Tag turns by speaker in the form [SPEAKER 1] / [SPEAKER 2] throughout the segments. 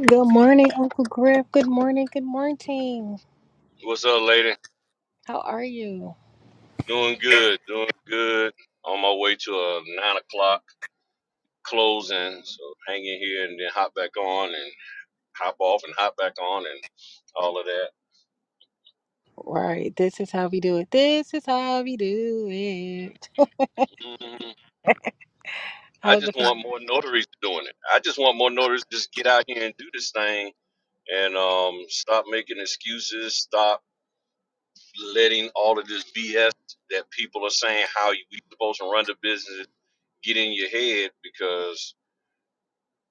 [SPEAKER 1] Good morning, Uncle Griff. Good morning. Good morning.
[SPEAKER 2] What's up, lady?
[SPEAKER 1] How are you?
[SPEAKER 2] Doing good, doing good. On my way to a nine o'clock closing, so hang in here and then hop back on and hop off and hop back on and all of that.
[SPEAKER 1] Right. This is how we do it. This is how we do it.
[SPEAKER 2] hmm I
[SPEAKER 1] How's the
[SPEAKER 2] just want more notaries doing it. I just want more notaries to just get out here and do this thing and um, stop making excuses. Stop letting all of this BS that people are saying how you we supposed to run the business get in your head because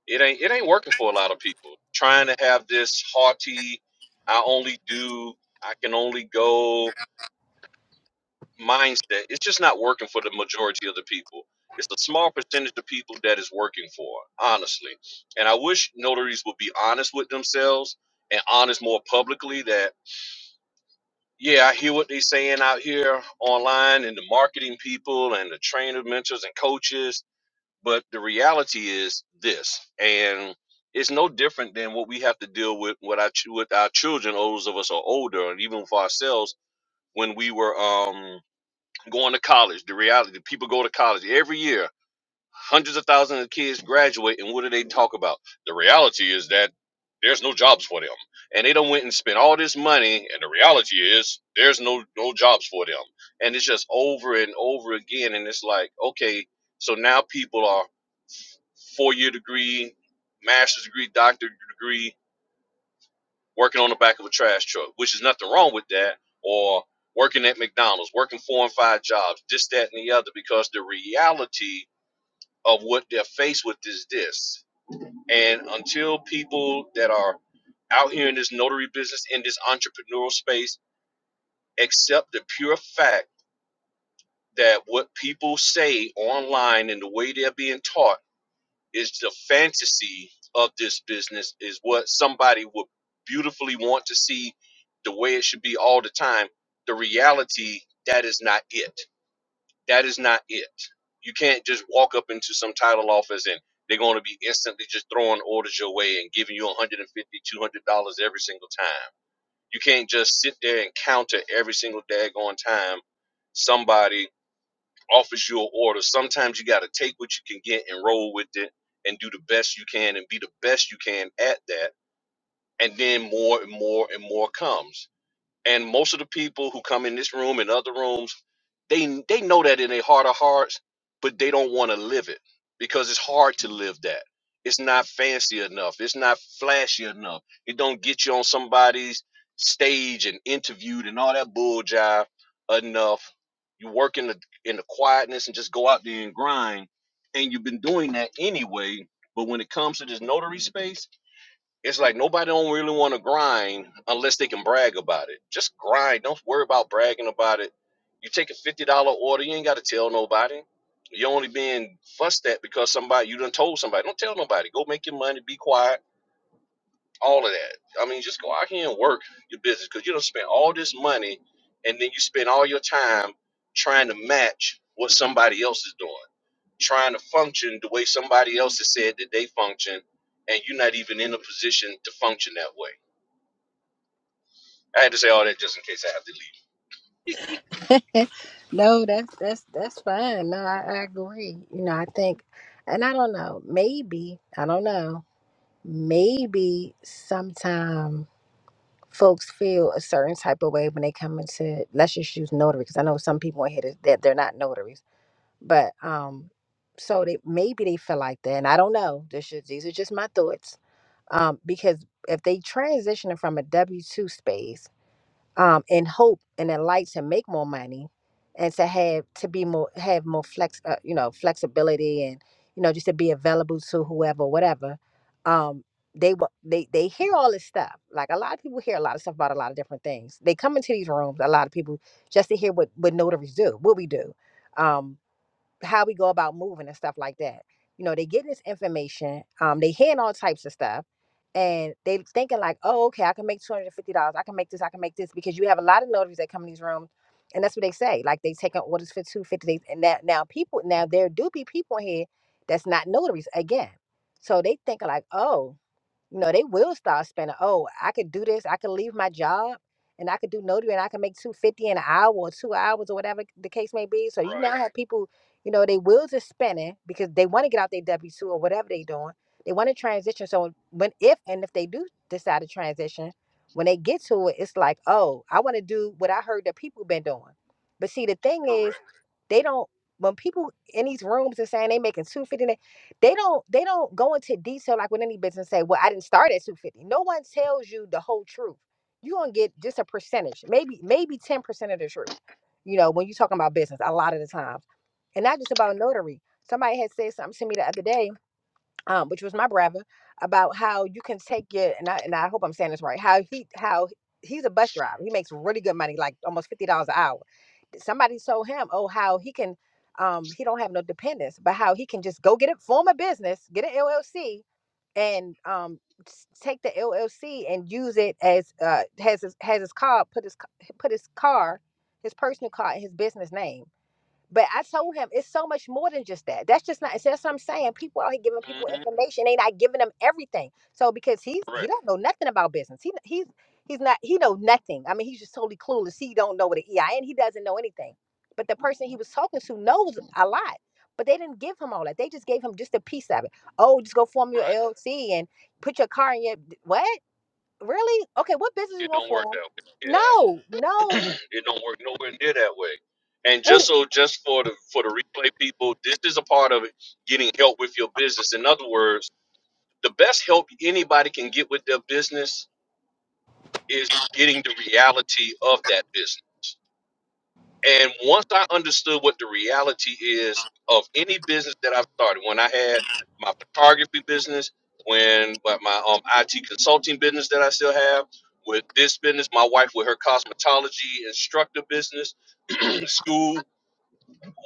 [SPEAKER 2] It ain't it ain't working for a lot of people. Trying to have this haughty, I only do, I can only go mindset. It's just not working for the majority of the people. It's a small percentage of people that is working for, honestly. And I wish notaries would be honest with themselves and honest more publicly that yeah, I hear what they're saying out here online and the marketing people and the trainer mentors and coaches But the reality is this, and it's no different than what we have to deal with with our, ch- with our children, those of us are older, and even for ourselves when we were um, going to college. The reality, people go to college every year. Hundreds of thousands of kids graduate, and what do they talk about? The reality is that there's no jobs for them, and they don't went and spent all this money, and the reality is there's no no jobs for them, and it's just over and over again, and it's like okay, so now people are four year degree, master's degree, doctorate degree, working on the back of a trash truck, which is nothing wrong with that, or working at McDonald's, working four and five jobs, this, that, and the other, because the reality of what they're faced with is this. And until people that are out here in this notary business, in this entrepreneurial space, accept the pure fact that what people say online and the way they're being taught is the fantasy of this business is what somebody would beautifully want to see the way it should be all the time the reality that is not it that is not it you can't just walk up into some title office and they're going to be instantly just throwing orders your way and giving you 150 200 dollars two hundred dollars every single time you can't just sit there and counter every single daggone time somebody offers you an order. Sometimes you got to take what you can get and roll with it and do the best you can and be the best you can at that. And then more and more and more comes. And most of the people who come in this room and other rooms, they they know that in their heart of hearts, but they don't want to live it because it's hard to live that. It's not fancy enough. It's not flashy enough. It don't get you on somebody's stage and interviewed and all that bull jive enough. You work in the in the quietness and just go out there and grind. And you've been doing that anyway. But when it comes to this notary space, it's like nobody don't really want to grind unless they can brag about it. Just grind. Don't worry about bragging about it. You take a fifty dollar order, you ain't got to tell nobody. You're only being fussed at because somebody you done told somebody. Don't tell nobody. Go make your money. Be quiet. All of that. I mean, just go out here and work your business because you don't spend all this money and then you spend all your time trying to match what somebody else is doing, trying to function the way somebody else has said that they function, and you're not even in a position to function that way I had to say all that just in case I have to leave.
[SPEAKER 1] family? no, that's that's that's fine. No, I, I agree. You know, I think, and I don't know. Maybe I don't know. Maybe sometime folks feel a certain type of way when they come into let's just use notary because I know some people in here that they're not notaries But um, so they maybe they feel like that, and I don't know. This is these are just my thoughts. Um, because if they transitioning from a W two space, um, in hope and in light to make more money, and to have to be more have more flex, uh, you know, flexibility, and you know, just to be available to whoever, whatever. Um, they wa- they they hear all this stuff. Like a lot of people hear a lot of stuff about a lot of different things. They come into these rooms, a lot of people, just to hear what what notaries do, what we do. Um, how we go about moving and stuff like that. You know, they getting this information, um, they hearing all types of stuff, and they thinking like, oh, okay, I can make two hundred and fifty dollars. I can make this. I can make this because you have a lot of notaries that come in these rooms, and that's what they say. Like they taking orders for two fifty days, and that now people now there do be people here that's not notaries again, so they think like, oh you know, they will start spending. Oh, I could do this. I could leave my job and I could do notary and I could make two fifty an hour or two hours or whatever the case may be. So you now
[SPEAKER 2] Right.
[SPEAKER 1] have people, you know, they wills are spinning because they want to get out their W two or whatever they doing. They want to transition. So when if and if they do decide to transition, when they get to it, it's like, oh, I want to do what I heard that people been doing. But see, the thing is, they don't. When people in these rooms are saying they making two fifty they don't they don't go into detail like with any business say well i didn't start at 250 no one tells you the whole truth you're gonna get just a percentage maybe maybe 10% of the truth you know when you're talking about business a lot of the times and not just about notary somebody had said something to me the other day um, which was my brother about how you can take your and I, and I hope i'm saying this right how he how he's a bus driver he makes really good money like almost $50 an hour somebody told him, oh, how he can, um, he don't have no dependents, but how he can just go get it, form a business, get an LLC, and um, s- take the LLC and use it as uh, has his, has his car, put his c- put his car, his personal car, in his business name but I told him it's so much more than just that. That's just not. So that's what I'm saying. People out here giving people
[SPEAKER 2] Correct. Mhm.
[SPEAKER 1] information. They not giving them everything. So because he's he
[SPEAKER 2] Correct.
[SPEAKER 1] don't know nothing about business. He he's he's not he know nothing. I mean he's just totally clueless. He don't know what an EIN. He doesn't know anything. But the person he was talking to knows a lot. But they didn't give him all that. They just gave him just a piece of it. Oh, just go form your
[SPEAKER 2] Right.
[SPEAKER 1] LLC and put your car in your what? Really? Okay. What business you
[SPEAKER 2] It
[SPEAKER 1] want to
[SPEAKER 2] don't work
[SPEAKER 1] form?
[SPEAKER 2] that way. Yeah.
[SPEAKER 1] No,
[SPEAKER 2] it don't work nowhere near that way. And
[SPEAKER 1] no.
[SPEAKER 2] just so, just for the for the replay people, this is a part of it. getting help with your business. In other words, the best help anybody can get with their business is getting the reality of that business. And once I understood what the reality is of any business that I've started, when I had my photography business, when but my um, IT consulting business that I still have, with this business, my wife with her cosmetology instructor business, school,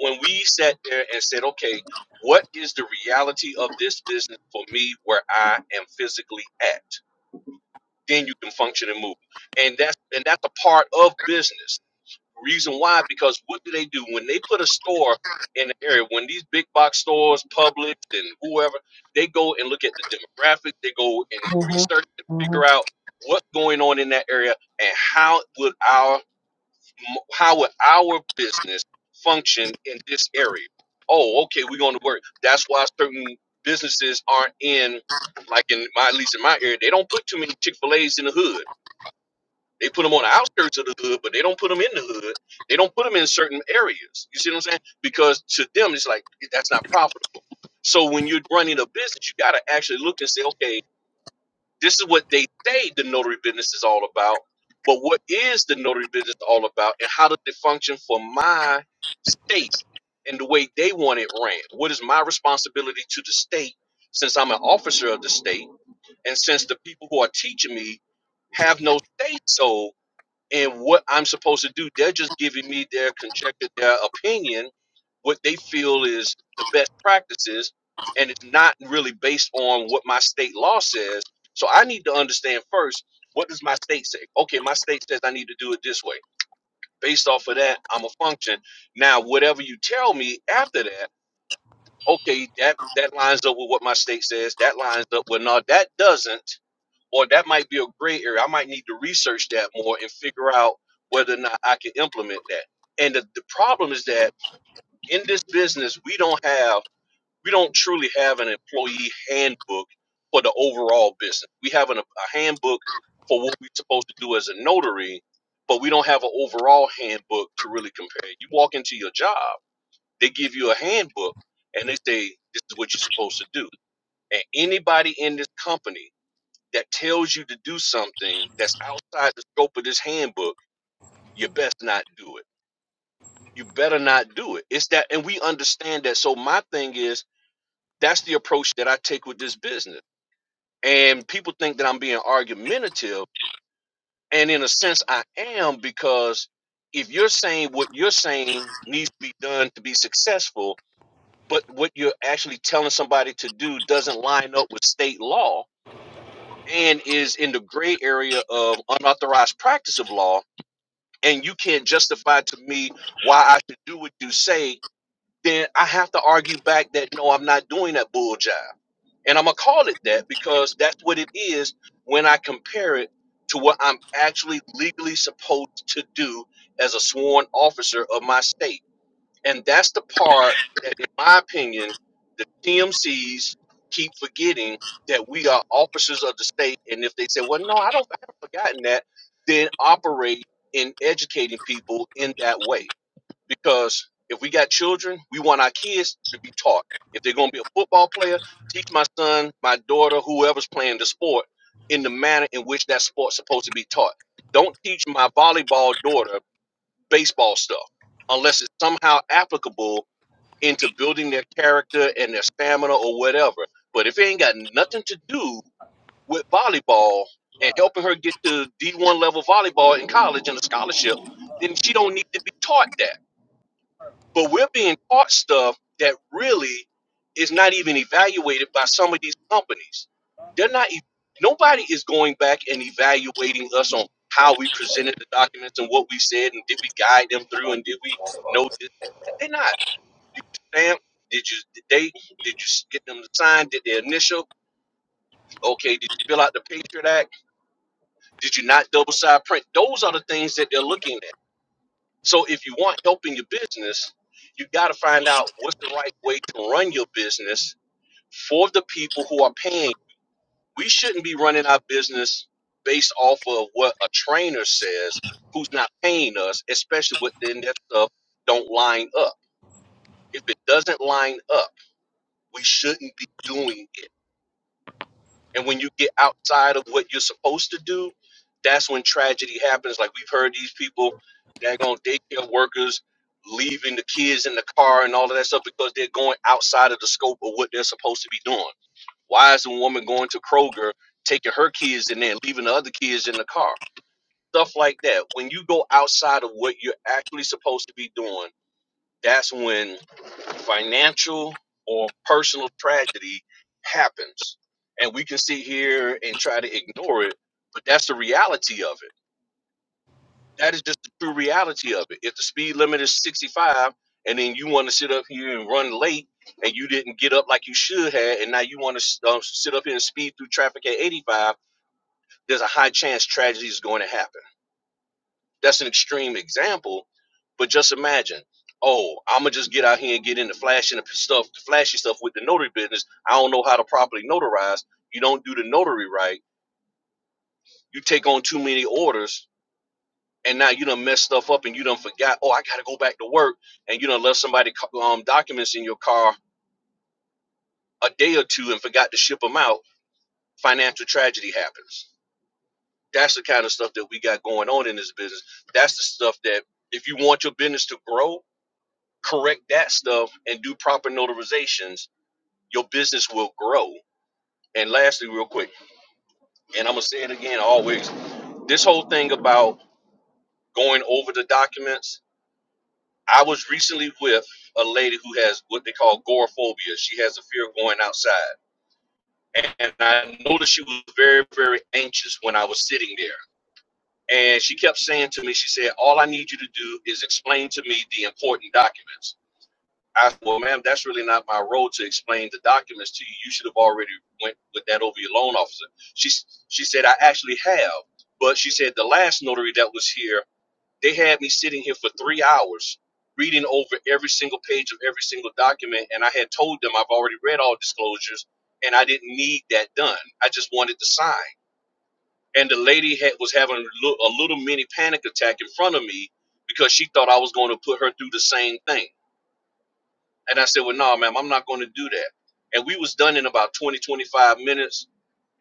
[SPEAKER 2] when we sat there and said, okay, what is the reality of this business for me where I am physically at? Then you can function and move. And that's and that's a part of business Reason why? Because what do they do when they put a store in the area? When these big box stores, Publix, and whoever, they go and look at the demographic. They go and they research and figure out what's going on in that area and how would our how would our business function in this area. Oh, okay, we're going to work. That's why certain businesses aren't in, like in my at least in my area, they don't put too many Chick Fil A's in the hood they put them on the outskirts of the hood, but they don't put them in the hood. They don't put them in certain areas. You see what I'm saying? Because to them, it's like that's not profitable. So when you're running a business, you got to actually look and say, okay, this is what they say the notary business is all about, but what is the notary business all about, and how does it function for my state and the way they want it ran? What is my responsibility to the state since I'm an officer of the state, and since the people who are teaching me have no say so? and what I'm supposed to do. They're just giving me their conjecture, their opinion, what they feel is the best practices, and it's not really based on what my state law says. So I need to understand first what does my state say? Okay, my state says I need to do it this way. Based off of that, I'm a function. Now, whatever you tell me after that, okay, that that lines up with what my state says. That lines up with no, that doesn't or that might be a gray area. I might need to research that more and figure out whether or not I can implement that. And the, the problem is that in this business, we don't have, we don't truly have an employee handbook for the overall business. We have an, a handbook for what we're supposed to do as a notary, but we don't have an overall handbook to really compare. You walk into your job, they give you a handbook and they say, this is what you're supposed to do. And anybody in this company that tells you to do something that's outside the scope of this handbook, you best not do it. You better not do it. It's that, and we understand that. So my thing is that's the approach that I take with this business. And people think that I'm being argumentative, and in a sense, I am because if you're saying what you're saying needs to be done to be successful, but what you're actually telling somebody to do doesn't line up with state law and is in the gray area of unauthorized practice of law, and you can't justify to me why I should do what you say, then I have to argue back that no, I'm not doing that bull jive. And I'm gonna call it that because that's what it is when I compare it to what I'm actually legally supposed to do as a sworn officer of my state. And that's the part that, in my opinion, the TMCs keep forgetting that we are officers of the state. And if they say, well, no, I don't, I haven't forgotten that, then operate in educating people in that way. Because if we got children, we want our kids to be taught. If they're going to be a football player, teach my son, my daughter, whoever's playing the sport in the manner in which that sport's supposed to be taught. Don't teach my volleyball daughter baseball stuff unless it's somehow applicable into building their character and their stamina or whatever. But if it ain't got nothing to do with volleyball and helping her get to D1 level volleyball in college and a scholarship, then she don't need to be taught that. But we're being taught stuff that really is not even evaluated by some of these companies. They're not. e- Nobody is going back and evaluating us on how we presented the documents and what we said and did we guide them through and did we know that they're not. Did you stamp? Did you did they did you s- get them to sign? Did they initial? Okay, did you fill out the Patriot Act? Did you not double side print? Those are the things that they're looking at. So if you want help in your business, you got to find out what's the right way to run your business for the people who are paying. We shouldn't be running our business based off of what a trainer says who's not paying us, especially when then that stuff don't line up. If it doesn't line up, we shouldn't be doing it. And when you get outside of what you're supposed to do, that's when tragedy happens. Like we've heard these people, daggone daycare workers, leaving the kids in the car and all of that stuff because they're going outside of the scope of what they're supposed to be doing. Why is a woman going to Kroger, taking her kids in there and leaving the other kids in the car? Stuff like that. When you go outside of what you're actually supposed to be doing, that's when financial or personal tragedy happens. And we can sit here and try to ignore it, but that's the reality of it. That is just the true reality of it. If the speed limit is 65 and then you want to sit up here and run late and you didn't get up like you should have, and now you want to uh, sit up here and speed through traffic at 85, there's a high chance tragedy is going to happen. That's an extreme example, but just imagine. Oh, I'ma just get out here and get into flashing the stuff, the flashy stuff with the notary business. I don't know how to properly notarize. You don't do the notary right. You take on too many orders, and now you done messed stuff up, and you done forgot. Oh, I gotta go back to work, and you done left somebody um, documents in your car a day or two and forgot to ship them out. Financial tragedy happens. That's the kind of stuff that we got going on in this business. That's the stuff that if you want your business to grow correct that stuff and do proper notarizations, your business will grow. And lastly, real quick, and I'm gonna say it again always, this whole thing about going over the documents, I was recently with a lady who has what they call agoraphobia. She has a fear of going outside. And I noticed she was very, very anxious when I was sitting there. And she kept saying to me, she said, All I need you to do is explain to me the important documents. I said, well, ma'am, that's really not my role to explain the documents to you. You should have already went with that over your loan officer. She she said, I actually have, but she said the last notary that was here, they had me sitting here for three hours reading over every single page of every single document, and I had told them I've already read all disclosures, and I didn't need that done. I just wanted to sign. And the lady had, was having a little mini panic attack in front of me because she thought I was going to put her through the same thing. And I said, well, no, ma'am, I'm not going to do that. And we was done in about 20, 25 minutes.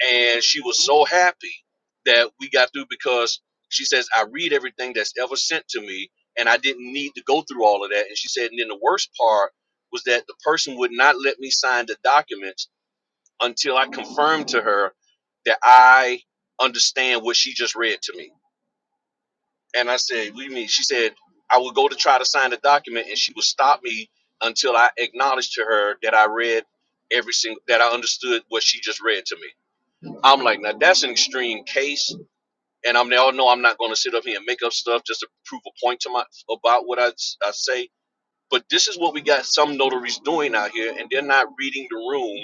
[SPEAKER 2] And she was so happy that we got through because she says, I read everything that's ever sent to me. And I didn't need to go through all of that. And she said, and then the worst part was that the person would not let me sign the documents until I confirmed to her that I understand what she just read to me. And I said, "What do you mean?" She said, "I would go to try to sign the document, and she would stop me until I acknowledged to her that I read every single that I understood what she just read to me." I'm like, "Now that's an extreme case." And I'm now no, I'm not going to sit up here and make up stuff just to prove a point to my about what I I say. But this is what we got some notaries doing out here, and they're not reading the room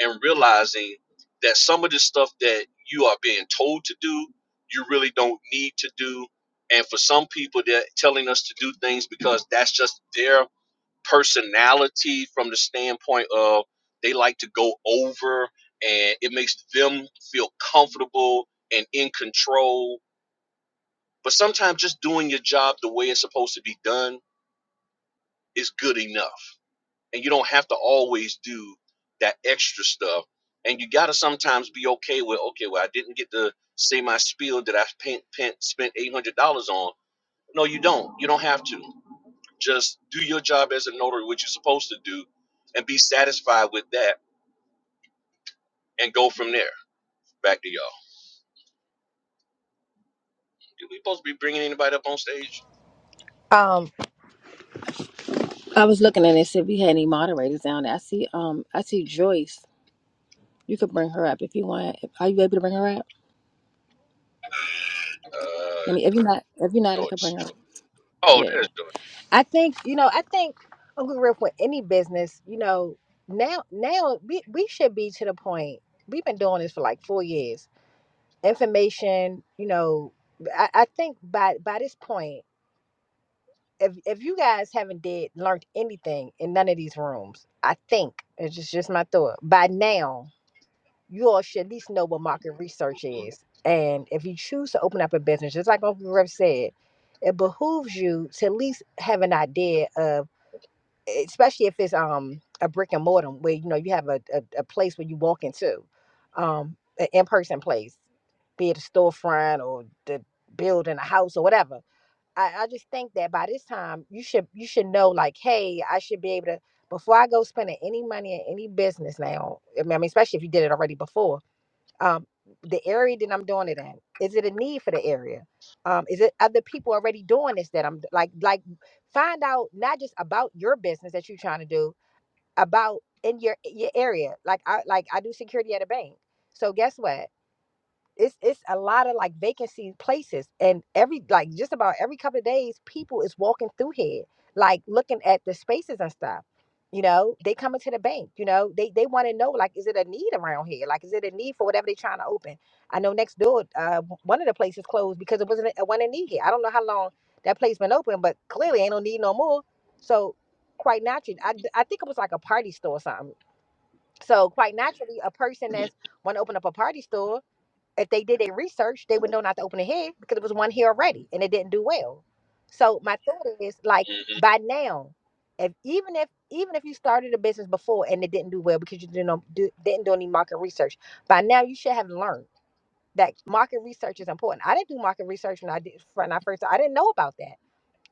[SPEAKER 2] and realizing that some of the stuff that you are being told to do, you really don't need to do. And for some people, they're telling us to do things because that's just their personality from the standpoint of they like to go over and it makes them feel comfortable and in control. But sometimes just doing your job the way it's supposed to be done is good enough and you don't have to always do that extra stuff. And you gotta sometimes be okay with okay, well, I didn't get to say my spiel that I spent, spent eight hundred dollars on. No, you don't. You don't have to. Just do your job as a notary, what you're supposed to do, and be satisfied with that, and go from there. Back to y'all. Did we supposed to be bringing anybody up on stage?
[SPEAKER 1] Mm-hmm. I was looking at it and said we had any moderators down there. I see um I see Joyce. You could bring her up if you want. Are you able to bring her up? I
[SPEAKER 2] Uh,
[SPEAKER 1] mean if you're not if you're not I could bring
[SPEAKER 2] Joyce.
[SPEAKER 1] her up.
[SPEAKER 2] Joyce. Oh,
[SPEAKER 1] Yeah.
[SPEAKER 2] there's Joyce.
[SPEAKER 1] I think you know. I think I'm gonna any business. You know, now now we we should be to the point. We've been doing this for like four years. Information, you know, I, I think by by this point, if if you guys haven't did learned anything in none of these rooms, I think it's just just my thought. By now. you all should at least know what market research is. And if you choose to open up a business, just like Uncle Rev said, it behooves you to at least have an idea of, e, especially if it's um a brick and mortar where you know you have a, a, a place where you walk into, um, an in person place, be it a storefront or the building a house or whatever. I, I just think that by this time you should you should know like, hey, I should be able to before I go spending any money in any business now. I mean, I mean, especially if you did it already before um the area that i'm doing it in is it a need for the area um is it other people already doing this that i'm like like find out not just about your business that you're trying to do about in your your area like i like i do security at a bank so guess what it's it's a lot of like vacancy places and every like just about every couple of days people is walking through here like looking at the spaces and stuff you know they coming to the bank you know they they want to know like is it a need around here like is it a need for whatever they're trying to open i know next door uh w- one of the places closed because it wasn't a, wasn't a need here i don't know how long that place been open but clearly ain't no need no more so quite naturally I I think it was like a party store or something so quite naturally a person that's want to open up a party store if they did their research, they would know not to open a head because it was one here already and it didn't do well. So my thought is like by now, if even if even if you started a business before and it didn't do well because you didn't know, do, didn't do any market research, by now you should have learned that market research is important. I didn't do market research when I did when I first I didn't know about that.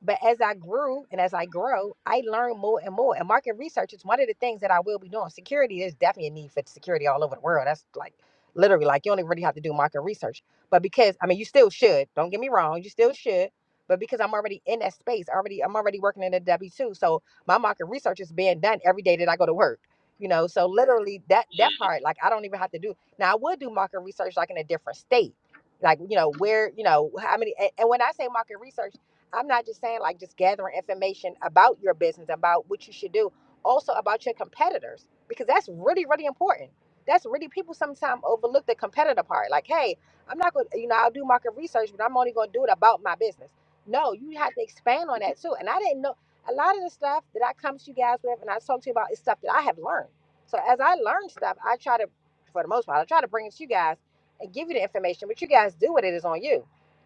[SPEAKER 1] But as I grew and as I grow, I learn more and more. And market research is one of the things that I will be doing. Security, there's definitely a need for security all over the world. That's like literally like you only really have to do market research. But because I mean you still should, don't get me wrong, you still should. But because I'm already in that space, already I'm already working in a W2. So my market research is being done every day that I go to work. You know, so literally that
[SPEAKER 2] hmm
[SPEAKER 1] that part, like I don't even have to do now I would do market research like in a different state. Like, you know, where, you know, how many and and when I say market research I'm not just saying like just gathering information about your business, about what you should do, also about your competitors, because that's really, really important. That's really people sometimes overlook the competitor part. Like, hey, I'm not going to, you know, I'll do market research, but I'm only going to do it about my business. No, you have to expand on that too. And I didn't know a lot of the stuff that I come to you guys with and I talk to you about is stuff that I have learned. So as I learn stuff, I try to, for the most part, I try to bring it to you guys and give you the information, but you guys do what it is on you.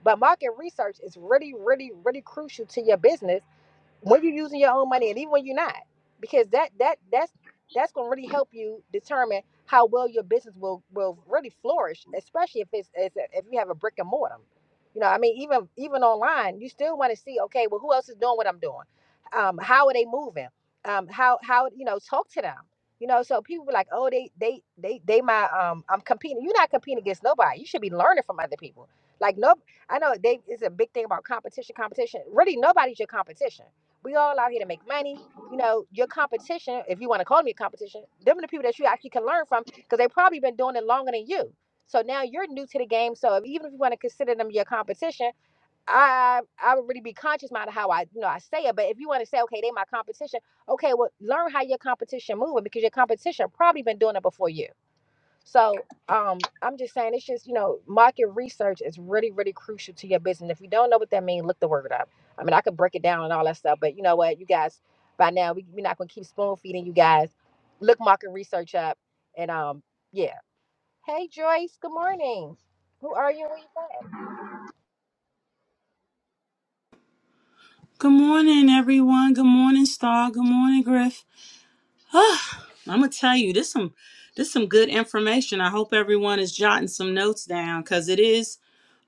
[SPEAKER 1] But market research is really, really, really crucial to your business when you're using your own money and even when you're not because that that that's that's going to really help you determine how well your business will will really flourish especially if it's, it's if you have a brick and mortar you know i mean even even online you still want to see okay well who else is doing what i'm doing um how are they moving um how how you know talk to them you know so people be like oh they they they they my um i'm competing you're not competing against nobody you should be learning from other people like no i know they it's a big thing about competition competition really nobody's your competition we all out here to make money. You know, your competition, if you want to call me a competition, them are the people that you actually can learn from because they probably been doing it longer than you. So now you're new to the game. So if, even if you want to consider them your competition, I I would really be conscious about how I you know I say it. But if you want to say, okay, they my competition, okay, well learn how your competition moving because your competition probably been doing it before you. So um, I'm just saying, it's just you know, market research is really, really crucial to your business. If you don't know what that means, look the word up. I mean, I could break it down and all that stuff, but you know what, you guys, by now we, we're not gonna keep spoon feeding you guys. Look market research up, and um, yeah. Hey Joyce, good morning. Who are you? and Where you from?
[SPEAKER 3] Good morning, everyone. Good morning, Star. Good morning, Griff. I'm gonna tell you this some this some good information. I hope everyone is jotting some notes down because it is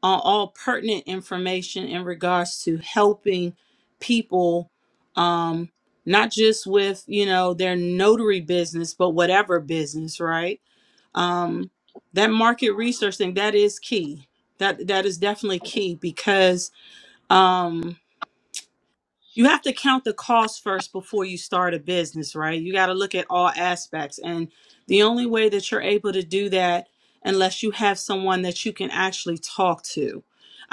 [SPEAKER 3] on all pertinent information in regards to helping people, um, not just with you know their notary business, but whatever business, right? Um, that market research thing that is key. That that is definitely key because um. you have to count the cost first before you start a business, right? You got to look at all aspects. And the only way that you're able to do that, unless you have someone that you can actually talk to.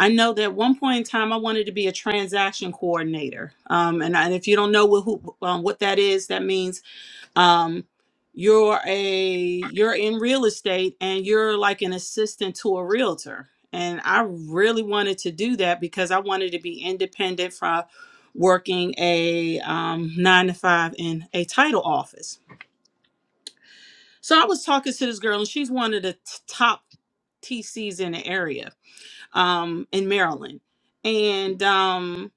[SPEAKER 3] I know that at one point in time, I wanted to be a transaction coordinator. Um, and, I, and if you don't know what, who, um, what that is, that means um you're a you're in real estate and you're like an assistant to a realtor and i really wanted to do that because i wanted to be independent from working a um, nine to five in a title office so i was talking to this girl and she's one of the t- top tcs in the area um, in maryland and um,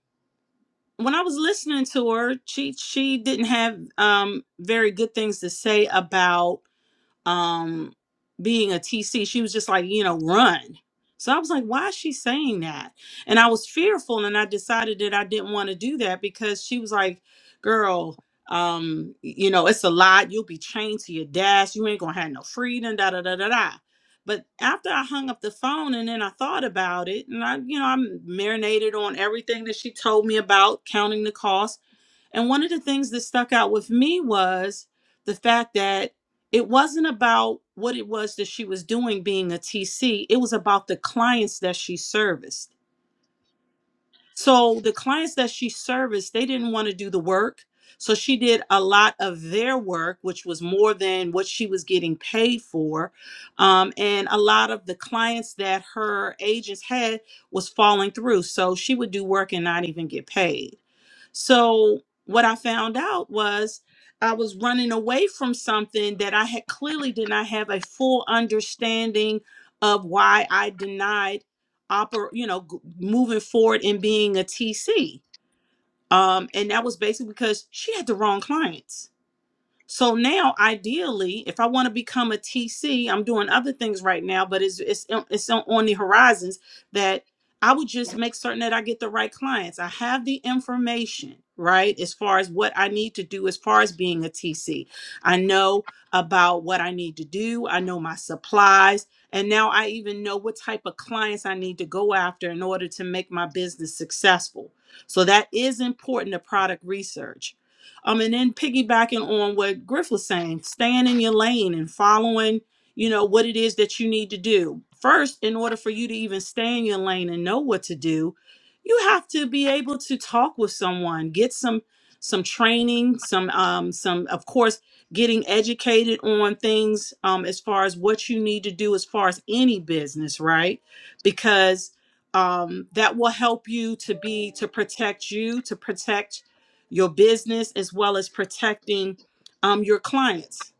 [SPEAKER 3] when i was listening to her she she didn't have um, very good things to say about um being a TC, she was just like, you know, run. So I was like, why is she saying that? And I was fearful and I decided that I didn't want to do that because she was like, girl, um, y- you know, it's a lot. You'll be chained to your desk. You ain't gonna have no freedom, da da da da da. But after I hung up the phone and then I thought about it, and I, you know, I'm marinated on everything that she told me about, counting the cost. And one of the things that stuck out with me was the fact that it wasn't about what it was that she was doing being a TC. It was about the clients that she serviced. So the clients that she serviced, they didn't want to do the work. So she did a lot of their work, which was more than what she was getting paid for. Um, and a lot of the clients that her agents had was falling through. So she would do work and not even get paid. So, what I found out was I was running away from something that I had clearly did not have a full understanding of why I denied oper- you know, g- moving forward and being a TC. Um, and that was basically because she had the wrong clients so now, ideally, if I want to become a TC, I'm doing other things right now, but it's it's um, it's on on the horizons that I would just make certain that I get the right clients. I have the information, right, as far as what I need to do as far as being a TC. I know about what I need to do. I know my supplies, and now I even know what type of clients I need to go after in order to make my business successful. So that is important to product research um, and then piggybacking on what Griff was saying, staying in your lane and following, you know, what it is that you need to do. First, in order for you to even stay in your lane and know what to do, you have to be able to talk with someone, get some some training, some um some of course getting educated on things um as far as what you need to do as far as any business, right? Because um, that will help you to be to protect you to protect your business as well as protecting um, your clients.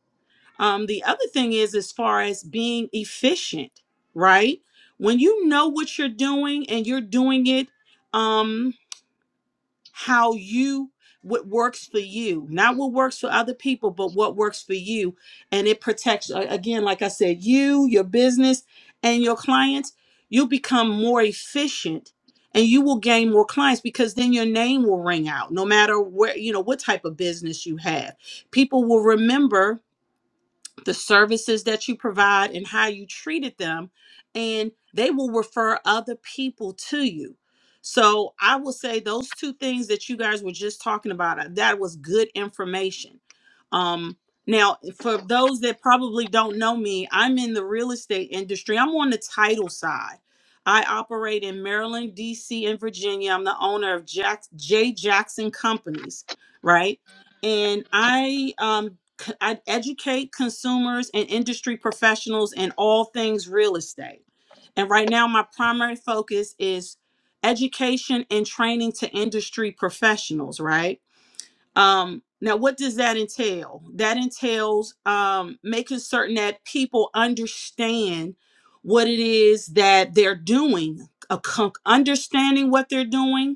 [SPEAKER 3] Um, the other thing is, as far as being efficient, right? When you know what you're doing and you're doing it, um, how you what works for you not what works for other people but what works for you and it protects a- again like i said you your business and your clients you become more efficient and you will gain more clients because then your name will ring out no matter where you know what type of business you have people will remember the services that you provide and how you treated them and they will refer other people to you so i will say those two things that you guys were just talking about uh, that was good information um now eh, for those that probably don't know me i'm in the real estate industry i'm on the title side i operate in maryland dc and virginia i'm the owner of Jack- j jackson companies right and I um c- I educate consumers and industry professionals in all things real estate. And right now my primary focus is education and training to industry professionals, right? Um now what does that entail? That entails um making certain that people understand what it is that they're doing, a con- understanding what they're doing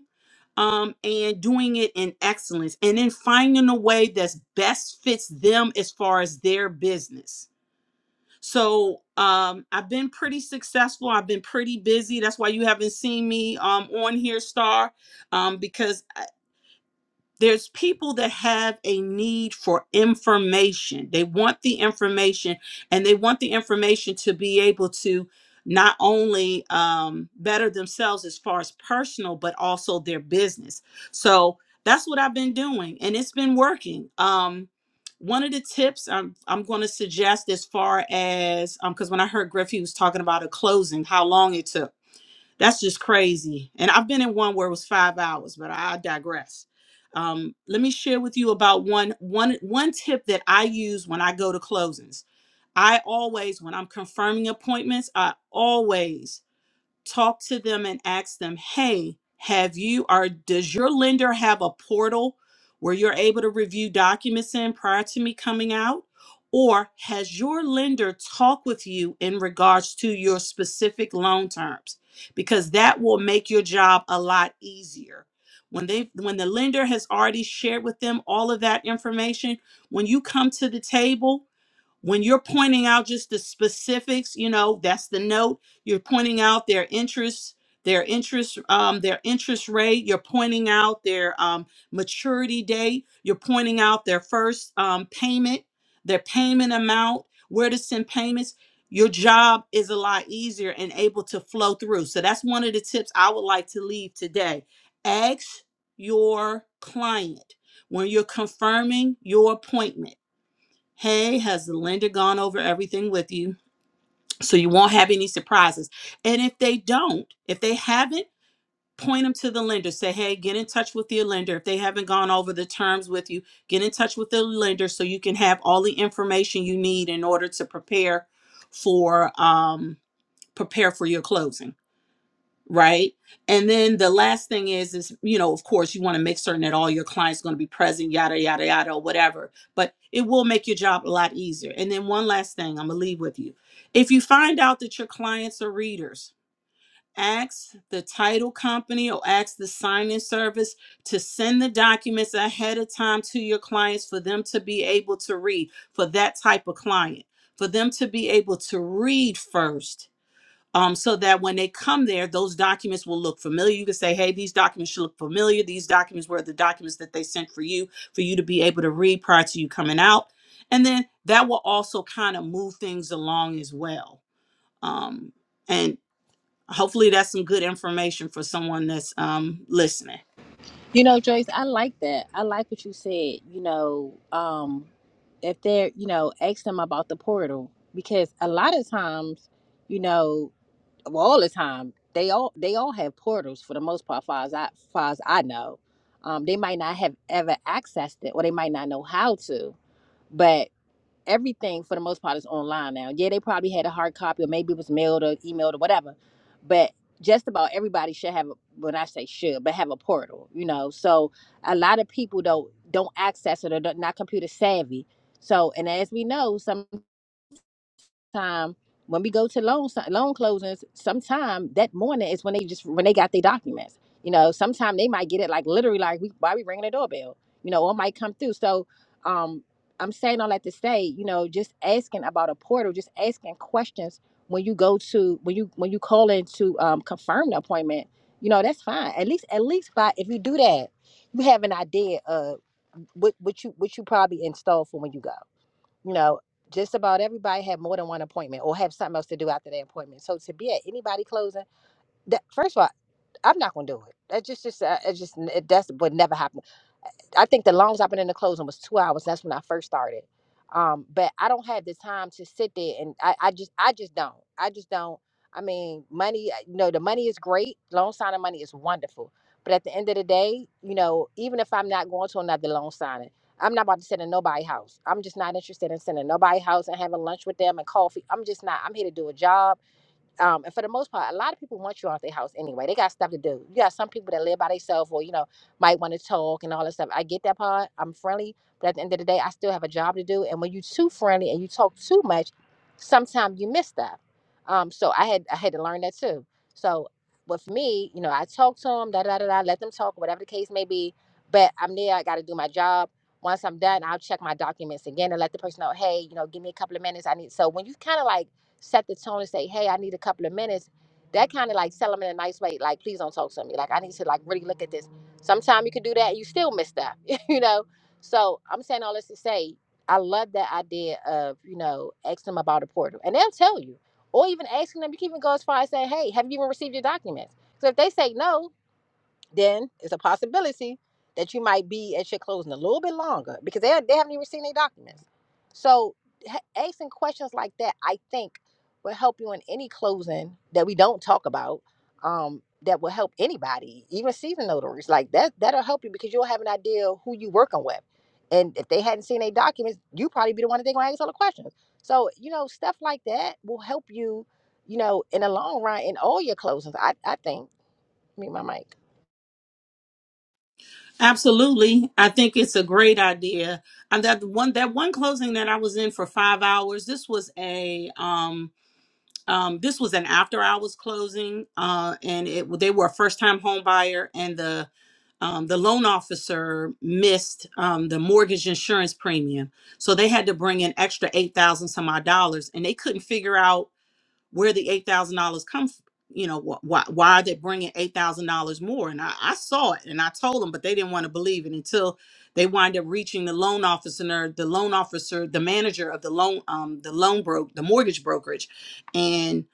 [SPEAKER 3] um, and doing it in excellence, and then finding a way that's best fits them as far as their business. So um, I've been pretty successful. I've been pretty busy. That's why you haven't seen me um, on here, Star, um, because there's people that have a need for information. They want the information and they want the information to be able to not only um, better themselves as far as personal, but also their business. So that's what I've been doing and it's been working. Um, one of the tips I'm, I'm going to suggest as far as, because when I heard Griff, he was talking about a closing, how long it took. That's just crazy. And I've been in one where it was five hours, but I digress. Um, let me share with you about one one one tip that I use when I go to closings. I always, when I'm confirming appointments, I always talk to them and ask them, hey, have you or does your lender have a portal where you're able to review documents in prior to me coming out? Or has your lender talk with you in regards to your specific loan terms? Because that will make your job a lot easier. When they when the lender has already shared with them all of that information, when you come to the table when you're pointing out just the specifics you know that's the note you're pointing out their interests their interest um their interest rate you're pointing out their um maturity date you're pointing out their first um payment their payment amount where to send payments your job is a lot easier and able to flow through so that's one of the tips i would like to leave today ask your client when you're confirming your appointment Hey, has Linda gone over everything with you? So you won't have any surprises. And if they don't, if they haven't, point them to the lender. Say, hey, get in touch with your lender. If they haven't gone over the terms with you, get in touch with the lender so you can have all the information you need in order to prepare for um prepare for your closing right and then the last thing is is you know of course you want to make certain that all your clients going to be present yada yada yada or whatever but it will make your job a lot easier and then one last thing i'm going to leave with you if you find out that your clients are readers ask the title company or ask the sign-in service to send the documents ahead of time to your clients for them to be able to read for that type of client for them to be able to read first um, so that when they come there, those documents will look familiar. You can say, hey, these documents should look familiar. These documents were the documents that they sent for you, for you to be able to read prior to you coming out. And then that will also kind of move things along as well. Um, and hopefully that's some good information for someone that's um, listening.
[SPEAKER 1] You know, Joyce, I like that. I like what you said. You know, um, if they're, you know, ask them about the portal because a lot of times, you know. well, all the time. They all they all have portals for the most part, far as I far as I know. Um, they might not have ever accessed it, or they might not know how to. But everything for the most part is online now. Yeah, they probably had a hard copy, or maybe it was mailed or emailed or whatever. But just about everybody should have. A, when I say should, but have a portal, you know. So a lot of people don't don't access it or don't, not computer savvy. So and as we know, some time when we go to loan si- loan closings, sometime that morning is when they just when they got their documents. You know, sometime they might get it like literally like we why we ringing the doorbell. You know, or it might come through. So, um, I'm saying all that to say, you know, just asking about a portal, just asking questions when you go to when you when you call in to um, confirm the appointment. You know, that's fine. At least at least by if you do that, you have an idea of what what you what you probably install for when you go you know, just about everybody have more than one appointment or have something else to do after their appointment. So to be at anybody closing, that first of all, I'm not gonna do it. That just, just, uh, it just, it, that's would never happen. I think the longest I've been in the closing was two hours. That's when I first started. Um, but I don't have the time to sit there and I, I just I just don't. I just don't. I mean, money, uh, you know, the money is great. Loan signing money is wonderful. But at the end of the day, you know, even if I'm not going to another loan signing, I'm not about to sit in nobody's house. I'm just not interested in sitting in nobody's house and having lunch with them and coffee. I'm just not. I'm here to do a job. Um, and for the most part, a lot of people want you out their house anyway. They got stuff to do. You got some people that live by themselves or, you know, might want to talk and all that stuff. I get that part. I'm friendly. But at the end of the day, I still have a job to do. And when you too friendly and you talk too much, sometimes you miss stuff. Um, so I had I had to learn that too. So with me, you know, I talk to them, da da da da, let them talk, whatever the case may be. But I'm there, I gotta do my job. Once I'm done, I'll check my documents again and let the person know, hey, you know, give me a couple of minutes. I need so when you kinda like set the tone and say, hey, I need a couple of minutes, that kind of like sell them in a nice way. Like, please don't talk to me. Like, I need to like really look at this. Sometime you can do that and you still miss stuff, you know? So I'm saying all this to say, I love that idea of, you know, ask them about a portal and they'll tell you. Or even asking them, you can even go as far as saying, hey, have you even received your documents? So if they say no, then it's a possibility that you might be at your closing a little bit longer because they, they haven't even seen their documents. So ha- asking questions like that, I think, will help you in any closing that we don't talk about. Um, that will help anybody, even seasoned notaries. Like that, that'll help you because you'll have an idea who you working with. And if they hadn't seen their documents, you probably be the one that they're gonna ask all the questions. So, you know, stuff like that will help you, you know, in the long run in all your closings. I, I think. Mute my mic.
[SPEAKER 3] Absolutely. I think it's a great idea. And that one that one closing that I was in for five hours, this was a um um, this was an after hours closing, uh, and it they were a first time home buyer, and the um, the loan officer missed um, the mortgage insurance premium, so they had to bring in extra eight thousand some odd dollars, and they couldn't figure out where the eight thousand dollars come. f- You know wh- why? Why are they bringing eight thousand dollars more? And I, I saw it, and I told them, but they didn't want to believe it until they wind up reaching the loan officer, the loan officer, the manager of the loan, um, the loan broke, the mortgage brokerage, and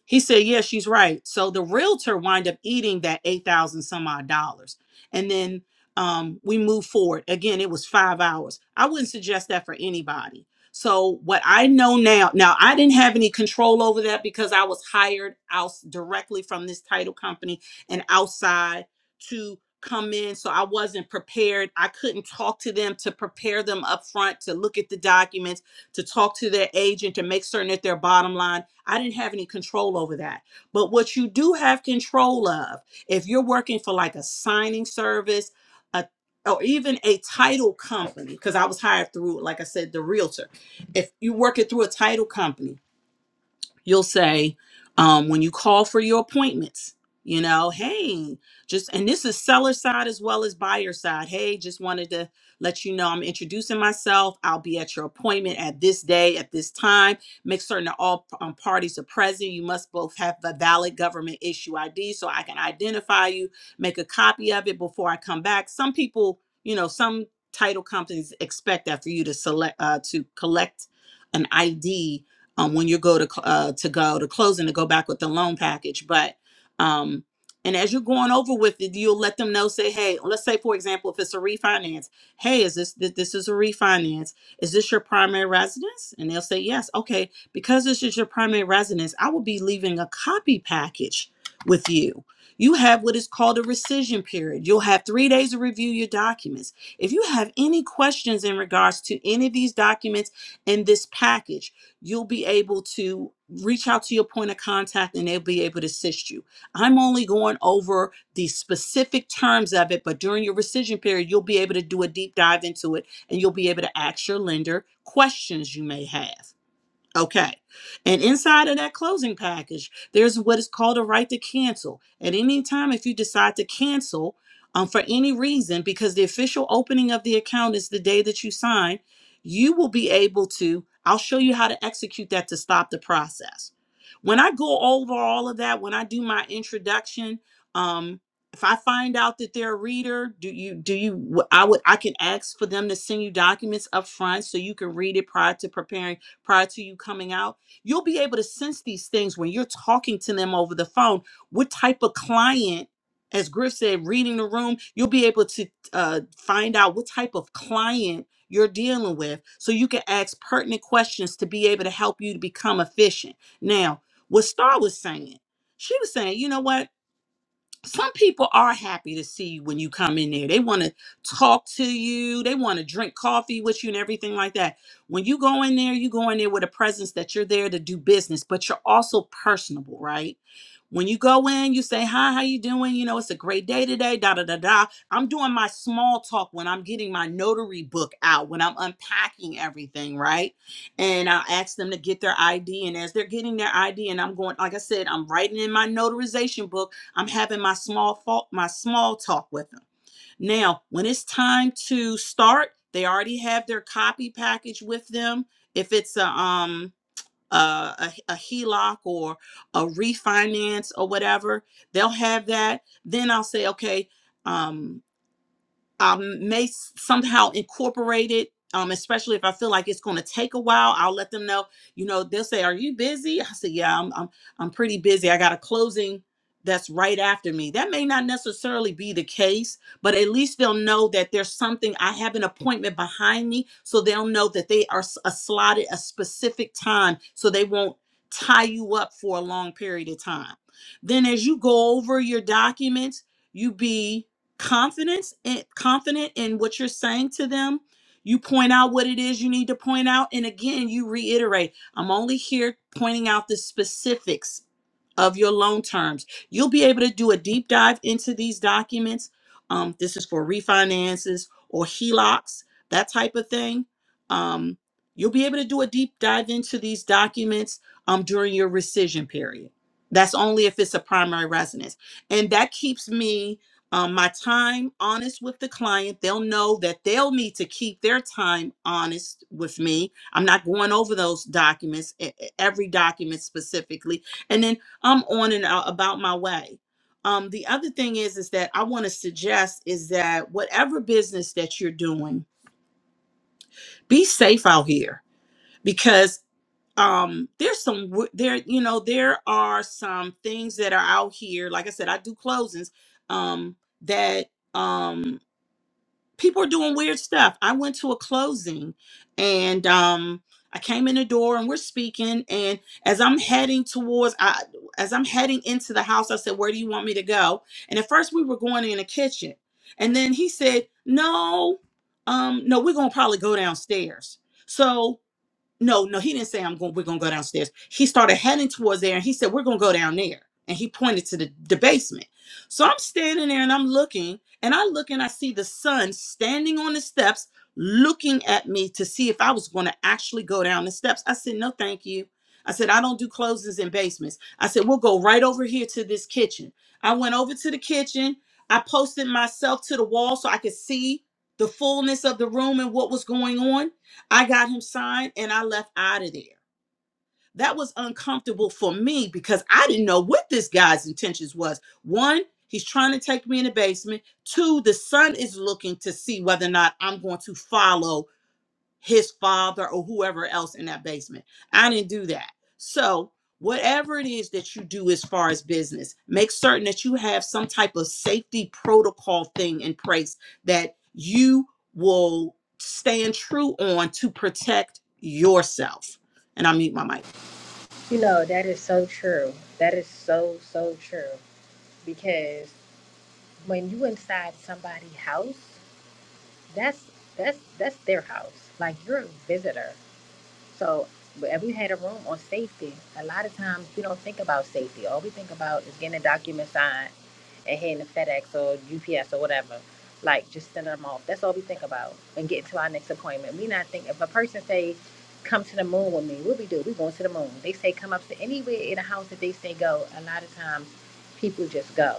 [SPEAKER 3] Mm, He said, "Yeah, she's right." So the realtor wind up eating that eight thousand some odd dollars, and then um, we move forward. Again, it was five hours. I wouldn't suggest that for anybody. So what I know now, now I didn't have any control over that because I was hired out directly from this title company and outside to come in so i wasn't prepared i couldn't talk to them to prepare them up front to look at the documents to talk to their agent to make certain that their bottom line I didn't have any control over that. But what you do have control of, if you're working for like a signing service, a, or even a title company, because I was hired through, like I said, the realtor. If you're working through a title company, you'll say um, when you call for your appointments you know hey just and this is seller side as well as buyer side hey just wanted to let you know i'm introducing myself i'll be at your appointment at this day at this time make certain that all um, parties are present you must both have a valid government issue id so i can identify you make a copy of it before i come back some people you know some title companies expect that for you to select uh, to collect an id um, when you go to cl- uh, to go to closing to go back with the loan package. But um, and as you're going over with it, you'll let them know. Say, hey, let's say for example, if it's a refinance, hey, is this th- this is a refinance? Is this your primary residence? And they'll say yes. Okay, because this is your primary residence, I will be leaving a copy package with you. You have what is called a rescission period. You'll have three days to review your documents. If you have any questions in regards to any of these documents in this package, you'll be able to reach out to your point of contact and they'll be able to assist you. I'm only going over the specific terms of it, but during your rescission period, you'll be able to do a deep dive into it and you'll be able to ask your lender questions you may have. Okay. And inside of that closing package, there's what is called a right to cancel. At any time, if you decide to cancel um, for any reason, because the official opening of the account is the day that you sign, you will be able to. I'll show you how to execute that to stop the process. When I go over all of that, when I do my introduction, um, if I find out that they're a reader, do you do you I would I can ask for them to send you documents up front so you can read it prior to preparing prior to you coming out, you'll be able to sense these things when you're talking to them over the phone. What type of client, as Griff said, reading the room, you'll be able to uh, find out what type of client you're dealing with so you can ask pertinent questions to be able to help you to become efficient. Now, what Star was saying, she was saying, you know what? some people are happy to see you when you come in there. They want to talk to you. They want to drink coffee with you and everything like that. When you go in there, you go in there with a presence that you're there to do business, but you're also personable, right? When you go in, you say, "Hi, how you doing? You know, it's a great day today." Da da da da. I'm doing my small talk when I'm getting my notary book out, when I'm unpacking everything, right? And I ask them to get their ID, and as they're getting their ID, and I'm going, like I said, I'm writing in my notarization book I'm having my small fault, my small talk with them. Now, when it's time to start, they already have their copy package with them. If it's a um a, a, a HELOC or a refinance or whatever, they'll have that. Then I'll say, okay, um, um, may s- somehow incorporate it. Um, especially if I feel like it's going to take a while, I'll let them know. You know, they'll say, "Are you busy?" I say, "Yeah, I'm. I'm. I'm pretty busy. I got a closing that's right after me." That may not necessarily be the case, but at least they'll know that there's something. I have an appointment behind me, so they'll know that they are s- a slotted a specific time, so they won't tie you up for a long period of time. Then, as you go over your documents, you be confidence and confident in what you're saying to them you point out what it is you need to point out and again you reiterate i'm only here pointing out the specifics of your loan terms you'll be able to do a deep dive into these documents um, this is for refinances or helocs that type of thing um, you'll be able to do a deep dive into these documents um, during your rescission period that's only if it's a primary residence and that keeps me um, my time honest with the client. They'll know that they'll need to keep their time honest with me. I'm not going over those documents, e- e- every document specifically. And then I'm on and out about my way. Um, the other thing is, is that I want to suggest is that whatever business that you're doing, be safe out here because um there's some w- there you know there are some things that are out here like i said i do closings um that Um, people are doing weird stuff. I went to a closing and um I came in the door and we're speaking and as I'm heading towards I as I'm heading into the house I said, "Where do you want me to go?" And at first we were going in the kitchen. And then he said, "No. Um no, we're going to probably go downstairs." So no, no, he didn't say I'm going. We're gonna go downstairs. He started heading towards there, and he said we're gonna go down there, and he pointed to the, the basement. So I'm standing there and I'm looking, and I look and I see the son standing on the steps, looking at me to see if I was gonna actually go down the steps. I said no, thank you. I said I don't do closings in basements. I said we'll go right over here to this kitchen. I went over to the kitchen. I posted myself to the wall so I could see the fullness of the room and what was going on. I got him signed and I left out of there. That was uncomfortable for me because I didn't know what this guy's intentions was. One, he's trying to take me in the basement. Two, the son is looking to see whether or not I'm going to follow his father or whoever else in that basement. I didn't do that. So, whatever it is that you do as far as business, make certain that you have some type of safety protocol thing in place that you will stand true on to protect yourself. And I mute my mic.
[SPEAKER 1] You know, that is so true. That is so, so true. Because when you inside somebody's house, that's that's that's their house. Like you're a visitor. So if we had a room on safety, a lot of times we don't think about safety. All we think about is getting a document signed and hitting the FedEx or UPS or whatever. Like just send them off. That's all we think about and getting to our next appointment. We not think if a person say, "Come to the moon with me," what we do? We going to the moon. They say come up to anywhere in the house that they say go. A lot of times, people just go,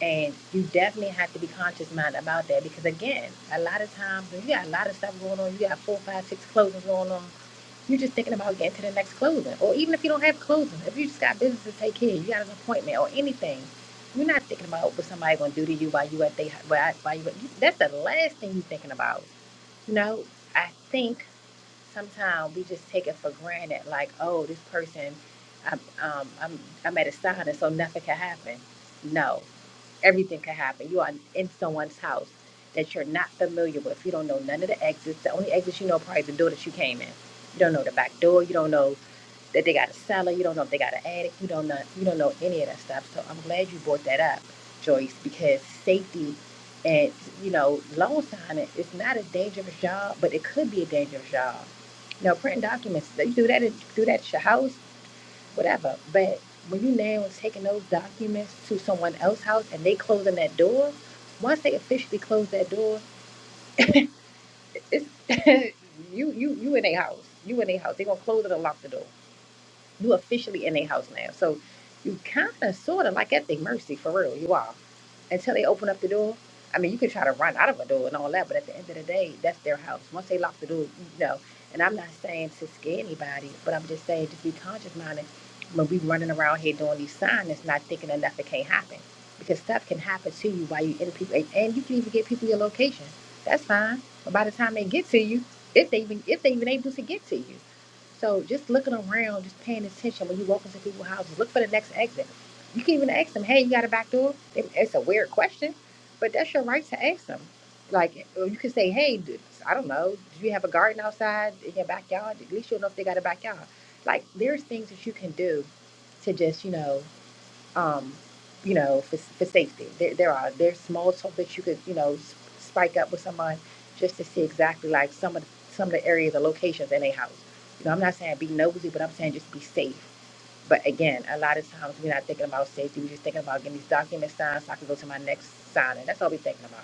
[SPEAKER 1] and you definitely have to be conscious mind about that because again, a lot of times when you got a lot of stuff going on, you got four, five, six closings going on you're just thinking about getting to the next closing. Or even if you don't have closing, if you just got business to take care of, you got an appointment or anything, you're not thinking about what somebody gonna do to you while you at they while while you that's the last thing you're thinking about. You know, I think sometimes we just take it for granted, like, oh, this person I'm um I'm I'm at a sign and so nothing can happen. No everything can happen. You are in someone's house that you're not familiar with. You don't know none of the exits. The only exits you know probably the door that you came in. You don't know the back door. You don't know that they got a cellar. You don't know if they got an attic. You don't know you don't know any of that stuff. So I'm glad you brought that up, Joyce, because safety and you know loan signing is not a dangerous job, but it could be a dangerous job. Now printing documents, you do that at- do that at your house whatever. But when you now taking those documents to someone else's house and they closing that door, once they officially close that door, it's you you you in a house. You in a house. They gonna close it and lock the door. You officially in a house now. So you kinda sorta like at their mercy for real. You are until they open up the door. I mean, you can try to run out of a door and all that, but at the end of the day, that's their house. Once they lock the door, you know. And I'm not saying to scare anybody, but I'm just saying just be conscious minded when we running around here doing these signs, not thinking that nothing can't happen. Because stuff can happen to you while you in people, and and you can even get people your location. That's fine. But by the time they get to you, if they even if they even able to get to you. So just looking around, just paying attention when you walk into people's houses, look for the next exit. You can even ask them, hey, you got a back door? It- It's a weird question, but that's your right to ask them. Like, or you can say, hey, d- I don't know, do you have a garden outside in your backyard? At least you'll know if they got a backyard. Like, there's things that you can do to just, you know, um, you know, for, for safety. There, there are there's small talk that you could, you know, s- spike up with someone just to see exactly like some of the, some of the areas or locations in a house. You know, I'm not saying be nosy, but I'm saying just be safe. But again, a lot of times we're not thinking about safety. We're just thinking about getting these documents signed so I can go to my next signing. That's all we're thinking about.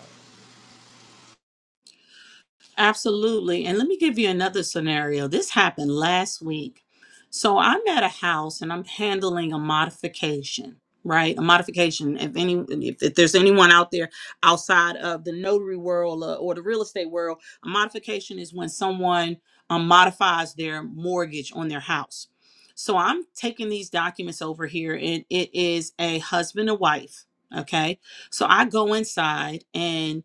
[SPEAKER 3] Absolutely. And let me give you another scenario. This happened last week. So I'm at a house and I'm handling a modification, right? A modification. If any if, if there's anyone out there outside of the notary world uh, or the real estate world, a modification is when someone um, modifies their mortgage on their house. So I'm taking these documents over here and it is a husband and wife, okay? So I go inside and.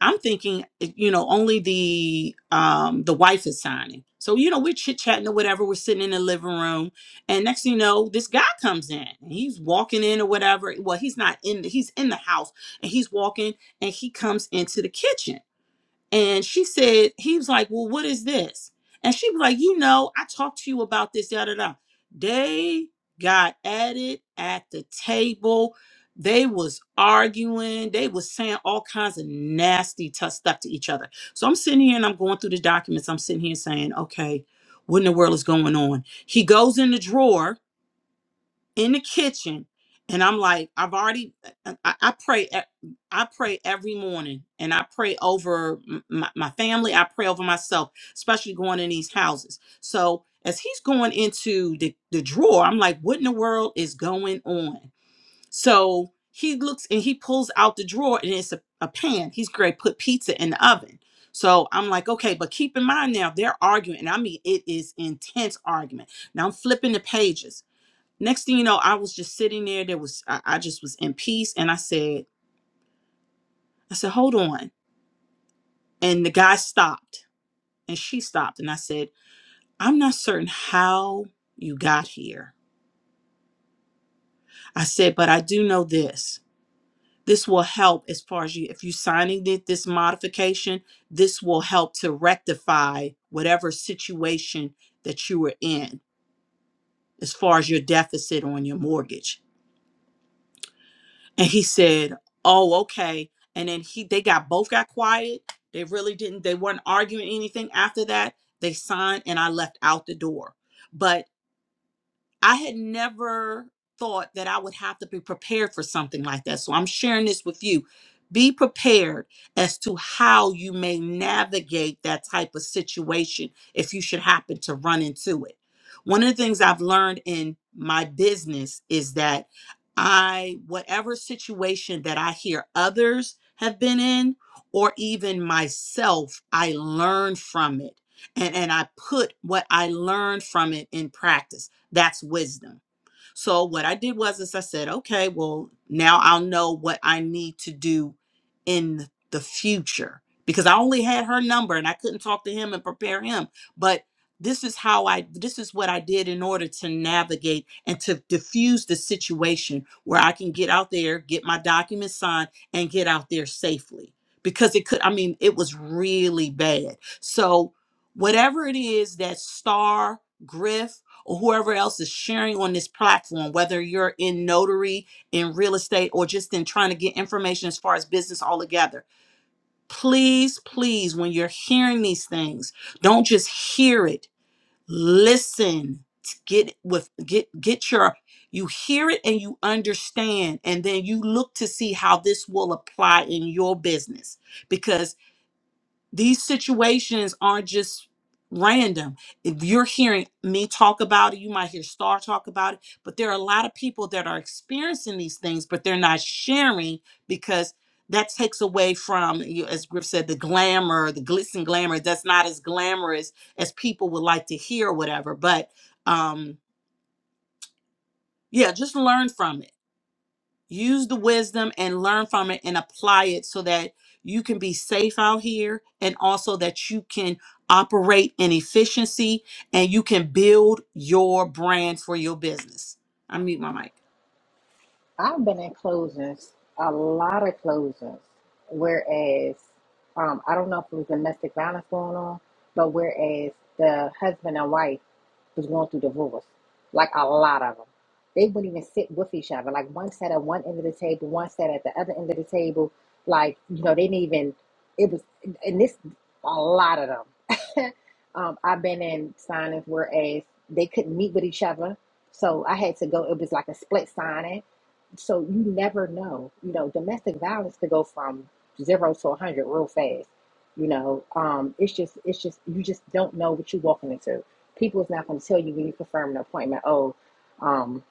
[SPEAKER 3] I'm thinking, eh, you know, only the um the wife is signing. So, you know, we're chit-chatting or whatever, we're sitting in the living room, and next thing you know, this guy comes in and he's walking in or whatever. Well, he's not in, he's in the house and he's walking and he comes into the kitchen. And she said, he was like, Well, what is this? And she was like, You know, I talked to you about this, da da da. They got at it at the table. They was arguing. They was saying all kinds of nasty tough stuff to each other. So I'm sitting here and I'm going through the documents. I'm sitting here saying, okay, what in the world is going on? He goes in the drawer in the kitchen and i'm like i've already uh, uh, i, I pray e- i pray every morning and i pray over m- my, my family i pray over myself especially going in these houses so as he's going into the, the drawer i'm like what in the world is going on so he looks and he pulls out the drawer and it's a, a pan he's great put pizza in the oven so i'm like okay but keep in mind now they're arguing and i mean it is intense argument now i'm flipping the pages Next thing you know, I was just sitting there. There was I, I just was in peace, and I said, I said, hold on. And the guy stopped, and she stopped, and I said, I'm not certain how you got here. I said, but I do know this. This will help as far as you if you signing it, this modification. This will help to rectify whatever situation that you were in as far as your deficit on your mortgage. and he said oh okay and then he they got both got quiet they really didn't they weren't arguing anything after that they signed and i left out the door but I had never thought that I would have to be prepared for something like that. So I'm sharing this with you. Be prepared as to how you may navigate that type of situation if you should happen to run into it. One of the things I've learned in my business is that I, whatever situation that I hear others have been in, or even myself, I learn from it. And, and I put what I learned from it in practice. That's wisdom. So what I did was is I said, okay, well, now I'll know what I need to do in the future because I only had her number and I couldn't talk to him and prepare him. But this is how I this is what I did in order to navigate and to diffuse the situation where I can get out there, get my documents signed and get out there safely because it could I mean, it was really bad. So whatever it is that star griff or whoever else is sharing on this platform, whether you're in notary, in real estate, or just in trying to get information as far as business altogether, please, please, when you're hearing these things, don't just hear it. Listen. Get with get get your you hear it and you understand, and then you look to see how this will apply in your business because. These situations aren't just random. If you're hearing me talk about it, you might hear Star talk about it, but there are a lot of people that are experiencing these things, but they're not sharing because that takes away from, you- as Griff said, the glamour, the glitz and glamour. That's not as glamorous as people would like to hear, or whatever. But um, yeah, just learn from it use the wisdom and learn from it and apply it so that you can be safe out here and also that you can operate in efficiency and you can build your brand for your business. I mute my mic.
[SPEAKER 1] I've been in closings, a lot of closings, whereas um, I don't know if it was domestic violence going on, but whereas the husband and wife was going through divorce, like a lot of them. They wouldn't even sit with each other. Like one sat at one end of the table, one sat at the other end of the table. Like, you know, they didn't even, it was, and this, a lot of them. um, I've been in signings whereas they couldn't meet with each other. So I had to go, it was like a split signing so you never know you know domestic violence could go from zero to 100 real fast you know um it's just it's just you just don't know what you're walking into people is not going to tell you when you confirm an appointment oh um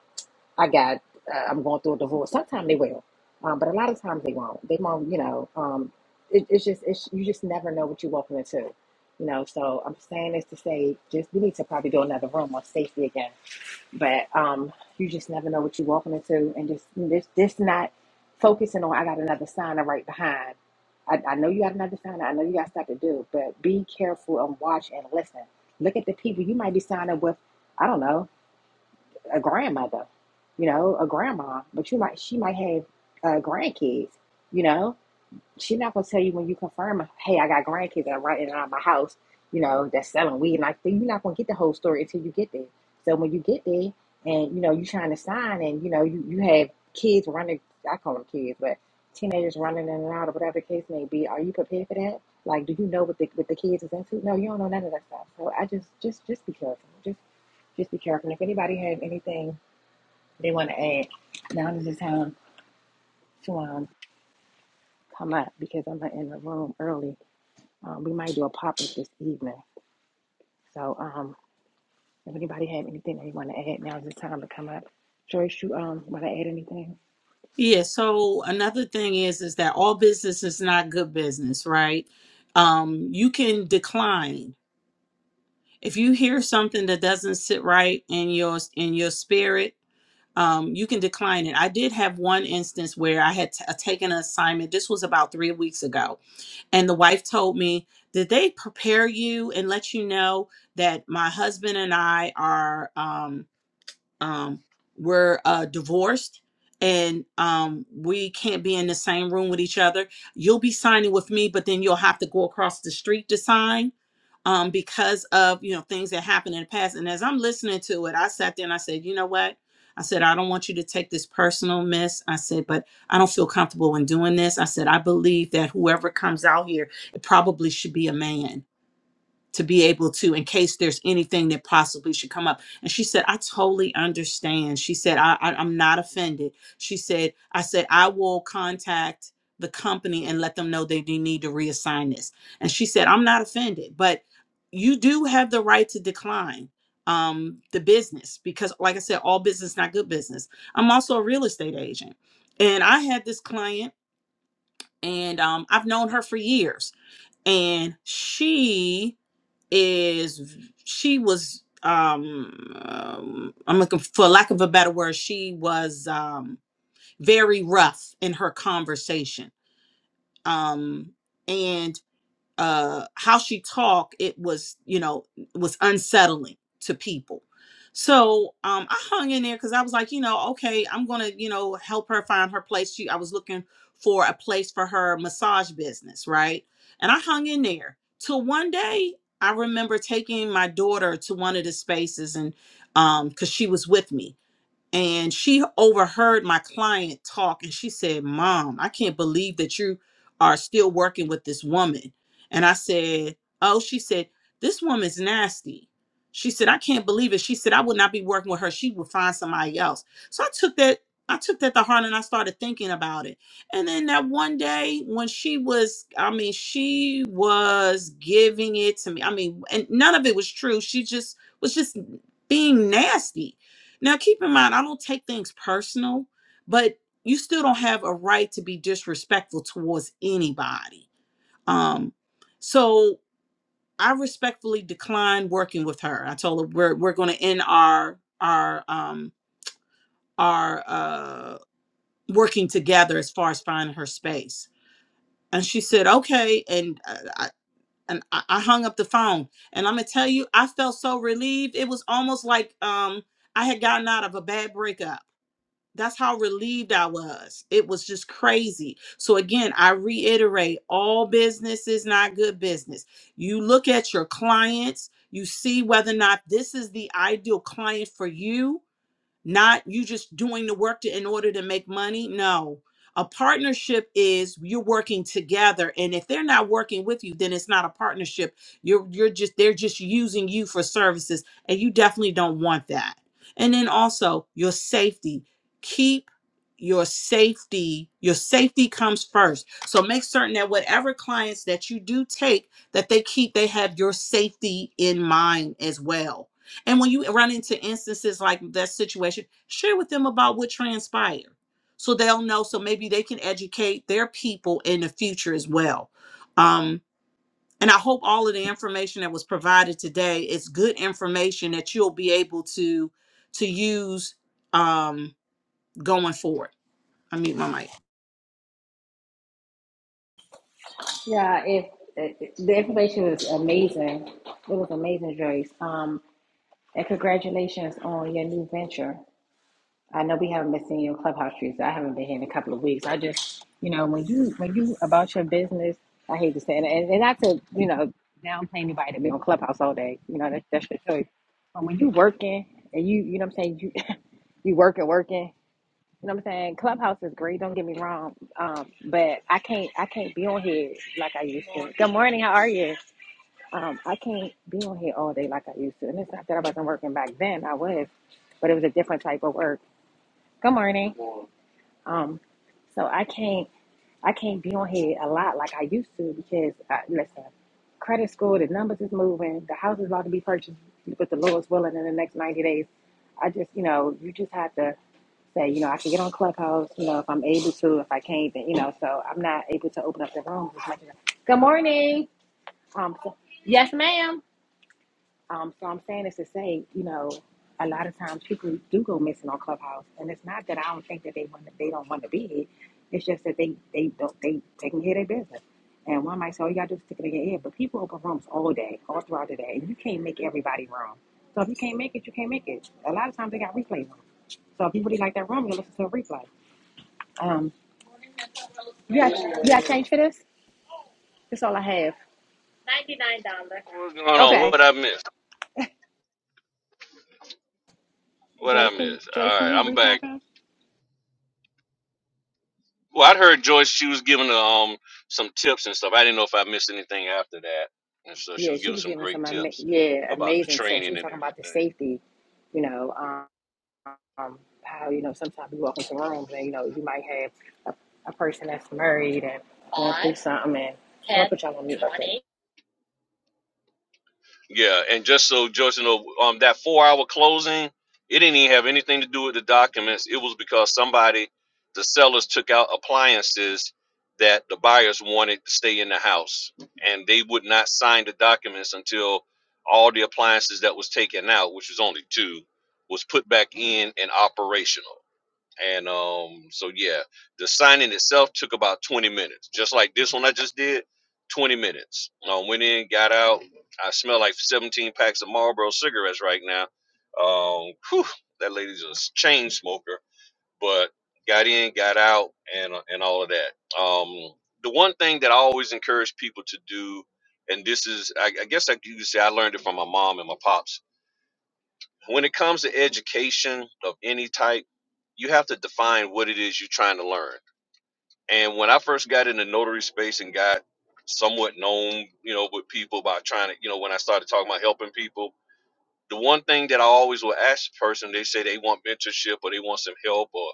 [SPEAKER 1] i got uh, i'm going through a divorce sometimes they will um, but a lot of times they won't they won't you know um it, it's just it's you just never know what you're walking into you know so i'm saying this to say just we need to probably do another room on safety again but um, you just never know what you're walking into, and just this this not focusing on. I got another signer right behind. I, I know you got another signer. I know you got stuff to do, but be careful and watch and listen. Look at the people you might be signing with. I don't know a grandmother, you know, a grandma, but you might she might have uh, grandkids, you know She's not gonna tell you when you confirm, hey, I got grandkids and I'm right in and out of my house, you know, that's selling weed. Like you're not gonna get the whole story until you get there. So when you get there and you know, you trying to sign and you know, you, you have kids running I call them kids, but teenagers running in and out or whatever the case may be, are you prepared for that? Like, do you know what the what the kids is into? No, you don't know none of that stuff. So I just just just be careful. Just just be careful. And if anybody have anything they wanna add, now is the time to um come up because I'm in the room early Um, we might do a pop up this evening. So um, if anybody have anything they want to add, now's the time to come up. Joyce, you um, want to add anything?
[SPEAKER 3] Yeah, so another thing is is that all business is not good business, right? Um you can decline. If you hear something that doesn't sit right in your in your spirit, um, you can decline it. I did have one instance where I had t- uh, taken an assignment. This was about three weeks ago. And the wife told me, Did they prepare you and let you know that my husband and I are, um, um, we're uh, divorced? And um, we can't be in the same room with each other. You'll be signing with me, but then you'll have to go across the street to sign um, because of you know things that happened in the past. And as I'm listening to it, I sat there and I said, you know what? I said, I don't want you to take this personal, miss. I said, but I don't feel comfortable in doing this. I said, I believe that whoever comes out here, it probably should be a man to be able to in case there's anything that possibly should come up and she said i totally understand she said I, I i'm not offended she said i said i will contact the company and let them know that you need to reassign this and she said i'm not offended but you do have the right to decline um the business because like i said all business not good business i'm also a real estate agent and i had this client and um i've known her for years and she is she was um, um i'm looking for lack of a better word she was um very rough in her conversation um and uh how she talked it was you know was unsettling to people so um i hung in there because i was like you know okay i'm gonna you know help her find her place she i was looking for a place for her massage business right and i hung in there till one day i remember taking my daughter to one of the spaces and um because she was with me and she overheard my client talk and she said mom i can't believe that you are still working with this woman and i said oh she said this woman's nasty she said i can't believe it she said i would not be working with her she would find somebody else so i took that i took that to heart and i started thinking about it and then that one day when she was i mean she was giving it to me i mean and none of it was true she just was just being nasty now, keep in mind, I don't take things personal, but you still don't have a right to be disrespectful towards anybody. Um, so I respectfully declined working with her. I told her we're we're going to end our our um our uh working together as far as finding her space. And she said, "Okay." And uh, I and I I hung up the phone. And I'm gonna tell you, I felt so relieved. It was almost like um I had gotten out of a bad breakup that's how relieved I was. It was just crazy. So again, I reiterate, all business is not good business. You look at your clients, you see whether or not this is the ideal client for you not you just doing the work to, in order to make money. No, a partnership is you're working together, and if they're not working with you, then it's not a partnership. You're you're just they're just using you for services, and you definitely don't want that. And then also your safety. Keep your safety your safety comes first so make certain that whatever clients that you do take that they keep they have your safety in mind as well and when you run into instances like that situation, share with them about what transpired so they'll know. So maybe they can educate their people in the future as well. Um, and I hope all of the information that was provided today is good information that you'll be able to to use um, going forward. I mute my mic.
[SPEAKER 1] Yeah, if if- the information is amazing. It was amazing, Joyce. Um, and congratulations on your new venture. I know we haven't been seeing your clubhouse streets. I haven't been here in a couple of weeks. I just, you know, when you when you about your business, I hate to say it, and, and not to, you know, downplay anybody to be on clubhouse all day. You know, that's that's your choice. But when you working and you, you know, what I'm saying you, you working, working. You know what I'm saying? Clubhouse is great. Don't get me wrong, um, but I can't I can't be on here like I used to. Good morning. How are you? Um, I can't be on here all day like I used to. And it's not that I wasn't working back then. I was, but it was a different type of work. Good morning. Um, so I can't I can't be on here a lot like I used to because I, listen, credit score, the numbers is moving, the house is about to be purchased with the lowest willing in the next ninety days. I just you know you just have to say you know I can get on Clubhouse you know if I'm able to if I can't then you know so I'm not able to open up the room as much as I- Good morning. Um, so- yes, ma'am. Um, so I'm saying this to say, you know, a lot of times people do go missing on Clubhouse, and it's not that I don't think that they want to, they don't want to be here. It's just that they they don't they take care of their business. And one might say, oh, you got to stick it in your ear, but people open rooms all day, all throughout the day, and you can't make everybody room. So if you can't make it, you can't make it. A lot of times they got replay rooms. So if you really like that room, you listen to a replay. Um, you got you got change for this? That's all I have. Ninety-nine dollars.
[SPEAKER 2] What's going on?
[SPEAKER 1] Okay,
[SPEAKER 2] What I missed? What I
[SPEAKER 1] Joyce, can you
[SPEAKER 2] missed?
[SPEAKER 1] Joyce,
[SPEAKER 2] All
[SPEAKER 1] can
[SPEAKER 2] right,
[SPEAKER 1] you
[SPEAKER 2] I'm back.
[SPEAKER 1] recap it?
[SPEAKER 2] Well, I'd heard Joyce. She was giving um some tips and stuff. I didn't know if I missed anything after that, and so she
[SPEAKER 1] Yeah,
[SPEAKER 2] was
[SPEAKER 1] she
[SPEAKER 2] giving
[SPEAKER 1] was
[SPEAKER 2] some
[SPEAKER 1] giving some
[SPEAKER 2] great
[SPEAKER 1] ama-
[SPEAKER 2] tips
[SPEAKER 1] yeah
[SPEAKER 2] about the
[SPEAKER 1] amazing tips. She
[SPEAKER 2] training
[SPEAKER 1] was
[SPEAKER 2] and
[SPEAKER 1] talking about the
[SPEAKER 2] everything.
[SPEAKER 1] safety, you know, um, um, how you know sometimes you walk into rooms and you know you might have a, a person that's married and going through something. And I'm gonna put y'all on mute. real quick.
[SPEAKER 2] Yeah, and just so Joyce you know, um, that four-hour closing, it didn't even have anything to do with the documents. It was because somebody, the sellers, took out appliances that the buyers wanted to stay in the house, and they would not sign the documents until all the appliances that was taken out, which was only two, was put back in and operational. And um, so yeah, the signing itself took about 20 minutes, just like this one I just did. 20 minutes. I went in, got out. I smell like 17 packs of Marlboro cigarettes right now. Um, whew, that lady's a chain smoker, but got in, got out, and uh, and all of that. Um, the one thing that I always encourage people to do, and this is, I, I guess I you could say I learned it from my mom and my pops when it comes to education of any type, you have to define what it is you're trying to learn. And when I first got in the notary space and got somewhat known, you know, with people by trying to, you know, when I started talking about helping people, the one thing that I always will ask the person, they say they want mentorship or they want some help, or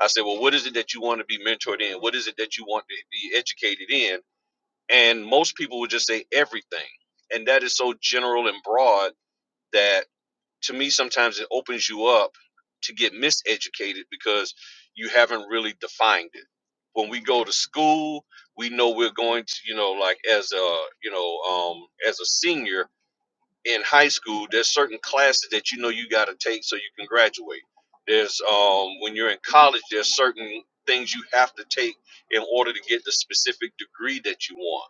[SPEAKER 2] I say, well, what is it that you want to be mentored in? What is it that you want to be educated in? And most people would just say everything. And that is so general and broad that to me sometimes it opens you up to get miseducated because you haven't really defined it when we go to school we know we're going to you know like as a you know um as a senior in high school there's certain classes that you know you got to take so you can graduate there's um when you're in college there's certain things you have to take in order to get the specific degree that you want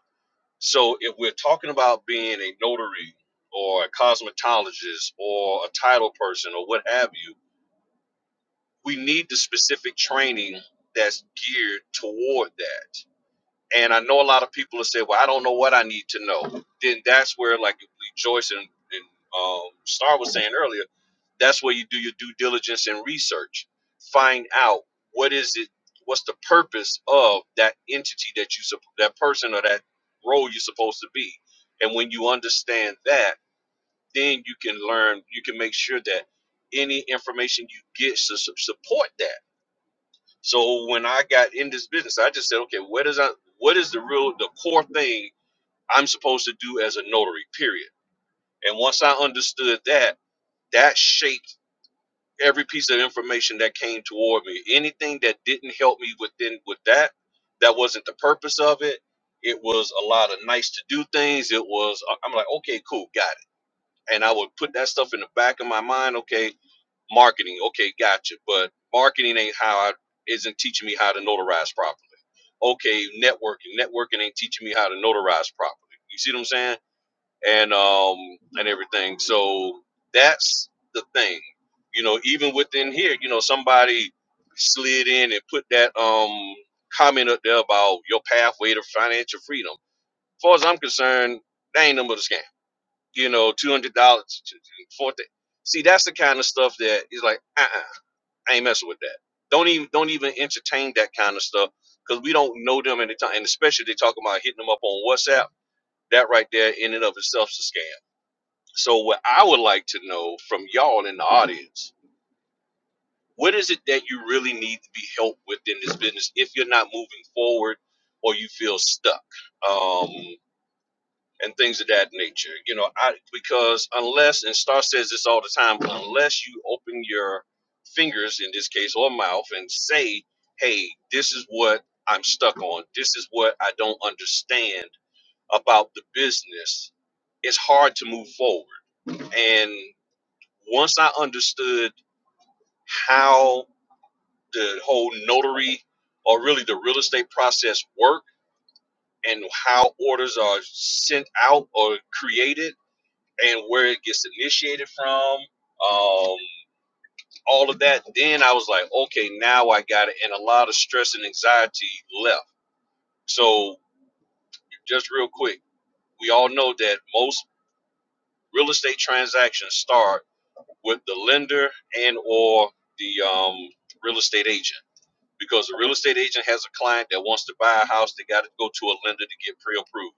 [SPEAKER 2] so if we're talking about being a notary or a cosmetologist or a title person or what have you, we need the specific training that's geared toward that. And I know a lot of people have said, "Well, I don't know what I need to know." Then that's where, like Joyce and, and um, Star was saying earlier, that's where you do your due diligence and research. Find out what is it, what's the purpose of that entity that you sup- that person or that role you're supposed to be. And when you understand that, then you can learn. You can make sure that any information you get to su- support that so when I got in this business, I just said, okay, what is I, what is the real the core thing I'm supposed to do as a notary? Period. And once I understood that, that shaped every piece of information that came toward me. Anything that didn't help me within with that, that wasn't the purpose of it. It was a lot of nice to do things. It was I- I'm like, okay, cool, got it. And I would put that stuff in the back of my mind. Okay, marketing. Okay, gotcha. But marketing ain't how I isn't teaching me how to notarize properly okay, networking. Networking ain't teaching me how to notarize properly. You see what I'm saying? And um and everything. So that's the thing. You know, even within here, you know, somebody slid in and put that um comment up there about your pathway to financial freedom. As far as I'm concerned, that ain't no but a scam. You know, two hundred dollars, four. See, that's the kind of stuff that is like, uh-uh. I ain't messing with that. Don't even don't even entertain that kind of stuff because we don't know them at the time, and especially they talk about hitting them up on WhatsApp. That right there, in and of itself, is a scam. So what I would like to know from y'all in the audience, what is it that you really need to be helped with in this business if you're not moving forward or you feel stuck? Um, and things of that nature. You know, I because unless and Star says this all the time, unless you open your fingers in this case or mouth and say, "Hey, this is what I'm stuck on. This is what I don't understand about the business." It's hard to move forward. And once I understood how the whole notary or really the real estate process work and how orders are sent out or created and where it gets initiated from, um, all of that. Then I was like, okay, now I got it, and a lot of stress and anxiety left. So just real quick, we all know that most real estate transactions start with the lender and or the um, real estate agent because the real estate agent has a client that wants to buy a house they got to go to a lender to get pre-approved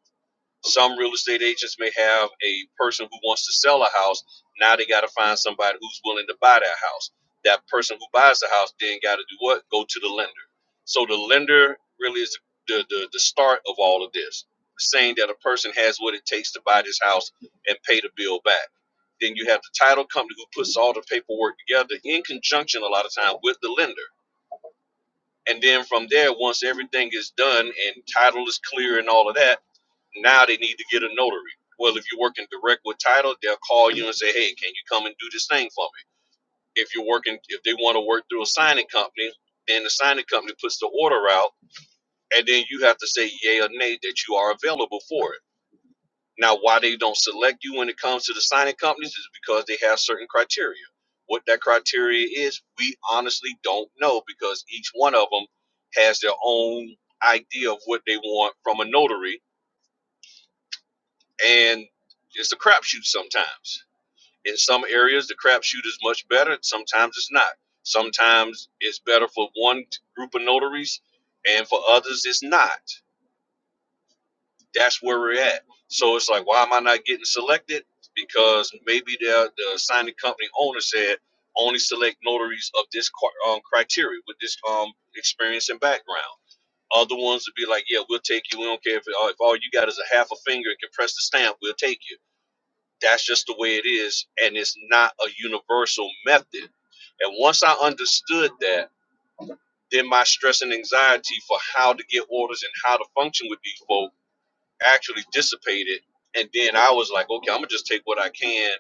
[SPEAKER 2] Some real estate agents may have a person who wants to sell a house. Now they got to find somebody who's willing to buy that house. That person who buys the house then got to do what? Go to the lender. So the lender really is the, the, the start of all of this, saying that a person has what it takes to buy this house and pay the bill back. Then you have the title company who puts all the paperwork together in conjunction a lot of time with the lender. And then from there, once everything is done and title is clear and all of that, now they need to get a notary. Well, if you're working direct with title, they'll call you and say, "Hey, can you come and do this thing for me?" If you're working, if they want to work through a signing company, then the signing company puts the order out, and then you have to say yay or nay that you are available for it. Now, why they don't select you when it comes to the signing companies is because they have certain criteria. What that criteria is, we honestly don't know because each one of them has their own idea of what they want from a notary and it's a crapshoot sometimes. In some areas, the crapshoot is much better. Sometimes it's not. Sometimes it's better for one group of notaries, and for others, it's not. That's where we're at. So it's like, why am I not getting selected? Because maybe the, the signing company owner said only select notaries of this um, criteria with this um experience and background. Other ones would be like, yeah, we'll take you. We don't care if, uh, if all you got is a half a finger and can press the stamp, we'll take you that's just the way it is, and it's not a universal method. And once I understood that, then my stress and anxiety for how to get orders and how to function with these folk actually dissipated. And then I was like, okay, I'm gonna just take what I can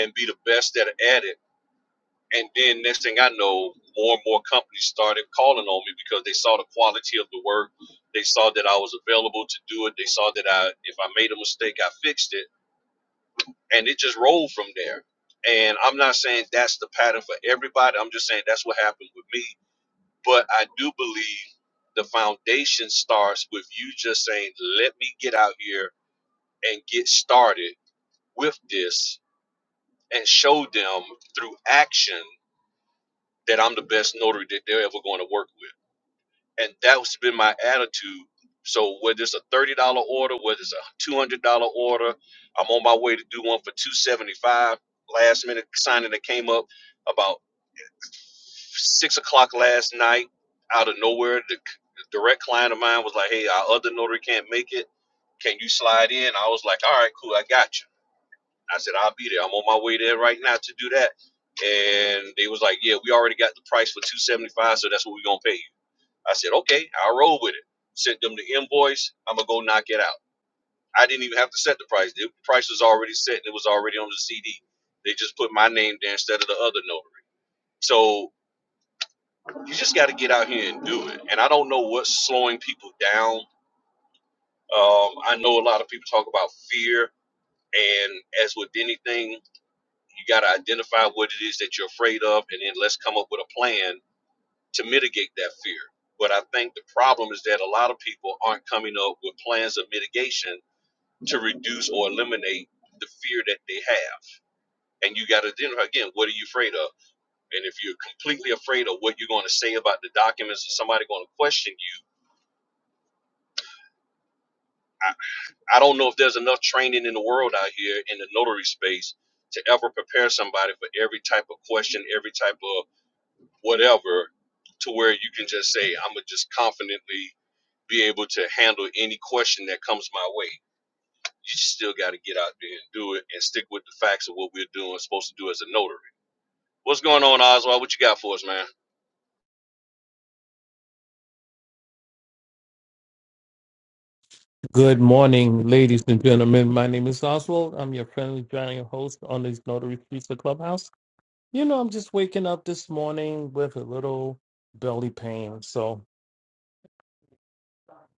[SPEAKER 2] and be the best at, at it. And then next thing I know, more and more companies started calling on me because they saw the quality of the work. They saw that I was available to do it. They saw that I, if I made a mistake, I fixed it and it just rolled from there. And I'm not saying that's the pattern for everybody. I'm just saying that's what happened with me. But I do believe the foundation starts with you just saying, "Let me get out here and get started with this, and show them through action that I'm the best notary that they're ever going to work with." and that was been my attitude. So whether it's a thirty dollar order, whether it's a two hundred dollar order, I'm on my way to do one for two seventy five. Last minute signing that came up about six o'clock last night, out of nowhere, the c- direct client of mine was like, "Hey, our other notary can't make it. Can you slide in?" I was like, "All right, cool, I got you." I said, "I'll be there. I'm on my way there right now to do that." And they was like, "Yeah, we already got the price for two seventy five, so that's what we're gonna pay you." I said, okay, I'll roll with it. Sent them the invoice. I'm gonna go knock it out. I didn't even have to set the price. The price was already set. It was already on the CD. They just put my name there instead of the other notary. So you just got to get out here and do it. And I don't know what's slowing people down. Um, I know a lot of people talk about fear, and as with anything, you got to identify what it is that you're afraid of, and then let's come up with a plan to mitigate that fear. But I think the problem is that a lot of people aren't coming up with plans of mitigation to reduce or eliminate the fear that they have. And you got to then again, what are you afraid of? And if you're completely afraid of what you're going to say about the documents or somebody going to question you, I, I don't know if there's enough training in the world out here in the notary space to ever prepare somebody for every type of question, every type of whatever, to where you can just say, I'm going to just confidently be able to handle any question that comes my way. You still got to get out there and do it and stick with the facts of what we're doing, supposed to do as a notary. What's going on, Oswald? What you got for us, man?
[SPEAKER 4] Good morning, ladies and gentlemen. My name is Oswald. I'm your friendly giant host on these Notary Streets of Clubhouse. You know, I'm just waking up this morning with a little belly pain. So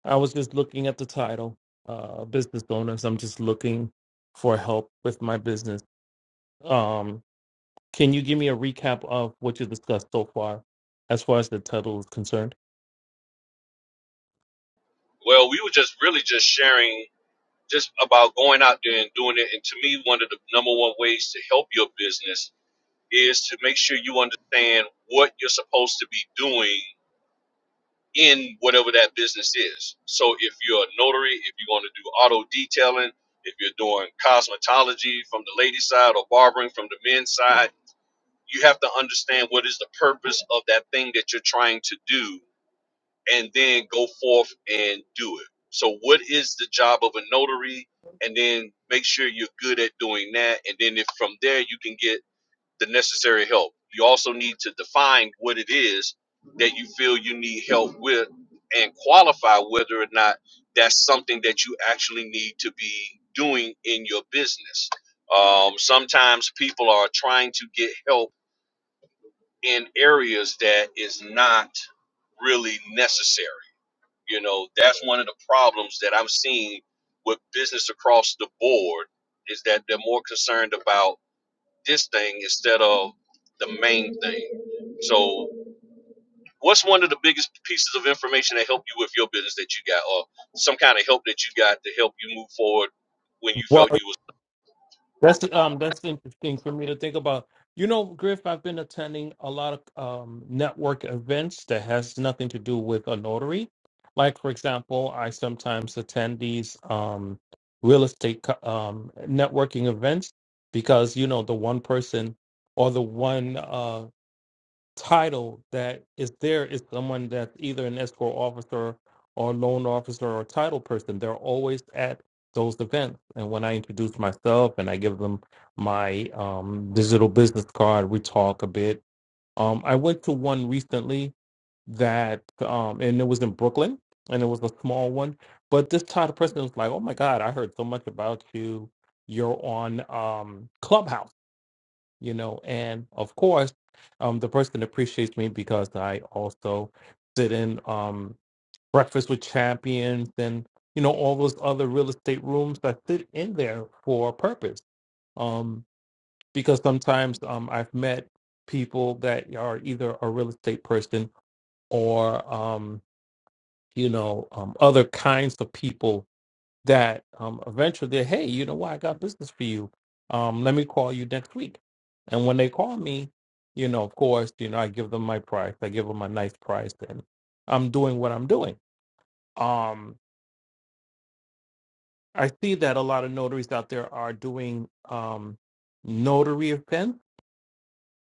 [SPEAKER 4] I was just looking at the title, uh, Business Owners. I'm just looking for help with my business. Um, can you give me a recap of what you discussed so far as far as the title is concerned?
[SPEAKER 2] Well, we were just really just sharing just about going out there and doing it. And to me, one of the number one ways to help your business is to make sure you understand what you're supposed to be doing in whatever that business is. So if you're a notary, if you're going to do auto detailing, if you're doing cosmetology from the ladies' side or barbering from the men's side, you have to understand what is the purpose of that thing that you're trying to do and then go forth and do it. So what is the job of a notary? And then make sure you're good at doing that. And then if from there you can get the necessary help. You also need to define what it is that you feel you need help with and qualify whether or not that's something that you actually need to be doing in your business. Um, sometimes people are trying to get help in areas that is not really necessary. You know, that's one of the problems that I'm seeing with business across the board is that they're more concerned about this thing instead of the main thing. So, what's one of the biggest pieces of information that help you with your business that you got, or some kind of help that you got to help you move forward when you felt you was?
[SPEAKER 4] That's um that's interesting for me to think about. You know, Griff, I've been attending a lot of um, network events that has nothing to do with a notary. Like for example, I sometimes attend these um, real estate co- um, networking events because you know the one person or the one uh, title that is there is someone that's either an escort officer or loan officer or title person. They're always at those events. And when I introduce myself and I give them my um, digital business card, we talk a bit. Um, I went to one recently that, um, and it was in Brooklyn, and it was a small one. But this title person was like, "Oh my God, I heard so much about you. You're on um, Clubhouse." you know, and of course, um, the person appreciates me because I also sit in um breakfast with champions and you know all those other real estate rooms that sit in there for a purpose. Um, because sometimes um I've met people that are either a real estate person or um you know um other kinds of people that um, eventually, they, hey, you know what? I got business for you. Um, let me call you next week. And when they call me, you know, of course, you know, I give them my price. I give them a nice price, and I'm doing what I'm doing. Um, I see that a lot of notaries out there are doing um, notary events.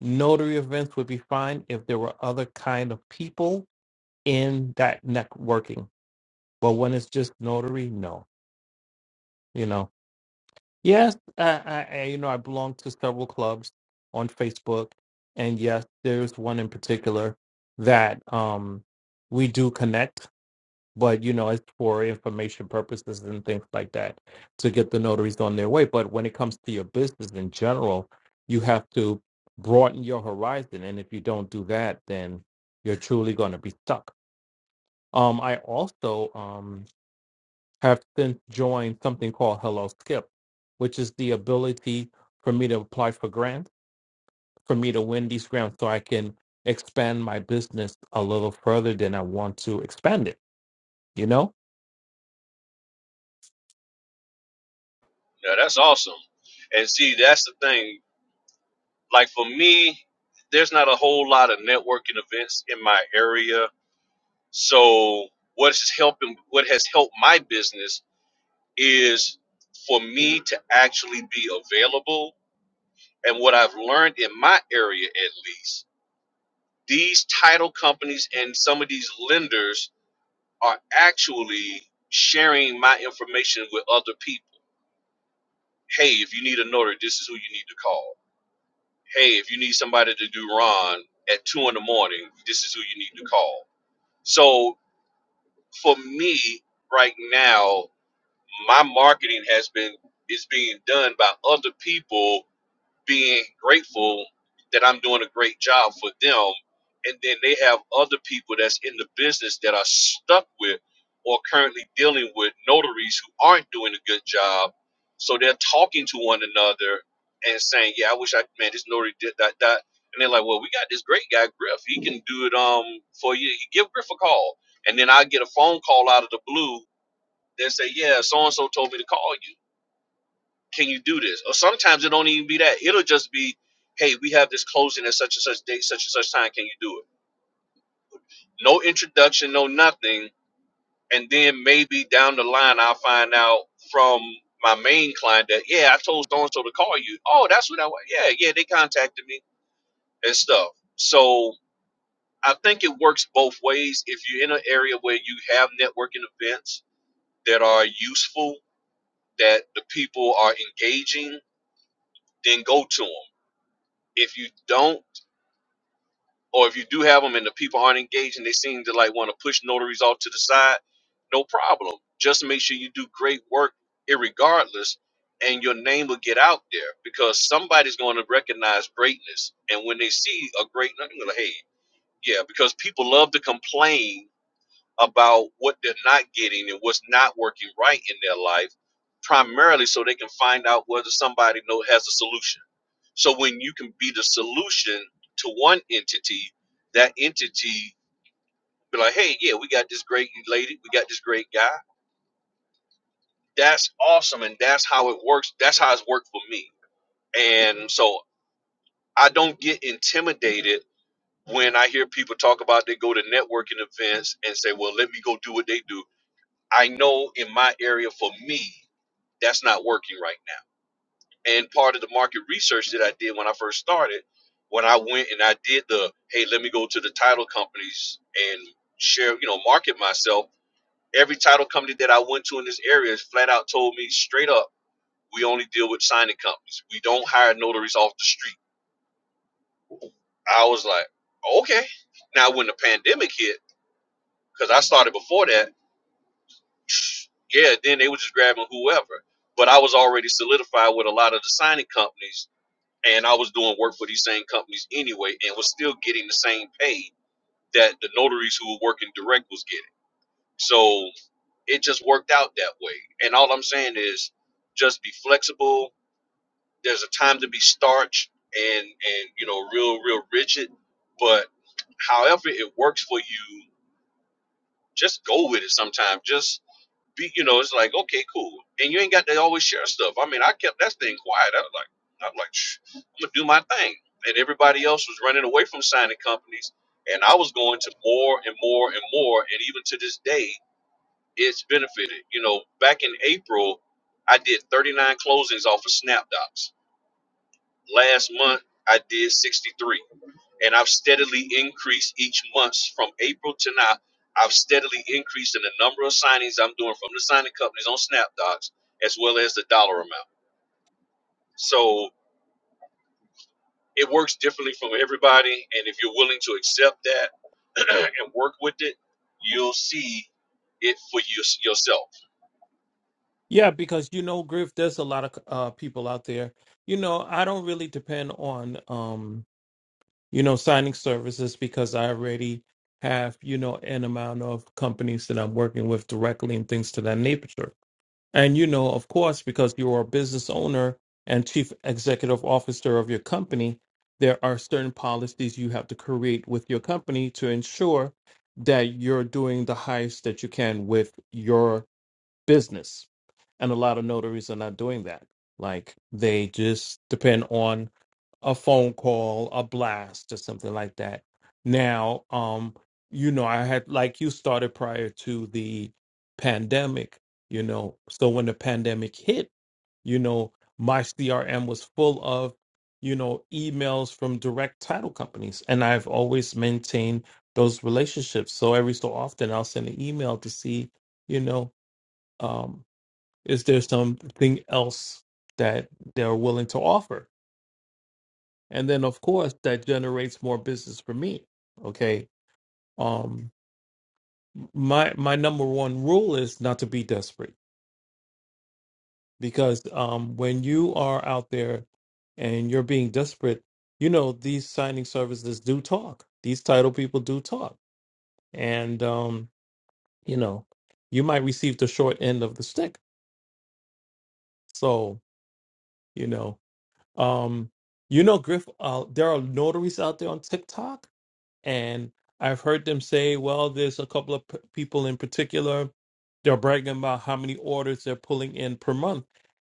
[SPEAKER 4] Notary events would be fine if there were other kind of people in that networking. But when it's just notary, no, you know. Yes, I, I, I- you know, I belong to several clubs on Facebook, and yes, there's one in particular that um we do connect, but you know, it's for information purposes and things like that to get the notaries on their way. But when it comes to your business in general, you have to broaden your horizon, and if you don't do that, then you're truly going to be stuck. Um, I also um have since joined something called Hello Skip, which is the ability for me to apply for grants, for me to win these grants so I can expand my business a little further than I want to expand it, you know?
[SPEAKER 2] Now, that's awesome. And see, that's the thing. Like for me, there's not a whole lot of networking events in my area. So, what's helping? What has helped my business is for me to actually be available. And what I've learned in my area, at least these title companies and some of these lenders are actually sharing my information with other people. Hey, if you need a notary, this is who you need to call. Hey, if you need somebody to do Ron at two in the morning, this is who you need to call. So for me right now, my marketing has been is being done by other people being grateful that I'm doing a great job for them. And then they have other people that's in the business that are stuck with or currently dealing with notaries who aren't doing a good job. So they're talking to one another and saying, Yeah, I wish I man, this notary did that, that. And they're like, Well, we got this great guy, Griff. He can do it um for you. Give Griff a call. And then I get a phone call out of the blue that say, Yeah, so and so told me to call you can you do this? Or sometimes it don't even be that. It'll just be, hey, we have this closing at such and such date, such and such time. Can you do it? No introduction, no nothing. And then maybe down the line, I'll find out from my main client that, yeah, I told so and so to call you. Oh, that's what I want. Yeah, yeah, they contacted me and stuff. So I think it works both ways. If you're in an area where you have networking events that are useful, that the people are engaging, then go to them if you don't or if you do have them and the people aren't engaged and they seem to like want to push notaries off to the side, no problem. Just make sure you do great work, irregardless, and your name will get out there because somebody's going to recognize greatness. And when they see a great, they're going to hey, yeah, because people love to complain about what they're not getting and what's not working right in their life, primarily so they can find out whether somebody know has a solution so when you can be the solution to one entity, that entity be like, hey, yeah, we got this great lady, we got this great guy. That's awesome, and that's how it works. That's how it's worked for me. And so I don't get intimidated when I hear people talk about they go to networking events and say, well, let me go do what they do. I know in my area for me, that's not working right now And part of the market research that I did when I first started, when I went and I did the, hey, let me go to the title companies and share, you know, market myself. Every title company that I went to in this area flat out told me straight up, we only deal with signing companies. We don't hire notaries off the street. I was like, okay. Now, when the pandemic hit, because I started before that, yeah, then they were just grabbing whoever. But I was already solidified with a lot of the signing companies and I was doing work for these same companies anyway, and was still getting the same pay that the notaries who were working direct was getting. So it just worked out that way. And all I'm saying is, just be flexible. There's a time to be starch and and you know real real rigid, but however it works for you, just go with it. Sometimes just be, you know, it's like, okay, cool. And you ain't got to always share stuff. I mean, I kept that thing quiet. I was like, I'm like, "Shh, I'm gonna do my thing. And everybody else was running away from signing companies, and I was going to more and more and more. And even to this day, it's benefited. You know, back in April, I did 39 closings off of SnapDocs. Last month, I did 63 and I've steadily increased each month from April to now. I've steadily increased in the number of signings I'm doing from the signing companies on SnapDocs as well as the dollar amount. So it works differently from everybody, and if you're willing to accept that and work with it, you'll see it for you, yourself.
[SPEAKER 4] Yeah, because you know, Griff, there's a lot of uh, people out there. You know, I don't really depend on, um, you know, signing services because I already have, you know, an amount of companies that I'm working with directly and things to that nature And you know, of course, because you are a business owner and chief executive officer of your company, there are certain policies you have to create with your company to ensure that you're doing the highest that you can with your business. And a lot of notaries are not doing that. Like they just depend on a phone call, a blast, or something like that. Now, um, you know, I had like you started prior to the pandemic, you know. So when the pandemic hit, you know, my CRM was full of, you know, emails from direct title companies. And I've always maintained those relationships. So every so often I'll send an email to see, you know, um, is there something else that they're willing to offer? and then of course that generates more business for me okay um my my number one rule is not to be desperate because um when you are out there and you're being desperate you know these signing services do talk these title people do talk and um you know you might receive the short end of the stick so you know um you know griff uh, there are notaries out there on tiktok And I've heard them say, well, there's a couple of p- people in particular, they're bragging about how many orders they're pulling in per month.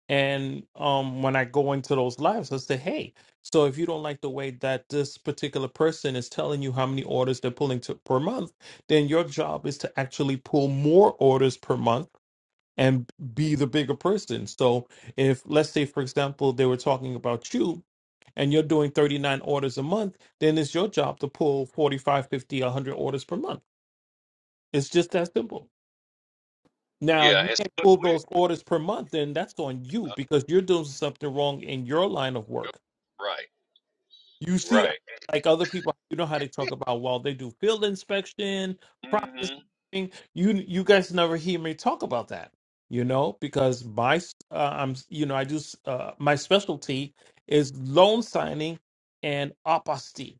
[SPEAKER 4] And um, when I go into those lives, I say, hey, so if you don't like the way that this particular person is telling you how many orders they're pulling to, per month, then your job is to actually pull more orders per month and be the bigger person. So if let's say for example they were talking about you and you're doing 39 orders a month, then it's your job to pull 45, 50, 100 orders per month. It's just that simple. Now, if
[SPEAKER 2] Yeah,
[SPEAKER 4] you
[SPEAKER 2] and
[SPEAKER 4] can't
[SPEAKER 2] so
[SPEAKER 4] pull
[SPEAKER 2] we
[SPEAKER 4] those orders per month, then that's on you
[SPEAKER 2] uh,
[SPEAKER 4] because you're doing something wrong in your line of work.
[SPEAKER 2] right,
[SPEAKER 4] You see,
[SPEAKER 2] right.
[SPEAKER 4] like other people, you know how they talk about, well, they do field inspection,
[SPEAKER 2] hmm
[SPEAKER 4] processing. You you guys never hear me talk about that, you know, because my uh, I'm you know I do s- uh, my specialty is loan signing and apostille.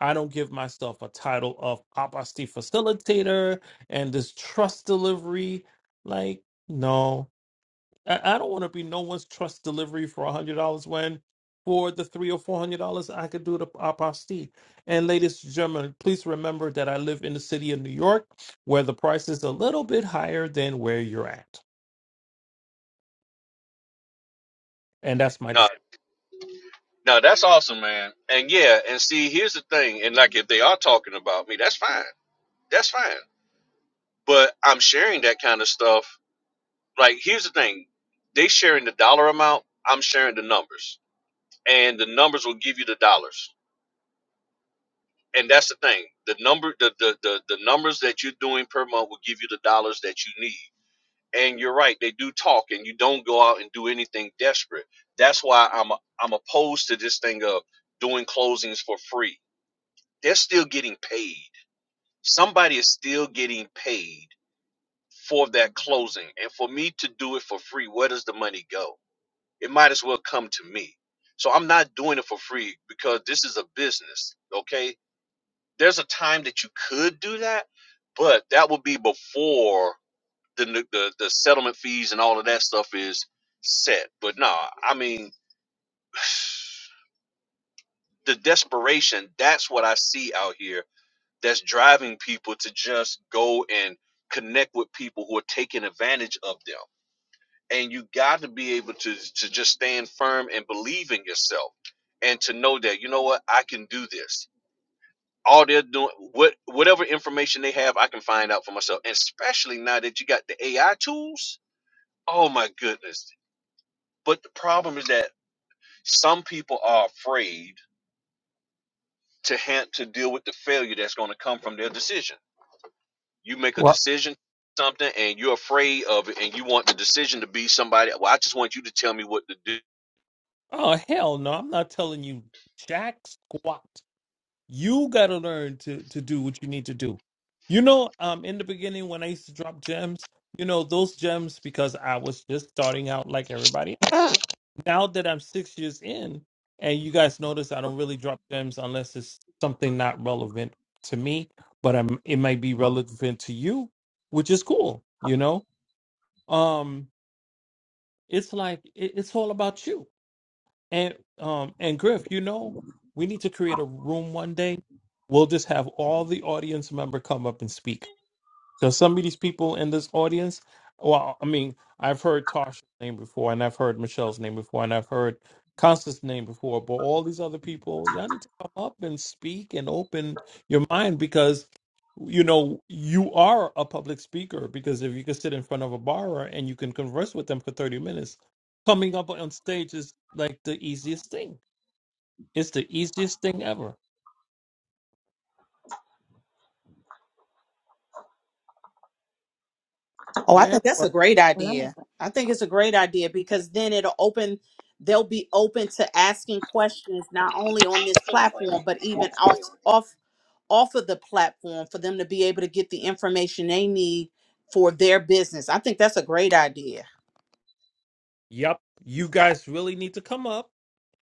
[SPEAKER 4] I don't give myself a title of apostille facilitator and this trust delivery. Like, no, I, I don't want to be no one's trust delivery for a hundred dollars when for the three or four hundred dollars I could do the apostille. And ladies and gentlemen, please remember that I live in the city of New York where the price is a little bit higher than where you're at. And that's my
[SPEAKER 2] No,
[SPEAKER 4] just
[SPEAKER 2] no, that's awesome, man. And yeah, and see, here's the thing, and like if they are talking about me, that's fine. That's fine. but I'm sharing that kind of stuff. Like, here's the thing: they sharing the dollar amount. I'm sharing the numbers, and the numbers will give you the dollars. And that's the thing: the number, the the the, the numbers that you're doing per month will give you the dollars that you need. And you're right; they do talk, and you don't go out and do anything desperate. That's why I'm I'm opposed to this thing of doing closings for free. They're still getting paid. Somebody is still getting paid for that closing and for me to do it for free where does the money go it might as well come to me so i'm not doing it for free because this is a business okay there's a time that you could do that but that would be before the n- the, the settlement fees and all of that stuff is set but no i mean the desperation that's what i see out here that's driving people to just go and connect with people who are taking advantage of them and you got to be able to to just stand firm and believe in yourself and to know that you know what I can do this. All they're doing, what whatever information they have, I can find out for myself. And especially now that you got the AI tools, oh my goodness! But the problem is that some people are afraid to have to deal with the failure that's going to come from their decision. You make a
[SPEAKER 4] Well,
[SPEAKER 2] decision something and you're afraid of it and you want the decision to be somebody well i just want you to tell me what to
[SPEAKER 4] oh hell no, I'm not telling you jack squat. You gotta learn to to do what you need to do. You know, um in the beginning when I used to drop gems, you know, those gems because I was just starting out like everybody else now that I'm six years in, and you guys notice I don't really drop gems unless it's something not relevant to me, but I'm it might be relevant to you, which is cool, you know. Um, it's like it, it's all about you. And um and Griff, you know, we need to create a room one day. We'll just have all the audience member come up and speak because some of these people in this audience, well, I mean, I've heard Tasha's name before, and I've heard Michelle's name before, and I've heard Constance's name before, but all these other people, y'all need to come up and speak and open your mind because, you know, you are a public speaker. Because if you can sit in front of a borrower and you can converse with them for 30 minutes, coming up on stage is like the easiest thing. It's the easiest thing ever.
[SPEAKER 3] Oh, I
[SPEAKER 4] Yeah.
[SPEAKER 3] think that's
[SPEAKER 4] right.
[SPEAKER 3] a great
[SPEAKER 1] Well, I'm a,
[SPEAKER 3] idea. I think it's a great idea because then it'll open, they'll be open to asking questions not only on this platform, but even off off. off of the platform for them to be able to get the information they need for their business. I think that's a great idea.
[SPEAKER 4] Yep. You guys really need to come up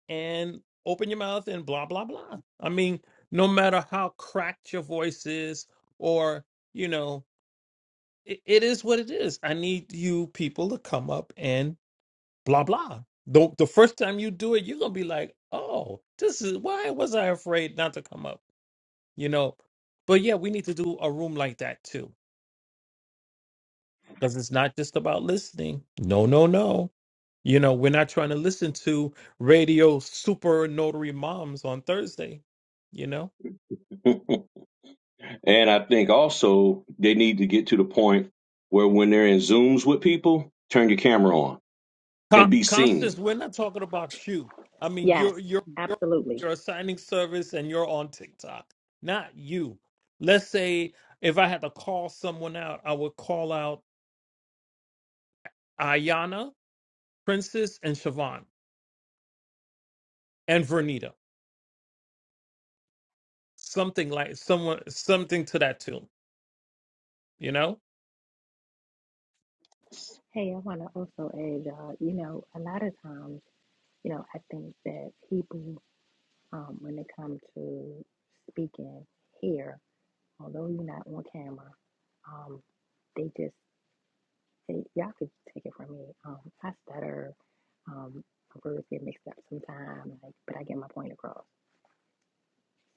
[SPEAKER 4] and open your mouth and blah blah blah. I mean, no matter how cracked your voice is, or you know, it, it is what it is. I need you people to come up and blah blah. The the first time you do it, you're gonna be like, oh, this is why was I afraid not to come up, you know? But yeah, we need to do a room like that too, because it's not just about listening. No, no, no. You know, we're not trying to listen to radio super notary moms on Thursday. You know
[SPEAKER 2] do And I think also they need to get to the point where when they're in Zooms with people, turn your camera on
[SPEAKER 4] Con-
[SPEAKER 2] and be
[SPEAKER 4] Constance,
[SPEAKER 2] seen.
[SPEAKER 4] we're not talking about you. I mean, you're
[SPEAKER 1] yes,
[SPEAKER 4] you're you're
[SPEAKER 1] absolutely.
[SPEAKER 4] you're assigning service and you're on TikTok, not you. Let's say if I had to call someone out, I would call out Ayana, Princess, and Siobhan and Vernita. Something like someone something to that tune, you know?
[SPEAKER 1] Hey, I want to also add, uh, you know, a lot of times, you know, I think that people, um, when it comes to speaking here, although you're not on camera, um, they just and y'all could take it from me. Um, I stutter. Um, my words get mixed up sometimes, like, but I get my point across.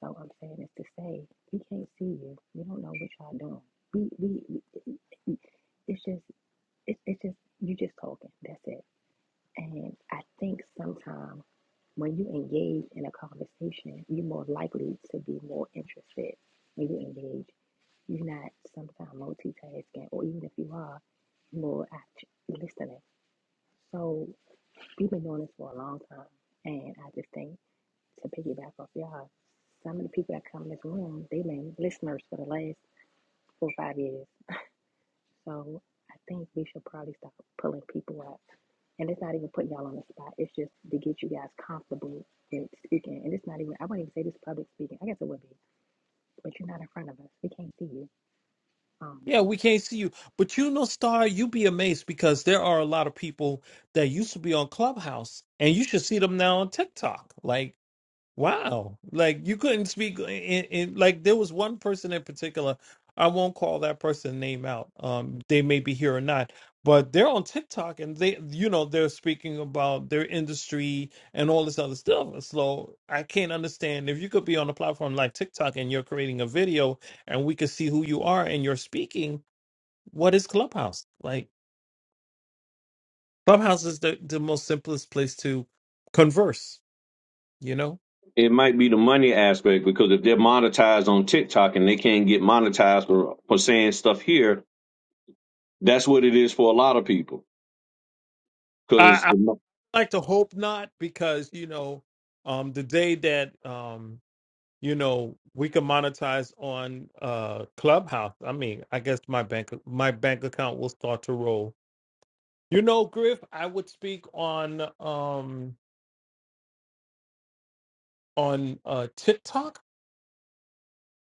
[SPEAKER 1] So I'm saying is to say we can't see you. We don't know what y'all doing. We we, we it's just it's it's just you just talking. That's it. And I think sometimes when you engage in a conversation, you're more likely to be more interested when you engage. You're not sometimes multitasking, or even if you are, more act listening. So we've been doing this for a long time, and I just think to piggyback off y'all, some of the people that come in this room, they've been listeners for the last four or five years. So I think we should probably stop pulling people up. And it's not even putting y'all on the spot. It's just to get you guys comfortable in speaking. And it's not even, I wouldn't even say this public speaking. I guess it would be, but you're not in front of us. We can't see you. Um,
[SPEAKER 4] Yeah, we can't see you. But you know, Star, you'd be amazed because there are a lot of people that used to be on Clubhouse and you should see them now on TikTok. Like Wow. Like you couldn't speak in, in like there was one person in particular. I won't call that person name out. Um they may be here or not, but they're on TikTok and they you know they're speaking about their industry and all this other stuff. So I can't understand if you could be on a platform like TikTok and you're creating a video and we could see who you are and you're speaking, what is Clubhouse? Like Clubhouse is the, the most simplest place to converse, you know?
[SPEAKER 2] It might be the money aspect because if they're monetized on TikTok and they can't get monetized for, for saying stuff here, that's what it is for a lot of people.
[SPEAKER 4] I.
[SPEAKER 2] Because no,
[SPEAKER 4] like to hope not because you know um the day that um you know we can monetize on uh clubhouse i mean i guess my bank my bank account will start to roll you know griff i would speak on um on uh tiktok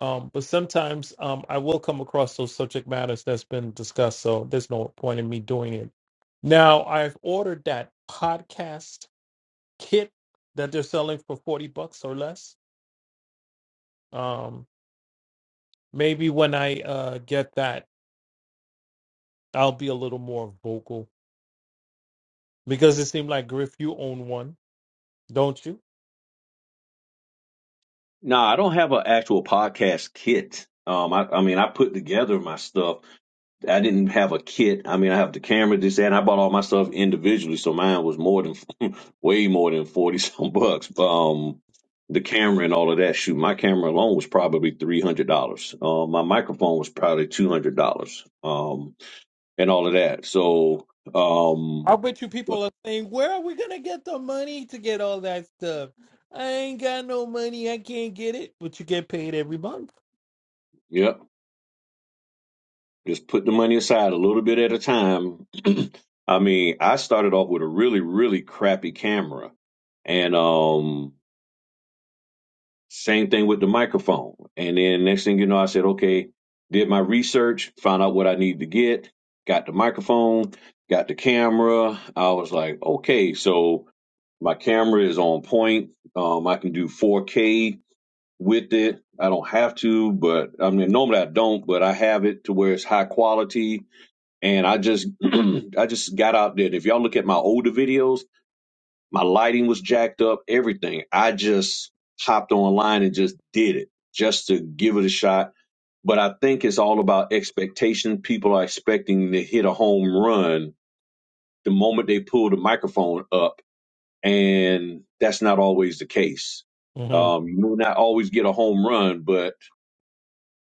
[SPEAKER 4] um but sometimes um i will come across those subject matters that's been discussed so there's no point in me doing it now i've ordered that podcast kit that they're selling for 40 bucks or less Um, maybe when I uh get that, I'll be a little more vocal because it seemed like Griff, you own one, don't you?
[SPEAKER 2] nah, I don't have an actual podcast kit. Um, I, I mean, I put together my stuff I didn't have a kit. I mean, I have the camera, this that, and I bought all my stuff individually, so mine was more than way more than forty some bucks. But, um, the camera and all of that. Shoot, my camera alone was probably three hundred dollars. Um, my microphone was probably two hundred dollars. Um, and all of that. So,
[SPEAKER 4] I
[SPEAKER 2] um,
[SPEAKER 4] bet you people are saying, "Where are we gonna get the money to get all that stuff? I ain't got no money, I can't get it." But you get paid every month.
[SPEAKER 2] yep, just put the money aside a little bit at a time. I mean, I started off with a really, really crappy camera, and um Same thing with the microphone. And then next thing you know, I said, okay, did my research, found out what I need to get, got the microphone, got the camera. I was like, okay, so my camera is on point. Um, I can do 4K with it. I don't have to, but I mean, normally I don't, but I have it to where it's high quality. And I just, I just got out there. And If y'all look at my older videos, my lighting was jacked up, everything. I just hopped online and just did it just to give it a shot. But I think it's all about expectation. People are expecting to hit a home run the moment they pull the microphone up. And that's not always the case.
[SPEAKER 4] hmm
[SPEAKER 2] Um, you may not always get a home run, but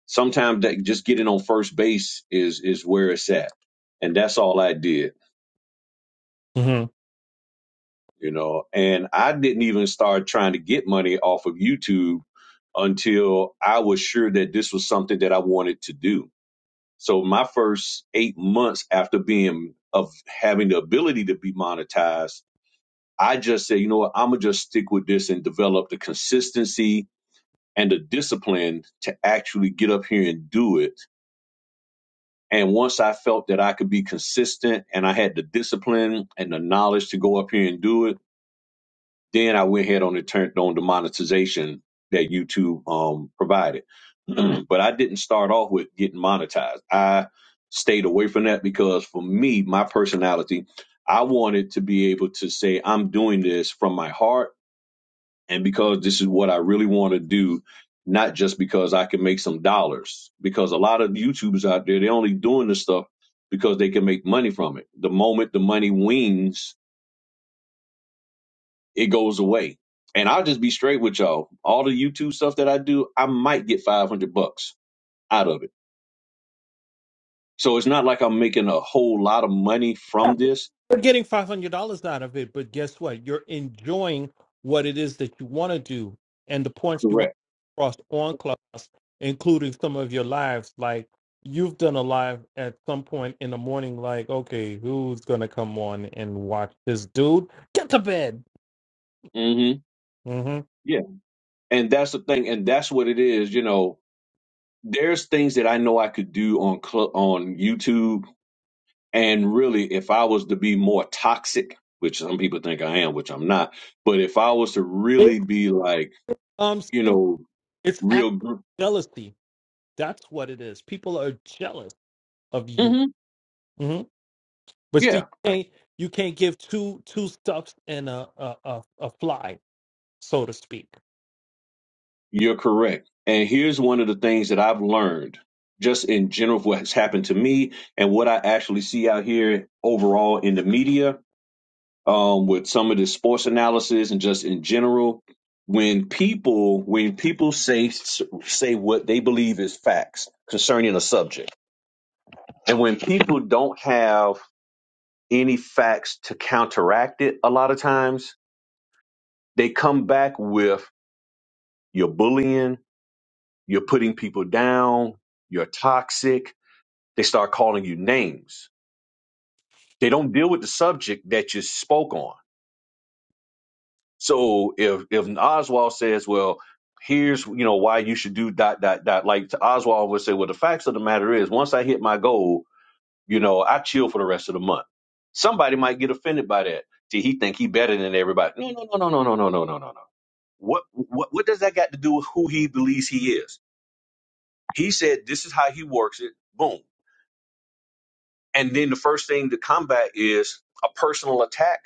[SPEAKER 2] sometimes that just getting on first base is is where it's at. And that's all I did you know and i didn't even start trying to get money off of youtube until i was sure that this was something that i wanted to do so my first eight months after being of having the ability to be monetized i just said you know what i'm gonna just stick with this and develop the consistency and the discipline to actually get up here and do it and once i felt that i could be consistent and i had the discipline and the knowledge to go up here and do it Then I went ahead on and turned on the monetization that YouTube um, provided. but I didn't start off with getting monetized. I stayed away from that because for me, my personality, I wanted to be able to say, I'm doing this from my heart and because this is what I really want to do, not just because I can make some dollars. Because a lot of YouTubers out there, they're only doing this stuff because they can make money from it. The moment the money wings, it goes away. And I'll just be straight with y'all. All the YouTube stuff that I do, I might get 500 bucks out of it. So it's not like I'm making a whole lot of money from this.
[SPEAKER 4] You're getting five hundred dollars out of it, but guess what? You're enjoying what it is that you want to do and the points you want
[SPEAKER 2] Correct.
[SPEAKER 4] to cross on Clubhouse, including some of your lives. Like you've done a live at some point in the morning, like, okay, who's gonna come on and watch this dude? Get to bed.
[SPEAKER 2] hmm
[SPEAKER 4] hmm
[SPEAKER 2] Yeah. And that's the thing. And that's what it is. You know, there's things that I know I could do on cl- on YouTube. And really, if I was to be more toxic, which some people think I am, which I'm not, but if I was to
[SPEAKER 4] It,
[SPEAKER 2] really be like,
[SPEAKER 4] um,
[SPEAKER 2] you
[SPEAKER 4] see,
[SPEAKER 2] know,
[SPEAKER 4] it's
[SPEAKER 2] real,
[SPEAKER 4] actual
[SPEAKER 2] gr-
[SPEAKER 4] jealousy. That's what it is. People are jealous of you.
[SPEAKER 2] Mhm.
[SPEAKER 4] hmm But see, you
[SPEAKER 2] yeah,
[SPEAKER 4] can't, you can't give two two stuffs and a a, a, a fly so to speak.
[SPEAKER 2] You're correct. And here's one of the things that I've learned just in general of what's happened to me and what I actually see out here overall in the media um, with some of the sports analysis and just in general. When people when people say say what they believe is facts concerning a subject, and when people don't have any facts to counteract it, a lot of times they come back with you're bullying, you're putting people down, you're toxic, They start calling you names. They don't deal with the subject that you spoke on. So if if Oswald says, "Well, here's you know why you should do dot dot dot," like Oswald would say, "Well, the facts of the matter is, once I hit my goal, you know, I chill for the rest of the month." Somebody might get offended by that. See, he think he better than everybody. No, no, no, no, no, no, no, no, no, no. no. What what what does that got to do with who he believes he is? He said this is how he works it. Boom. And then the first thing to combat is a personal attack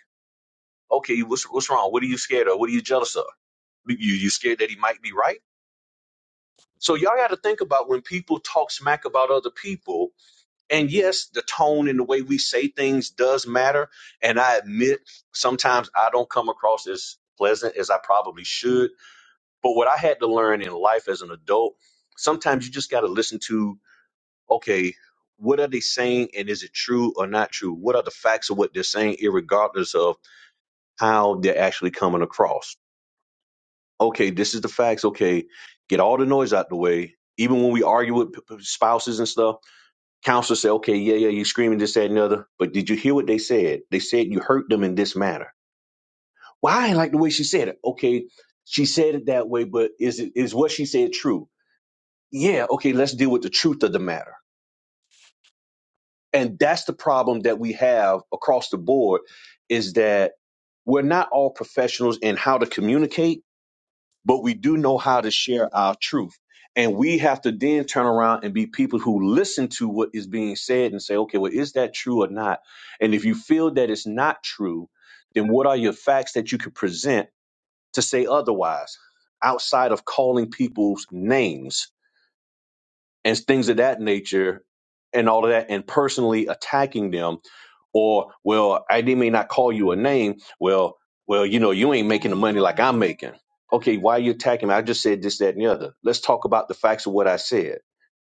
[SPEAKER 2] Okay, what's what's wrong? What are you scared of? What are you jealous of? You you scared that he might be right? So y'all got to think about when people talk smack about other people. And yes, the tone and the way we say things does matter. And I admit sometimes I don't come across as pleasant as I probably should. But what I had to learn in life as an adult, sometimes you just got to listen to okay, what are they saying and is it true or not true? What are the facts of what they're saying, irregardless of how they're actually coming across? okay, this is the facts. Okay, get all the noise out the way. Even when we argue with p- p- spouses and stuff, counselors say, okay, yeah, yeah, you're screaming this, that, and the other. But did you hear what they said? They said you hurt them in this manner. Well, I ain't like the way she said it. Okay, she said it that way, but is it is what she said true? Yeah, okay, let's deal with the truth of the matter. And that's the problem that we have across the board is that we're not all professionals in how to communicate but we do know how to share our truth. And we have to then turn around and be people who listen to what is being said and say, okay, well, is that true or not? And if you feel that it's not true, then what are your facts that you could present to say otherwise outside of calling people's names and things of that nature and all of that and personally attacking them? Or, well, I they may not call you a name. Well, well, you know, you ain't making the money like I'm making. Okay, why are you attacking me? I just said this, that, and the other. Let's talk about the facts of what I said.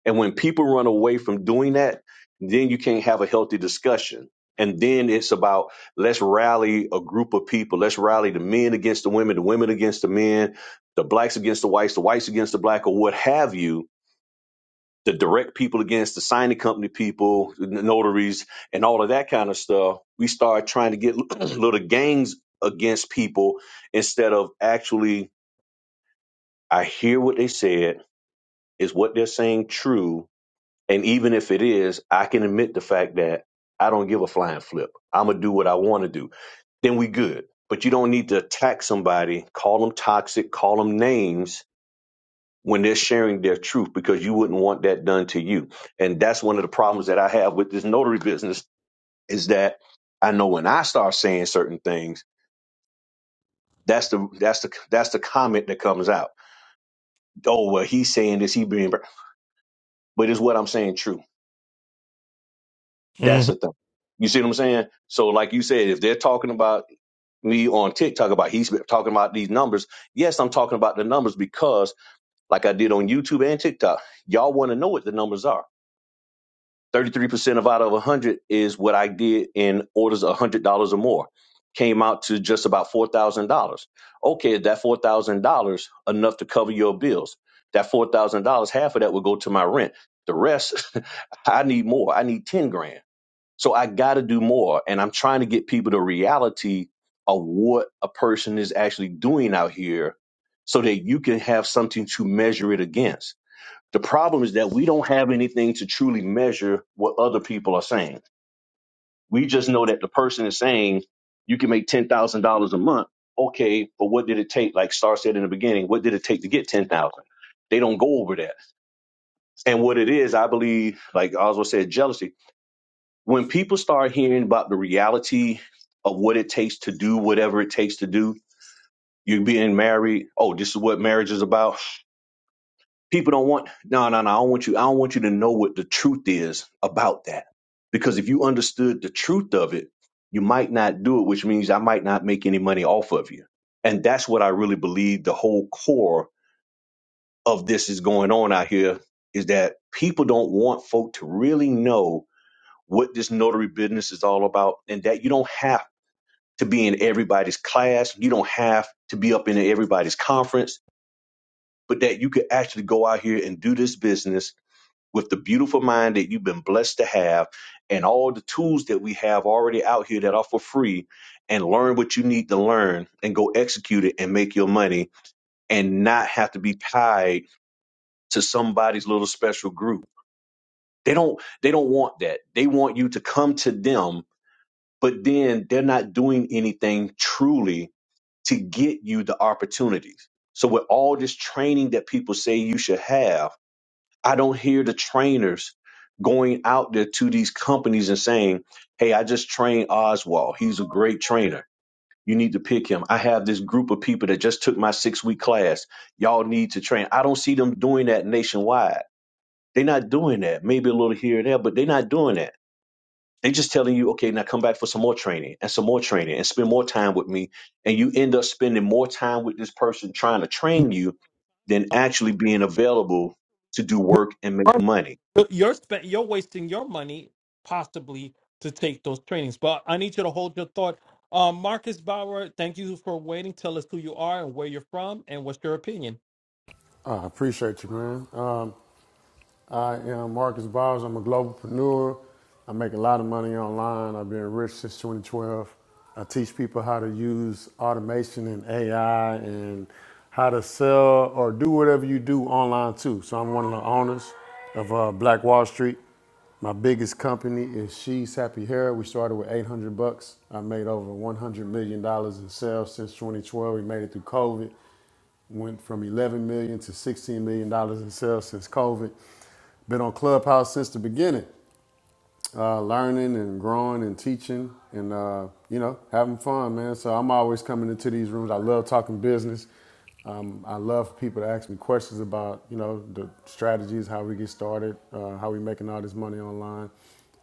[SPEAKER 2] And when people run away from doing that, then you can't have a healthy discussion. And then it's about let's rally a group of people. Let's rally the men against the women, the women against the men, the blacks against the whites, the whites against the black, or what have you the direct people against the signing company people, the notaries, and all of that kind of stuff. We start trying to get little gangs against people instead of actually, I hear what they said. Is what they're saying true? And even if it is, I can admit the fact that I don't give a flying flip. I'm going to do what I want to do. Then we good. But you don't need to attack somebody, call them toxic, call them names when they're sharing their truth because you wouldn't want that done to you. And that's one of the problems that I have with this notary business is that I know when I start saying certain things, that's the that's the that's the comment that comes out. Oh well, he's saying this, he being, but is what I'm saying true?
[SPEAKER 4] hmm
[SPEAKER 2] That's the thing. You see what I'm saying? So like you said, if they're talking about me on TikTok about he's been talking about these numbers, yes, I'm talking about the numbers because like I did on YouTube and TikTok, y'all want to know what the numbers are. 33% of out of 100 is what I did in orders of $100 or more. Came out to just about $4,000. Okay, is that $4,000 enough to cover your bills? That $4,000, half of that will go to my rent. The rest, I need more. I need 10 grand. So I got to do more. And I'm trying to get people the reality of what a person is actually doing out here so that you can have something to measure it against the problem is that we don't have anything to truly measure what other people are saying. We just know that the person is saying you can make ten thousand dollars a month. Okay, but what did it take? Like Star said in the beginning, what did it take to get ten thousand? They don't go over that. And what it is, I believe, like Oswald said, jealousy. When people start hearing about the reality of what it takes to do whatever it takes to do, you are being married, oh, this is what marriage is about. people don't want no no no i don't want you i don't want you to know what the truth is about that because if you understood the truth of it you might not do it which means i might not make any money off of you and that's what i really believe the whole core of this is going on out here is that people don't want folk to really know what this notary business is all about and that you don't have to be in everybody's class you don't have to be up in everybody's conference but that you could actually go out here and do this business with the beautiful mind that you've been blessed to have and all the tools that we have already out here that are for free and learn what you need to learn and go execute it and make your money and not have to be tied to somebody's little special group. They don't they don't want that. They want you to come to them, but then they're not doing anything truly to get you the opportunities. So with all this training that people say you should have I don't hear the trainers going out there to these companies and saying, Hey, I just trained Oswald. He's a great trainer. You need to pick him. I have this group of people that just took my six week class. Y'all need to train. I don't see them doing that nationwide. They're not doing that. Maybe a little here and there, but they're not doing that. They're just telling you, okay, now come back for some more training and some more training and spend more time with me. And you end up spending more time with this person trying to train you than actually being available to do work and make money
[SPEAKER 4] You're spent. You're wasting your money possibly to take those trainings. But I need you to hold your thought. Um, Marcus Bauer, thank you for waiting. Tell us who you are and where you're from and what's your opinion.
[SPEAKER 5] I appreciate you, man. Um, I am Marcus Bowers. I'm a globalpreneur. I make a lot of money online. I've been rich since 2012. I teach people how to use automation and AI and how to sell or do whatever you do online too. So I'm one of the owners of uh, Black Wall Street. My biggest company is She's Happy Hair. We started with 800 bucks. I made over 100 million dollars in sales since 2012. We made it through COVID. Went from 11 million to 16 million dollars in sales since COVID. Been on Clubhouse since the beginning, uh, learning and growing and teaching and uh, you know having fun, man. So I'm always coming into these rooms. I love talking business. Um, I love for people to ask me questions about, you know, the strategies, how we get started, uh, how we making all this money online.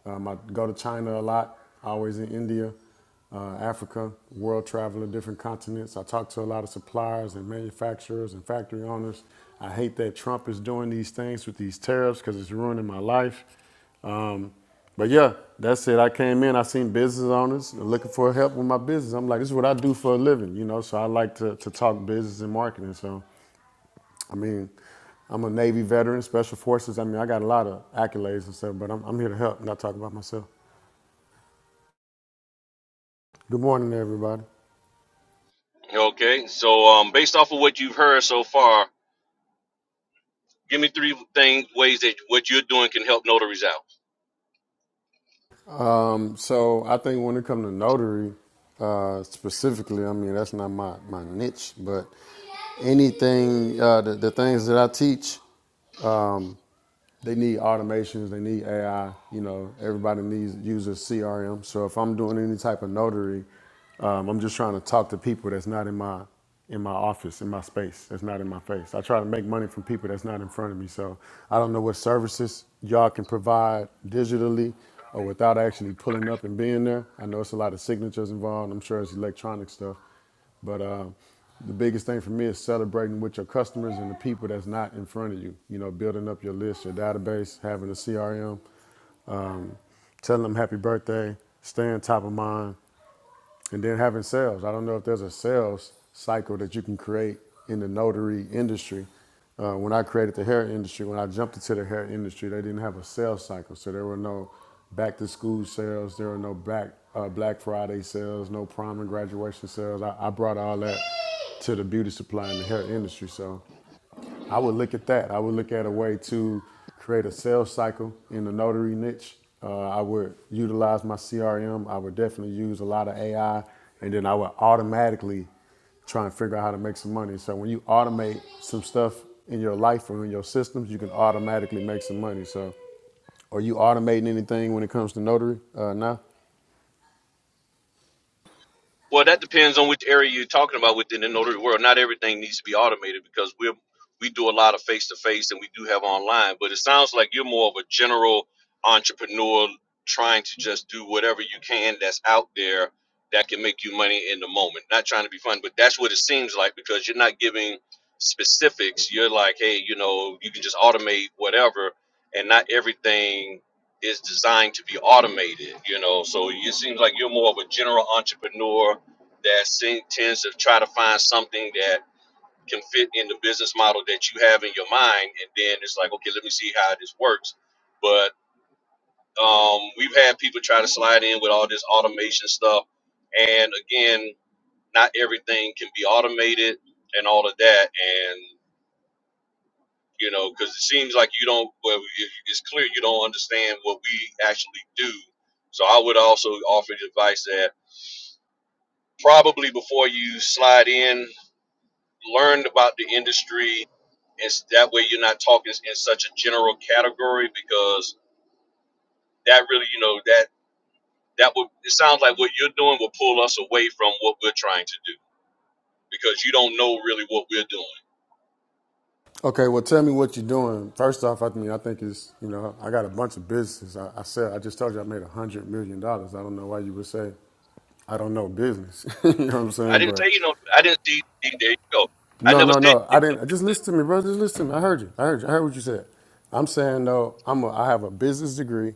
[SPEAKER 5] Um, I go to China a lot, always in India uh, Africa, world traveling, different continents. I talk to a lot of suppliers and manufacturers and factory owners. I hate that Trump is doing these things with these tariffs because it's ruining my life. Um, but yeah, that's it. I came in, I seen business owners looking for help with my business. I'm like, this is what I do for a living, you know, so I like to, to talk business and marketing. So, I mean, I'm a Navy veteran, Special Forces. I mean, I got a lot of accolades and stuff, but I'm, I'm here to help, not talk about myself. Good morning, everybody.
[SPEAKER 2] Okay, so um, based off of what you've heard so far, give me three things, ways that what you're doing can help notaries out.
[SPEAKER 5] Um, so I think when it comes to notary, uh, specifically, I mean that's not my, my niche, but anything uh, the, the things that I teach they need automations, they need AI. You know, everybody needs uses CRM. So if I'm doing any type of notary, um, I'm just trying to talk to people that's not in my in my office, in my space, that's not in my face. I try to make money from people that's not in front of me. So I don't know what services y'all can provide digitally or without actually pulling up and being there. I know it's a lot of signatures involved. I'm sure it's electronic stuff. But uh, the biggest thing for me is celebrating with your customers and the people that's not in front of you. You know, building up your list, your database, having a CRM, telling them happy birthday, staying top of mind, and then having sales. I don't know if there's a sales cycle that you can create in the notary industry. Uh, when I created the hair industry, when I jumped into the hair industry, they didn't have a sales cycle. So there were no back to school sales, there were no back, uh, Black Friday sales, no prom and graduation sales. I, I brought all that to the beauty supply and the hair industry. So I would look at that. I would look at a way to create a sales cycle in the notary niche. Uh, I would utilize my CRM. I would definitely use a lot of AI, and then I would automatically try and figure out how to make some money. So when you automate some stuff in your life or in your systems, you can automatically make some money. So are you automating anything when it comes to notary uh, now?
[SPEAKER 2] Well, that depends on which area you're talking about within the notary world. Not everything needs to be automated because we we do a lot of face to face and we do have online. But it sounds like you're more of a general entrepreneur trying to just do whatever you can that's out there that can make you money in the moment. Not trying to be fun, but that's what it seems like because you're not giving specifics. You're like, hey, you know, you can just automate whatever, and not everything is designed to be automated. You know, so it seems like you're more of a general entrepreneur that seem, tends to try to find something that can fit in the business model that you have in your mind, and then it's like, okay, let me see how this works. But um, we've had people try to slide in with all this automation stuff, and again, not everything can be automated and all of that, and you know, because it seems like you don't. Well, it- it's clear you don't understand what we actually do. So I would also offer the advice that probably before you slide in, learn about the industry and s- that way you're not talking s- in such a general category because that really you know that that would it sounds like what you're doing will pull us away from what we're trying to do because you don't know really what we're doing
[SPEAKER 5] Okay, well, tell me what you're doing. First off, I mean, I think it's you know, I got a bunch of businesses. I, I sell. I just told you I made a hundred million dollars. I don't know why you would say I don't know business. you know what I'm
[SPEAKER 2] i
[SPEAKER 5] saying?
[SPEAKER 2] didn't say
[SPEAKER 5] But
[SPEAKER 2] you know i didn't see see, there you go i
[SPEAKER 5] no,
[SPEAKER 2] never
[SPEAKER 5] no,
[SPEAKER 2] said
[SPEAKER 5] no.
[SPEAKER 2] you
[SPEAKER 5] I
[SPEAKER 2] did no
[SPEAKER 5] didn't. Just
[SPEAKER 2] business.
[SPEAKER 5] listen to me, brother. Just listen to me. I heard you. I heard you. I heard what you said. I'm saying though, I'm a, I have a business degree.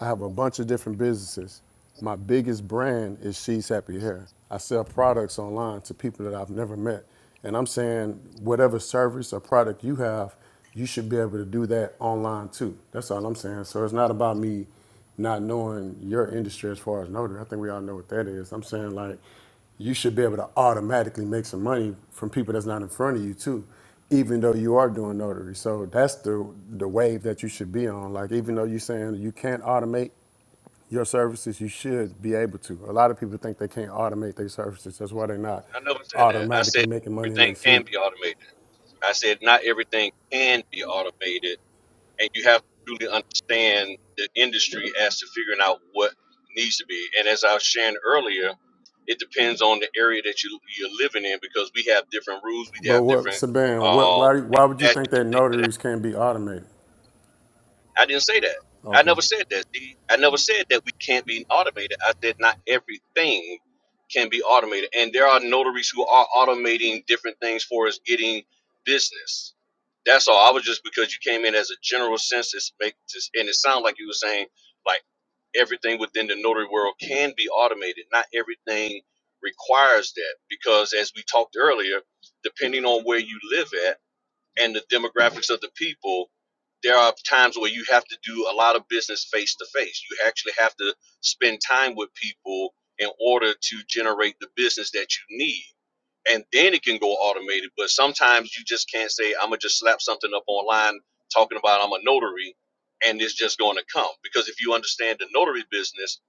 [SPEAKER 5] I have a bunch of different businesses. My biggest brand is She's Happy Hair. I sell products online to people that I've never met. And I'm saying whatever service or product you have, you should be able to do that online too. That's all I'm saying. So it's not about me not knowing your industry as far as notary. I think we all know what that is. I'm saying like you should be able to automatically make some money from people that's not in front of you too, even though you are doing notary. So that's the the wave that you should be on. Like even though you're saying you can't automate your services, you should be able to. A lot of people think they can't automate their services. That's why they're not
[SPEAKER 2] i never said that i
[SPEAKER 5] automatically
[SPEAKER 2] said
[SPEAKER 5] making money in
[SPEAKER 2] everything
[SPEAKER 5] their
[SPEAKER 2] can
[SPEAKER 5] sleep.
[SPEAKER 2] be automated i said not everything can be automated and you have to really understand the industry as to figuring out what needs to be. And as I was sharing earlier, it depends on the area that you you're living in because we have different rules, we
[SPEAKER 5] But
[SPEAKER 2] have
[SPEAKER 5] what,
[SPEAKER 2] different
[SPEAKER 5] Saban? What?
[SPEAKER 2] uh,
[SPEAKER 5] Why? Why would you
[SPEAKER 2] statutes
[SPEAKER 5] think
[SPEAKER 2] and
[SPEAKER 5] that
[SPEAKER 2] things of
[SPEAKER 5] notaries can't be automated?
[SPEAKER 2] I didn't say that. I
[SPEAKER 5] Okay,
[SPEAKER 2] never said that. D. I never said that we can't be automated. I said not everything can be automated, and there are notaries who are automating different things for us getting business. That's all. I was just because you came in as a general sense, it's make just, and it sounded like you were saying like everything within the notary world can be automated. Not everything requires that because, as we talked earlier, depending on where you live at and the demographics of the people, there are times where you have to do a lot of business face to face. You actually have to spend time with people in order to generate the business that you need. And then it can go automated. But sometimes you just can't say, I'm going to just slap something up online talking about I'm a notary and it's just going to come. Because if you understand the notary business,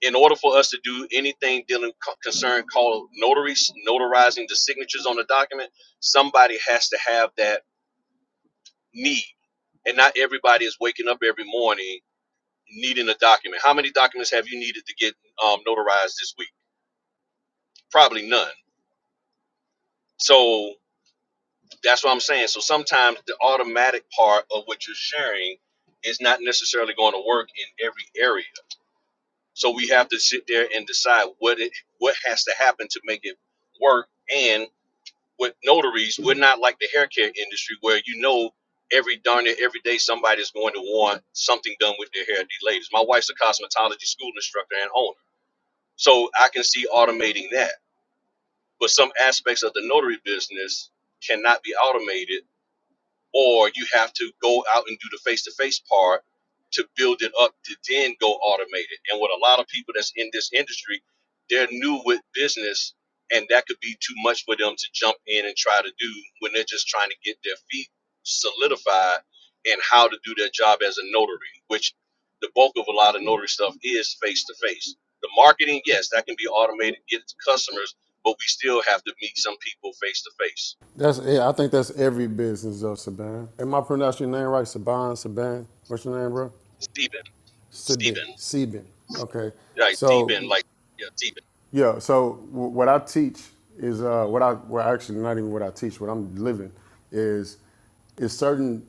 [SPEAKER 2] in order for us to do anything dealing concern called notaries, notarizing the signatures on the document, somebody has to have that need. And not everybody is waking up every morning needing a document. How many documents have you needed to get um, notarized this week? Probably none. So that's what I'm saying. So sometimes the automatic part of what you're sharing is not necessarily going to work in every area. So we have to sit there and decide what it what has to happen to make it work. and. with notaries, we're not like the hair care industry where you know every darn it every day somebody's going to want something done with their hair. These ladies. My wife's a cosmetology school instructor and owner, so I can see automating that. But some aspects of the notary business cannot be automated or you have to go out and do the face to face part to build it up to then go automate it. And with a lot of people that's in this industry, they're new with business and that could be too much for them to jump in and try to do when they're just trying to get their feet solidified and how to do their job as a notary, which the bulk of a lot of notary stuff is face to face. The marketing, yes, that can be automated, get it to customers, but we still have to meet some people face to face.
[SPEAKER 5] that's. Yeah, I think that's every business though, Saban. Am I pronouncing your name right, Saban? Saban? What's your name, bro?
[SPEAKER 2] Steven,
[SPEAKER 5] Sibin.
[SPEAKER 2] Steven.
[SPEAKER 5] Sibin. Okay,
[SPEAKER 2] like t
[SPEAKER 5] so
[SPEAKER 2] ben like yeah, t ben
[SPEAKER 5] yeah, so w- what I teach is uh, what I well actually not even what I teach, what I'm living is is certain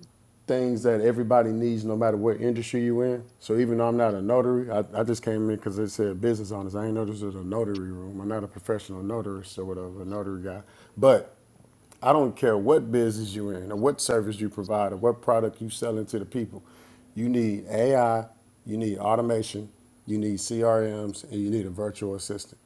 [SPEAKER 5] things that everybody needs, no matter what industry you in. So even though I'm not a notary, I, I just came in because it said business owners. I ain't know this was a notary room. I'm not a professional notary or whatever, a notary guy, but I don't care what business you're in or what service you provide or what product you selling to the people. You need AI, you need automation, you need CRMs, and you need a virtual assistant.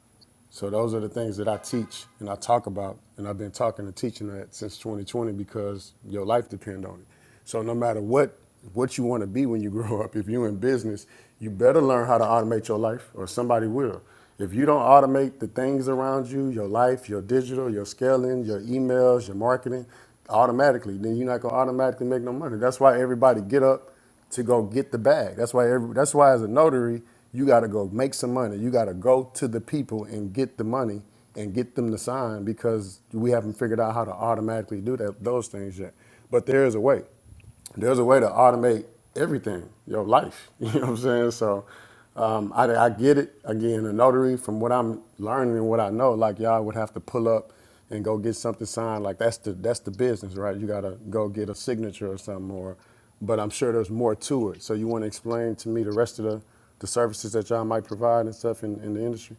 [SPEAKER 5] So those are the things that I teach and I talk about, and I've been talking and teaching that since 2020 because your life depends on it. So no matter what what you want to be when you grow up, if you're in business, you better learn how to automate your life, or somebody will. If you don't automate the things around you, your life, your digital, your scaling, your emails, your marketing, automatically, then you're not gonna automatically make no money. That's why everybody get up to go get the bag. That's why every, that's why as a notary, you gotta go make some money. You gotta go to the people and get the money and get them to sign because we haven't figured out how to automatically do that those things yet. But there is a way there's a way to automate everything, your life. You know what I'm saying? So um, I, I get it. Again, a notary, from what I'm learning and what I know, like y'all would have to pull up and go get something signed. Like that's the that's the business, right? You gotta go get a signature or something. Or, but I'm sure there's more to it. So you want to explain to me the rest of the the services that y'all might provide and stuff in, in the industry?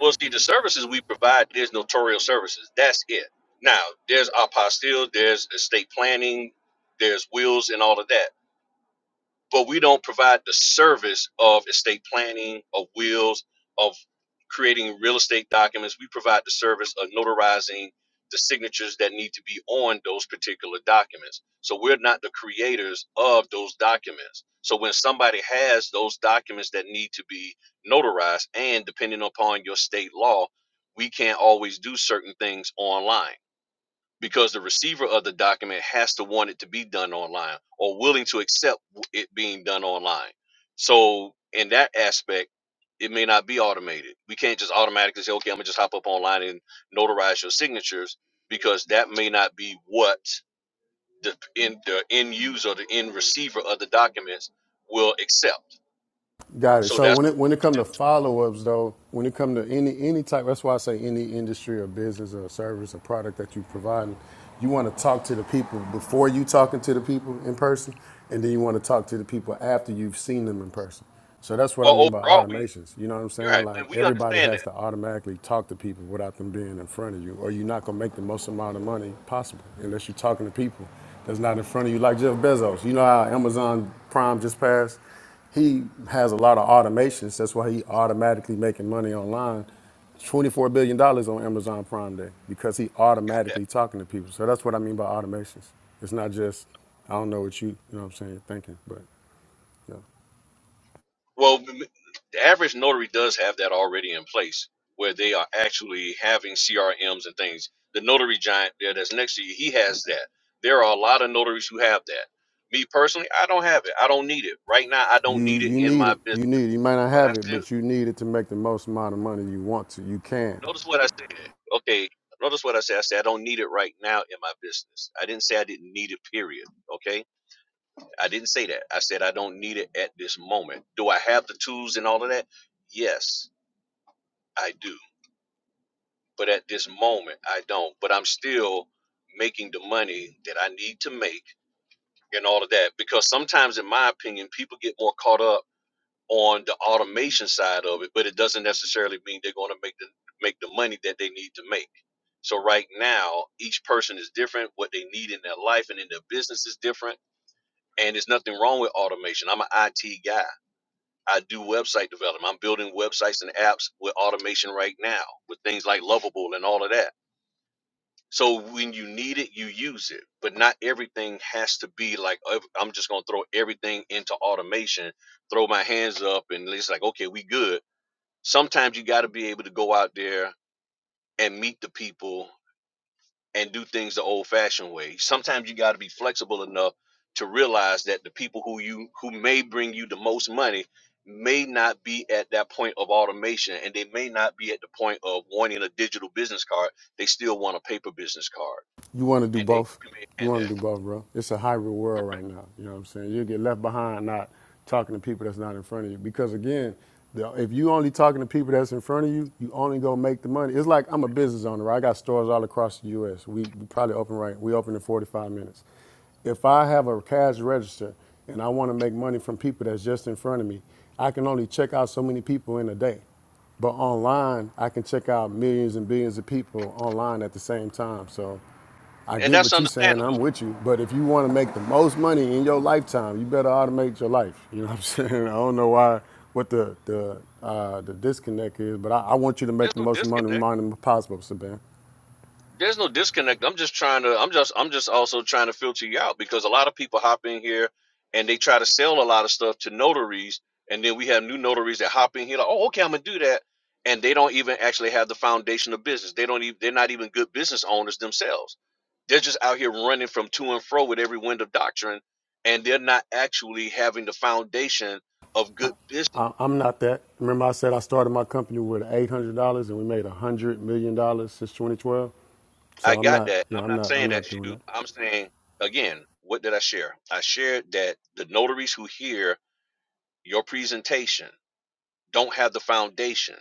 [SPEAKER 2] Well, see, the services we provide, there's notarial services. That's it. Now, there's apostille, there's estate planning, there's wills, and all of that. but we don't provide the service of estate planning, of wills, of creating real estate documents. We provide the service of notarizing the signatures that need to be on those particular documents. So we're not the creators of those documents. So when somebody has those documents that need to be notarized, and depending upon your state law, we can't always do certain things online because the receiver of the document has to want it to be done online or willing to accept it being done online. So in that aspect, it may not be automated. We can't just automatically say, okay, I'm gonna just hop up online and notarize your signatures because that may not be what the end the end user, the end receiver of the documents will accept.
[SPEAKER 5] Got it.
[SPEAKER 2] So
[SPEAKER 5] So
[SPEAKER 2] that's
[SPEAKER 5] when it when it come to follow ups though, when it come to any any type, that's why I say any industry or business or service or product that you provide, you want to talk to the people before you talking to the people in person, and then you want to talk to the people after you've seen them in person. So that's what I
[SPEAKER 2] well
[SPEAKER 5] mean by
[SPEAKER 2] overall we
[SPEAKER 5] automations. You know what I'm
[SPEAKER 2] you're
[SPEAKER 5] saying?
[SPEAKER 2] right,
[SPEAKER 5] Like
[SPEAKER 2] and we
[SPEAKER 5] everybody
[SPEAKER 2] understand
[SPEAKER 5] has
[SPEAKER 2] that.
[SPEAKER 5] to automatically talk to people without them being in front of you, or you're not gonna make the most amount of money possible unless you're talking to people that's not in front of you, like Jeff Bezos. You know how Amazon Prime just passed? He has a lot of automations. That's why he automatically making money online. $24 billion dollars on Amazon Prime Day because he
[SPEAKER 2] Got that.
[SPEAKER 5] automatically talking to people. So that's what I mean by automations. It's not just, I don't know what you, you know what I'm saying, thinking, but yeah.
[SPEAKER 2] Well, m- the average notary does have that already in place where they are actually having CRMs and things. The notary giant there that's next to you, he has that. There are a lot of notaries who have that. Me personally, I don't have it. I don't need it. Right now, I
[SPEAKER 5] You,
[SPEAKER 2] don't need it
[SPEAKER 5] you
[SPEAKER 2] in
[SPEAKER 5] need
[SPEAKER 2] my
[SPEAKER 5] it.
[SPEAKER 2] business.
[SPEAKER 5] You need it. You might not
[SPEAKER 2] But I
[SPEAKER 5] have it,
[SPEAKER 2] still
[SPEAKER 5] but you need it to make the most amount of money you want to. You can.
[SPEAKER 2] notice what I said. Okay, notice what I said. I said I don't need it right now in my business. I didn't say I didn't need it, period. Okay? I didn't say that. I said I don't need it at this moment. Do I have the tools and all of that? Yes, I do but at this moment I don't. But I'm still making the money that I need to make and all of that. Because sometimes, in my opinion, people get more caught up on the automation side of it, but it doesn't necessarily mean they're going to make the make the money that they need to make. So right now, each person is different. What they need in their life and in their business is different. And there's nothing wrong with automation. I'm an IT guy. I do website development. I'm building websites and apps with automation right now with things like Lovable and all of that So when you need it, you use it. But not everything has to be like "Oh, I'm just gonna throw everything into automation, throw my hands up, and it's like, okay, we good. Sometimes you got to be able to go out there and meet the people and do things the old-fashioned way. Sometimes you got to be flexible enough to realize that the people who you who may bring you the most money may not be at that point of automation and they may not be at the point of wanting a digital business card they still want a paper business card
[SPEAKER 5] you want to do
[SPEAKER 2] and they
[SPEAKER 5] both. You
[SPEAKER 2] comprehend
[SPEAKER 5] want to do
[SPEAKER 2] that.
[SPEAKER 5] both, bro. It's a hybrid world right
[SPEAKER 2] Correct.
[SPEAKER 5] now. You know what I'm saying? You'll get left behind not talking to people that's not in front of you. Because again, the, if you only talking to people that's in front of you, you only gonna make the money. It's like I'm a business owner. Right? I got stores all across the U.S. We, we probably open right. We open in 45 minutes. If I have a cash register and I want to make money from people that's just in front of me, I can only check out so many people in a day. But online, I can check out millions and billions of people online at the same time. So I
[SPEAKER 2] And
[SPEAKER 5] get
[SPEAKER 2] that's
[SPEAKER 5] what you're saying.
[SPEAKER 2] understandable.
[SPEAKER 5] I'm with you. But if you want to make the most money in your lifetime, you better automate your life. You know what I'm saying? I don't know why what the the uh, the disconnect is, but I, I want you to
[SPEAKER 2] There's
[SPEAKER 5] make the
[SPEAKER 2] no
[SPEAKER 5] most money,
[SPEAKER 2] disconnect.
[SPEAKER 5] money possible, Saban.
[SPEAKER 2] There's no disconnect. I'm just trying to. I'm just. I'm just also trying to filter you out because a lot of people hop in here and they try to sell a lot of stuff to notaries, and then we have new notaries that hop in here like, oh, okay, I'm gonna do that, and they don't even actually have the foundation of business. They don't even. They're not even good business owners themselves. They're just out here running from to and fro with every wind of doctrine, and they're not actually having the foundation of good business
[SPEAKER 5] I, I'm not that. Remember, I said I started my company with $800 and we made $100 million dollars since 2012.
[SPEAKER 2] I
[SPEAKER 5] So I'm
[SPEAKER 2] got
[SPEAKER 5] not.
[SPEAKER 2] that. And
[SPEAKER 5] Yeah,
[SPEAKER 2] I'm
[SPEAKER 5] I'm
[SPEAKER 2] not
[SPEAKER 5] not. I'm
[SPEAKER 2] saying that
[SPEAKER 5] not doing
[SPEAKER 2] you.
[SPEAKER 5] that.
[SPEAKER 2] I'm saying, again, what did I share? I shared that the notaries who hear your presentation don't have the foundation.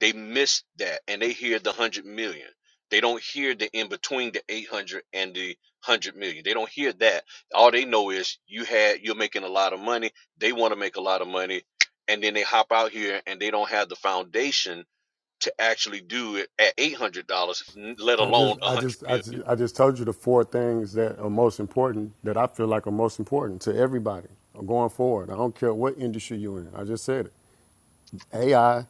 [SPEAKER 2] They miss that and they hear the 100 million. They don't hear the in between the 800 and the 100 million. They don't hear that. All they know is you had, you're making a lot of money. They want to make a lot of money. And then they hop out here and they don't have the foundation to actually do it at $800, let
[SPEAKER 5] I
[SPEAKER 2] alone
[SPEAKER 5] just, I
[SPEAKER 2] 100
[SPEAKER 5] just, I
[SPEAKER 2] million.
[SPEAKER 5] just, I just told you the four things that are most important that I feel like are most important to everybody going forward. I don't care what industry you're in. I just said it: AI,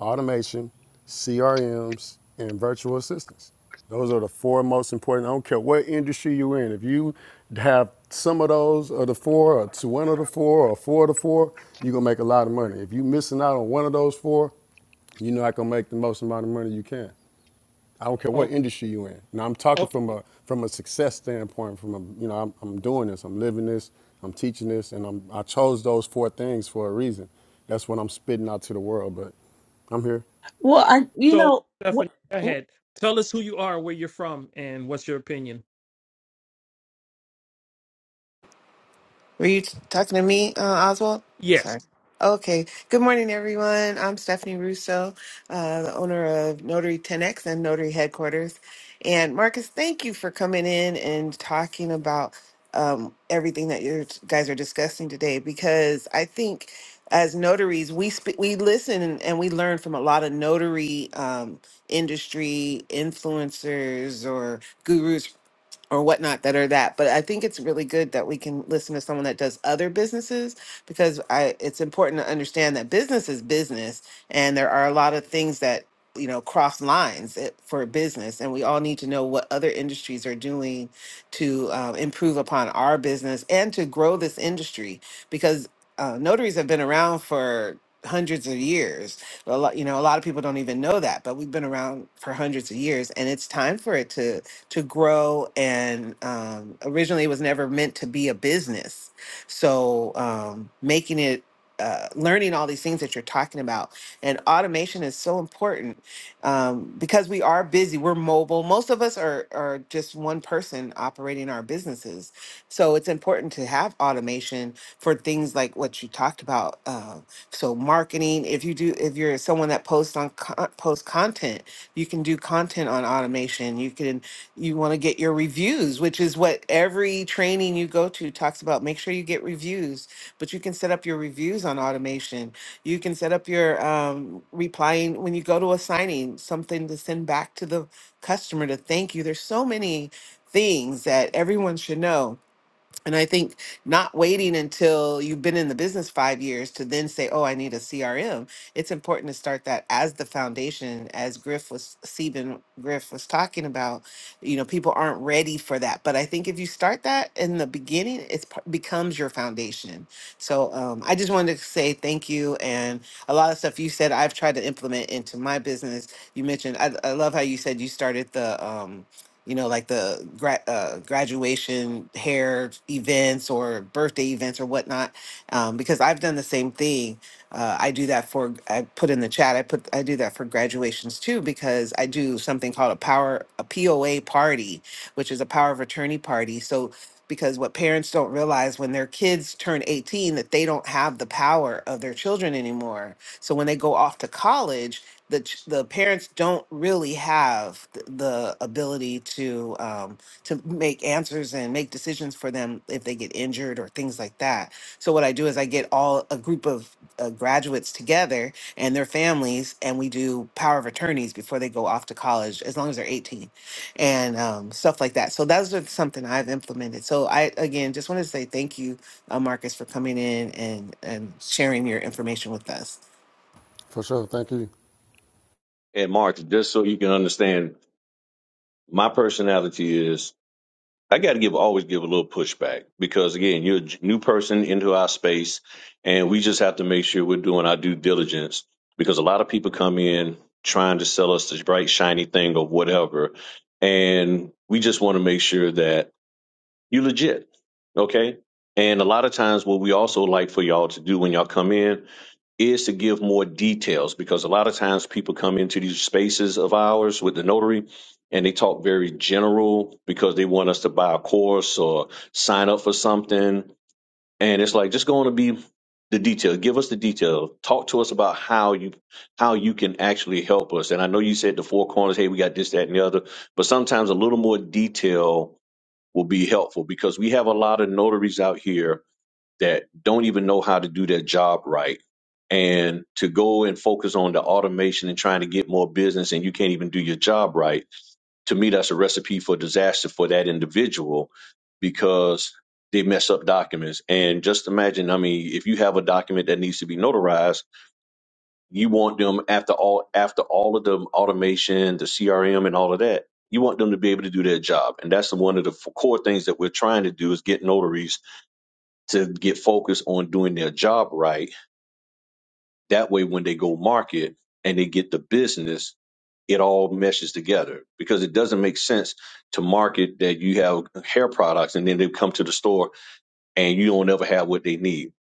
[SPEAKER 5] automation, CRMs, and virtual assistants. Those are the four most important. I don't care what industry you're in. If you have some of those, or the four, or two, one of the four, or four of the four, you're gonna make a lot of money. If you're missing out on one of those four, you're not gonna make the most amount of money you can. I don't care what
[SPEAKER 4] Oh,
[SPEAKER 5] industry you're in. Now I'm talking
[SPEAKER 4] okay.
[SPEAKER 5] from a from a success standpoint. From a you know I'm, I'm doing this, I'm living this, I'm teaching this, and I'm I chose those four things for a reason. That's what I'm spitting out to the world. But I'm here
[SPEAKER 3] Well, I you
[SPEAKER 4] So
[SPEAKER 3] know what.
[SPEAKER 4] Stephanie, go ahead. Tell us who you are, where you're from, and what's your opinion.
[SPEAKER 6] Were you t- talking to me, uh, Oswald?
[SPEAKER 4] Yes.
[SPEAKER 6] Sorry. Okay. Good morning, everyone. I'm Stephanie Russo, uh, the owner of Notary 10X and Notary Headquarters. And Marcus, thank you for coming in and talking about um, everything that you guys are discussing today because I think as notaries, we sp- we listen and we learn from a lot of notary um, industry influencers or gurus or whatnot that are that. But I think it's really good that we can listen to someone that does other businesses because I it's important to understand that business is business and there are a lot of things that you know cross lines it- for business and we all need to know what other industries are doing to uh, improve upon our business and to grow this industry because uh, notaries have been around for hundreds of years a lot you know a lot of people don't even know that but we've been around for hundreds of years and it's time for it to to grow. And um, originally, it was never meant to be a business. So, um, making it, uh, learning all these things that you're talking about, and automation is so important um, because we are busy. We're mobile. Most of us are are just one person operating our businesses, so it's important to have automation for things like what you talked about. Uh, so marketing, if you do, if you're someone that posts on con- post content, you can do content on automation. You can you want to get your reviews which is what every training you go to talks about make sure you get reviews but you can set up your reviews on automation you can set up your um, replying when you go to a signing something to send back to the customer to thank you there's so many things that everyone should know and I think not waiting until you've been in the business five years to then say, oh, I need a CRM. It's important to start that as the foundation, as Griff was, Stephen Griff was talking about. You know, people aren't ready for that. But I think if you start that in the beginning, it becomes your foundation. So um, I just wanted to say thank you. And a lot of stuff you said, I've tried to implement into my business. You mentioned, I, I love how you said you started the, um, you know, like the gra- uh, graduation hair events or birthday events or whatnot, um, because I've done the same thing. Uh, I do that for I put in the chat. I put I do that for graduations too because I do something called a power a POA party, which is a power of attorney party. So because what parents don't realize when their kids turn 18 that they don't have the power of their children anymore. So when they go off to college, the ch- the parents don't really have th- the ability to um, to make answers and make decisions for them if they get injured or things like that. So what I do is I get all a group of uh, graduates together and their families, and we do power of attorneys before they go off to college, as long as they're eighteen, and um, stuff like that. So that's just something I've implemented. So I again just want to say thank you, uh, Marcus, for coming in and and sharing your information with us.
[SPEAKER 5] for sure. Thank you.
[SPEAKER 2] And Martha, just so you can understand, my personality is I got to give always give a little pushback because again, you're a j- new person into our space, and we just have to make sure we're doing our due diligence because a lot of people come in trying to sell us this bright shiny thing or whatever, and we just want to make sure that you're legit, okay? And a lot of times, what we also like for y'all to do when y'all come in is to give more details because a lot of times people come into these spaces of ours with the notary and they talk very general because they want us to buy a course or sign up for something. And it's like just going to be the detail. Give us the detail. Talk to us about how you how you can actually help us. And I know you said the four corners, hey, we got this, that, and the other, but sometimes a little more detail will be helpful because we have a lot of notaries out here that don't even know how to do their job right and to go and focus on the automation and trying to get more business and you can't even do your job right to me that's a recipe for disaster for that individual because they mess up documents and just imagine i mean if you have a document that needs to be notarized you want them after all after all of the automation the crm and all of that you want them to be able to do their job and that's one of the core things that we're trying to do is get notaries to get focused on doing their job right. That way, when they go market and they get the business, it all meshes together because it doesn't make sense to market that you have hair products and then they come to the store and you don't ever have what they need.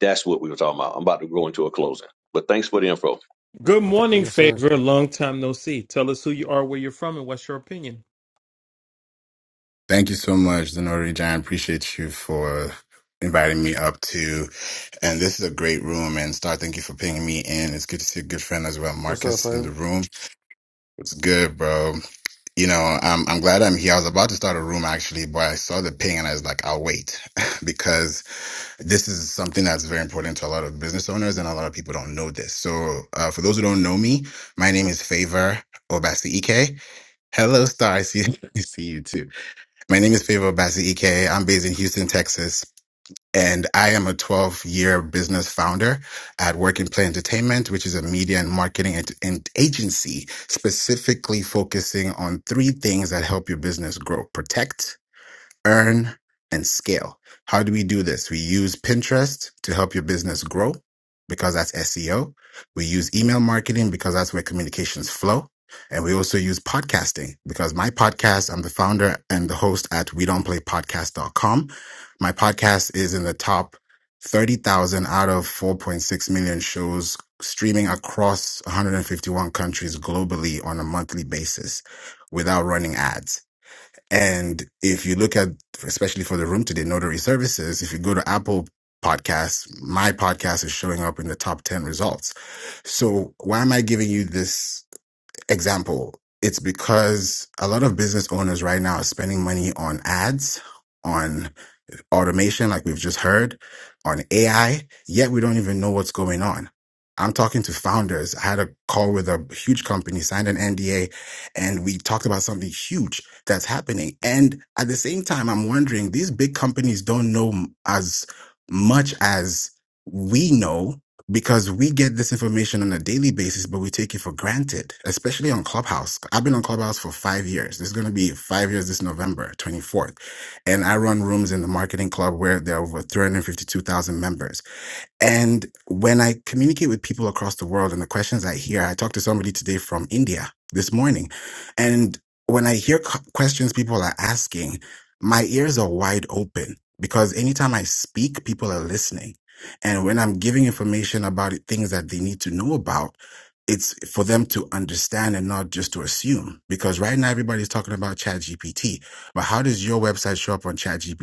[SPEAKER 2] That's what we were talking about. I'm about to go into a closing, but thanks for the info.
[SPEAKER 4] Good morning,
[SPEAKER 5] Yes, sir.
[SPEAKER 4] Favor. Long time no see. Tell us who you are, where you're from, and what's your opinion.
[SPEAKER 7] Thank you so much, Zenori John. Appreciate you for inviting me up to. And this is a great room. And Star, thank you for pinging me in. It's good to see a good friend as well,
[SPEAKER 5] What's up,
[SPEAKER 7] Marcus, in the
[SPEAKER 5] Favor?
[SPEAKER 7] room. It's good, bro. You know, I'm I'm glad I'm here. I was about to start a room actually, but I saw the ping and I was like, I'll wait because this is something that's very important to a lot of business owners and a lot of people don't know this. So, uh, for those who don't know me, my name is Favor Obasi Ike. Hello, Star. I see, I see you too. My name is Favor Bassi EK. I'm based in Houston, Texas, and I am a 12 year business founder at Work and Play Entertainment, which is a media and marketing and, and agency specifically focusing on three things that help your business grow. Protect, earn, and scale. How do we do this? We use Pinterest to help your business grow because that's SEO. We use email marketing because that's where communications flow. And we also use podcasting because my podcast, I'm the founder and the host at we don't play podcast.com. My podcast is in the top 30,000 out of 4.6 million shows streaming across 151 countries globally on a monthly basis without running ads. And if you look at, especially for the room today, notary services, if you go to Apple podcasts, my podcast is showing up in the top 10 results. So why am I giving you this example? It's because a lot of business owners right now are spending money on ads, automation, like we've just heard, on AI, yet we don't even know what's going on. I'm talking to founders. I had a call with a huge company, signed an NDA, and we talked about something huge that's happening. And at the same time, I'm wondering these big companies don't know m- as much as we know because we get this information on a daily basis, but we take it for granted, especially on Clubhouse. I've been on Clubhouse for five years. This is going to be five years this November 24th and I run rooms in the marketing club where there are over 352,000 members. And when I communicate with people across the world and the questions I hear, I talked to somebody today from India this morning. And when I hear c- questions people are asking, my ears are wide open because anytime I speak, people are listening. And when I'm giving information about it, things that they need to know about, it's for them to understand and not just to assume. Because right now everybody's talking about ChatGPT, but how does your website show up on ChatGPT?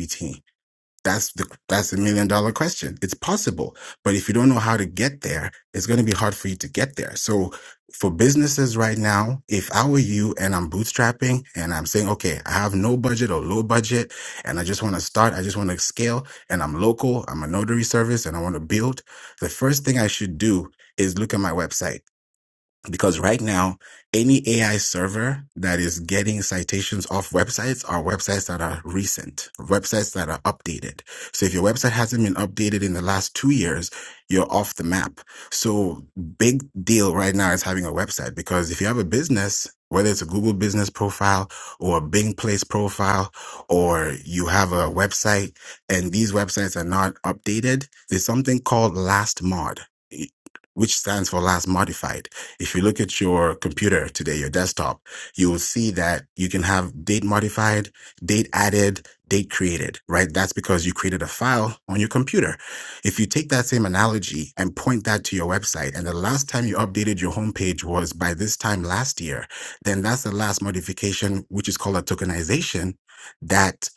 [SPEAKER 7] That's the that's the million dollar question. It's possible, but if you don't know how to get there, it's going to be hard for you to get there. So for businesses right now, if I were you and I'm bootstrapping and I'm saying, okay, I have no budget or low budget and I just want to start, I just want to scale and I'm local, I'm a notary service and I want to build, the first thing I should do is look at my website because right now any AI server that is getting citations off websites are websites that are recent, websites that are updated. So if your website hasn't been updated in the last 2 years, you're off the map. So big deal right now is having a website because if you have a business whether it's a Google business profile or a Bing place profile, or you have a website and these websites are not updated, there's something called last mod, which stands for last modified if you look at your computer today, your desktop, you will see that you can have date modified, date added, date created, right? That's because you created a file on your computer. If you take that same analogy and point that to your website, and the last time you updated your homepage was by this time last year, then that's the last modification, which is called a tokenization that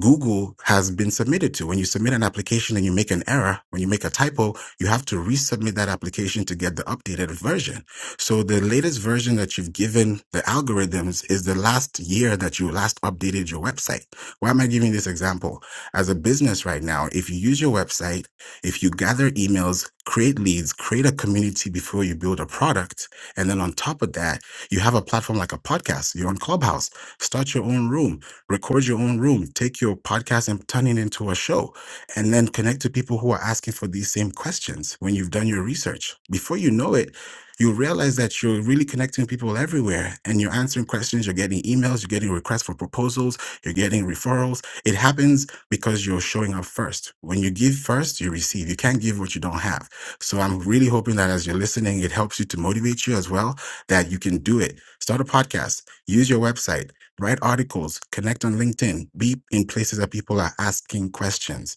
[SPEAKER 7] Google has been submitted to. When you submit an application and you make an error, when you make a typo, you have to resubmit that application to get the updated version. So the latest version that you've given the algorithms is the last year that you last updated your website. Why am I giving this example? As a business right now, if you use your website, if you gather emails, create leads, create a community before you build a product, and then on top of that, you have a platform like a podcast, you're on Clubhouse, start your own room, record your own room, take your podcast and turn it into a show, and then connect to people who are asking for these same questions when you've done your research. Before you know it, you realize that you're really connecting with people everywhere and you're answering questions, you're getting emails, you're getting requests for proposals, you're getting referrals. It happens because you're showing up first. When you give first, you receive. You can't give what you don't have. So I'm really hoping that as you're listening, it helps you to motivate you as well that you can do it. Start a podcast, use your website, write articles, connect on LinkedIn, be in places that people are asking questions.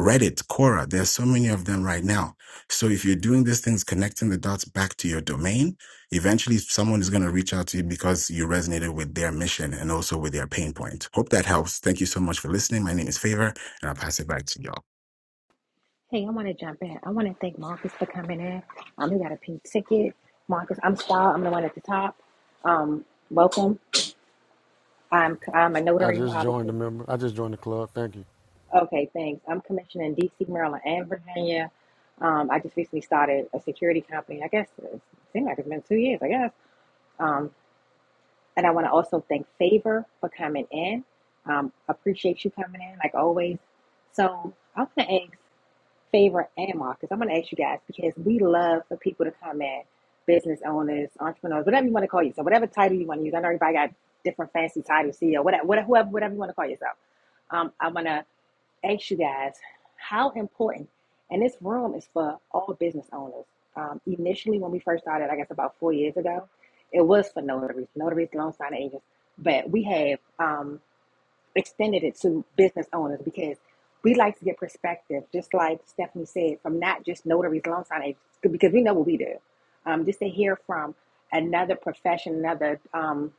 [SPEAKER 7] Reddit, Quora, there's so many of them right now. So if you're doing these things, connecting the dots back to your domain, eventually someone is going to reach out to you because you resonated with their mission and also with their pain point. Hope that helps. Thank you so much for listening. My name is Favor and I'll pass it back to y'all.
[SPEAKER 1] Hey, I want to jump in. I want to thank Marcus for coming in. Um, he got a pink ticket. Marcus, I'm Star. I'm the one at the top. Um, welcome. I'm I'm a
[SPEAKER 5] I
[SPEAKER 1] notary,
[SPEAKER 5] just joined the
[SPEAKER 1] obviously.
[SPEAKER 5] member. I just joined the club. Thank you.
[SPEAKER 1] Okay, thanks. I'm commissioned in D.C., Maryland, and Virginia. Um, I just recently started a security company. I guess it seems like it's been two years. I guess. Um, and I want to also thank Favor for coming in. Um, appreciate you coming in, like always. So I want to ask. Favorite and Marcus. I'm going to ask you guys because we love for people to comment, business owners, entrepreneurs, whatever you want to call yourself, whatever title you want to use. I know everybody got different fancy titles, CEO, whatever, whatever, whoever, whatever you want to call yourself. Um, I'm going to ask you guys how important, and this room is for all business owners. Um, initially, when we first started, I guess about four years ago, it was for notaries, notaries, loan signing agents, but we have. Um, extended it to business owners because we like to get perspective, just like Stephanie said, from not just notaries, loan sign agents, because we know what we do. Um, just to hear from another profession, another um,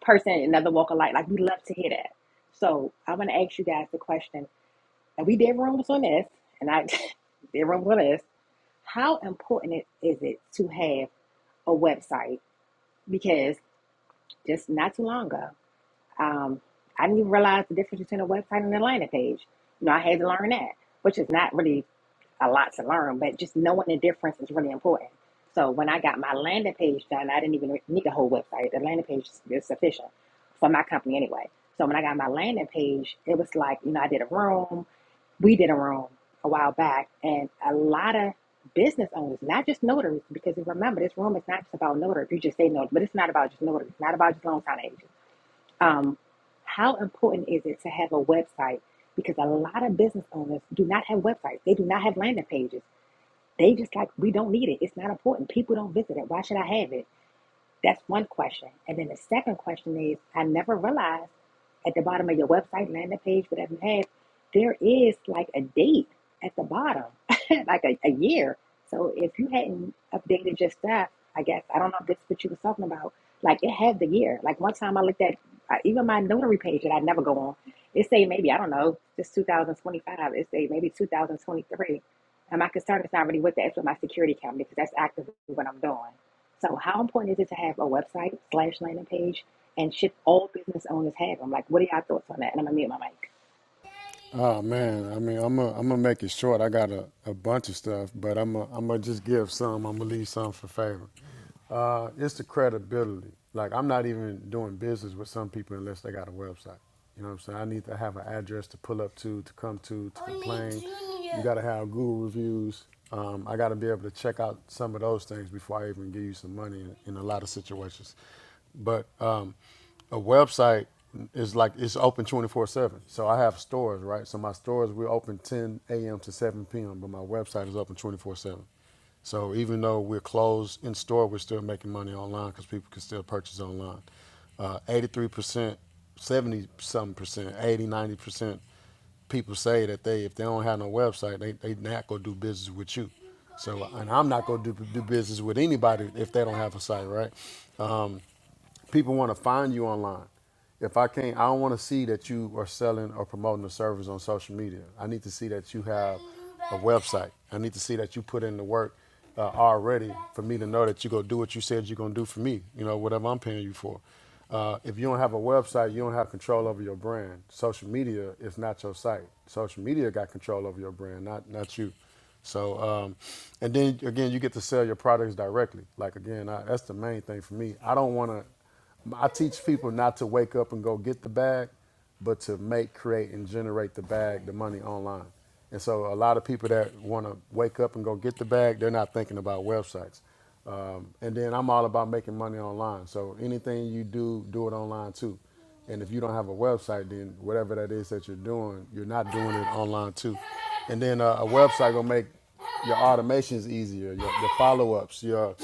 [SPEAKER 1] person, another walk of life, like we love to hear that. So I want to ask you guys the question, and we did rooms on this, and I did rooms on this. How important it- is it to have a website because just not too long ago, um, I didn't even realize the difference between a website and a landing page. You know, I had to learn that, which is not really a lot to learn, but just knowing the difference is really important. So when I got my landing page done, I didn't even need a whole website. The landing page is is sufficient for my company anyway. So when I got my landing page, it was like, you know, I did a room, we did a room a while back, and a lot of business owners, not just notaries, because remember, this room is not just about notaries. You just say notaries, but it's not about just notaries, it's not about just loan sign agents. Um, how important is it to have a website? Because a lot of business owners do not have websites. They do not have landing pages. They just like, we don't need it. It's not important. People don't visit it. Why should I have it? That's one question. And then the second question is I never realized at the bottom of your website, landing page, whatever you have, there is like a date at the bottom, like a, a year. So if you hadn't updated your stuff, I guess, I don't know if this is what you was talking about, like it had the year. Like one time I looked at I, even my notary page that I never go on, it say maybe, I don't know, this 2025, it say maybe 2023. And my concern is not really with that, it's with my security company because that's actively what I'm doing. So how important is it to have a website slash landing page? And should all business owners have them? Like, what are y'all thoughts on that? And I'm gonna mute my mic.
[SPEAKER 5] Oh man, I mean I'm gonna I'm gonna make it short. I got a, a bunch of stuff, but I'm gonna I'm gonna just give some. I'm gonna leave some for Favor. Uh, it's the credibility. Like I'm not even doing business with some people unless they got a website. You know what I'm saying? I need to have an address to pull up to, to come to, to complain. You got to have Google reviews. Um, I got to be able to check out some of those things before I even give you some money in, in a lot of situations. But um, a website is like it's open 24 7 so i have stores right so my stores we're open 10 a.m to 7 p.m but my website is open 24 7 so even though we're closed in store we're still making money online because people can still purchase online uh, 83% 70 something percent 80 90 percent people say that they if they don't have no website they they not gonna do business with you so, and I'm not going to do, do business with anybody if they don't have a site, right? People want to find you online. If I can't, I don't want to see that you are selling or promoting a service on social media. I need to see that you have a website. I need to see that you put in the work uh, already for me to know that you're going to do what you said you're going to do for me, you know, whatever I'm paying you for. Uh, if you don't have a website, you don't have control over your brand. Social media is not your site. Social media got control over your brand, not not you. So, um, and then again, you get to sell your products directly. Like again, I, that's the main thing for me. I don't want to. I teach people not to wake up and go get the bag, but to make, create, and generate the bag, the money online. And so a lot of people that want to wake up and go get the bag, they're not thinking about websites. Um, and then I'm all about making money online. So anything you do, do it online too. And if you don't have a website, then whatever that is that you're doing, you're not doing it online too. And then uh, a website gonna make your automations easier, your, your follow ups, your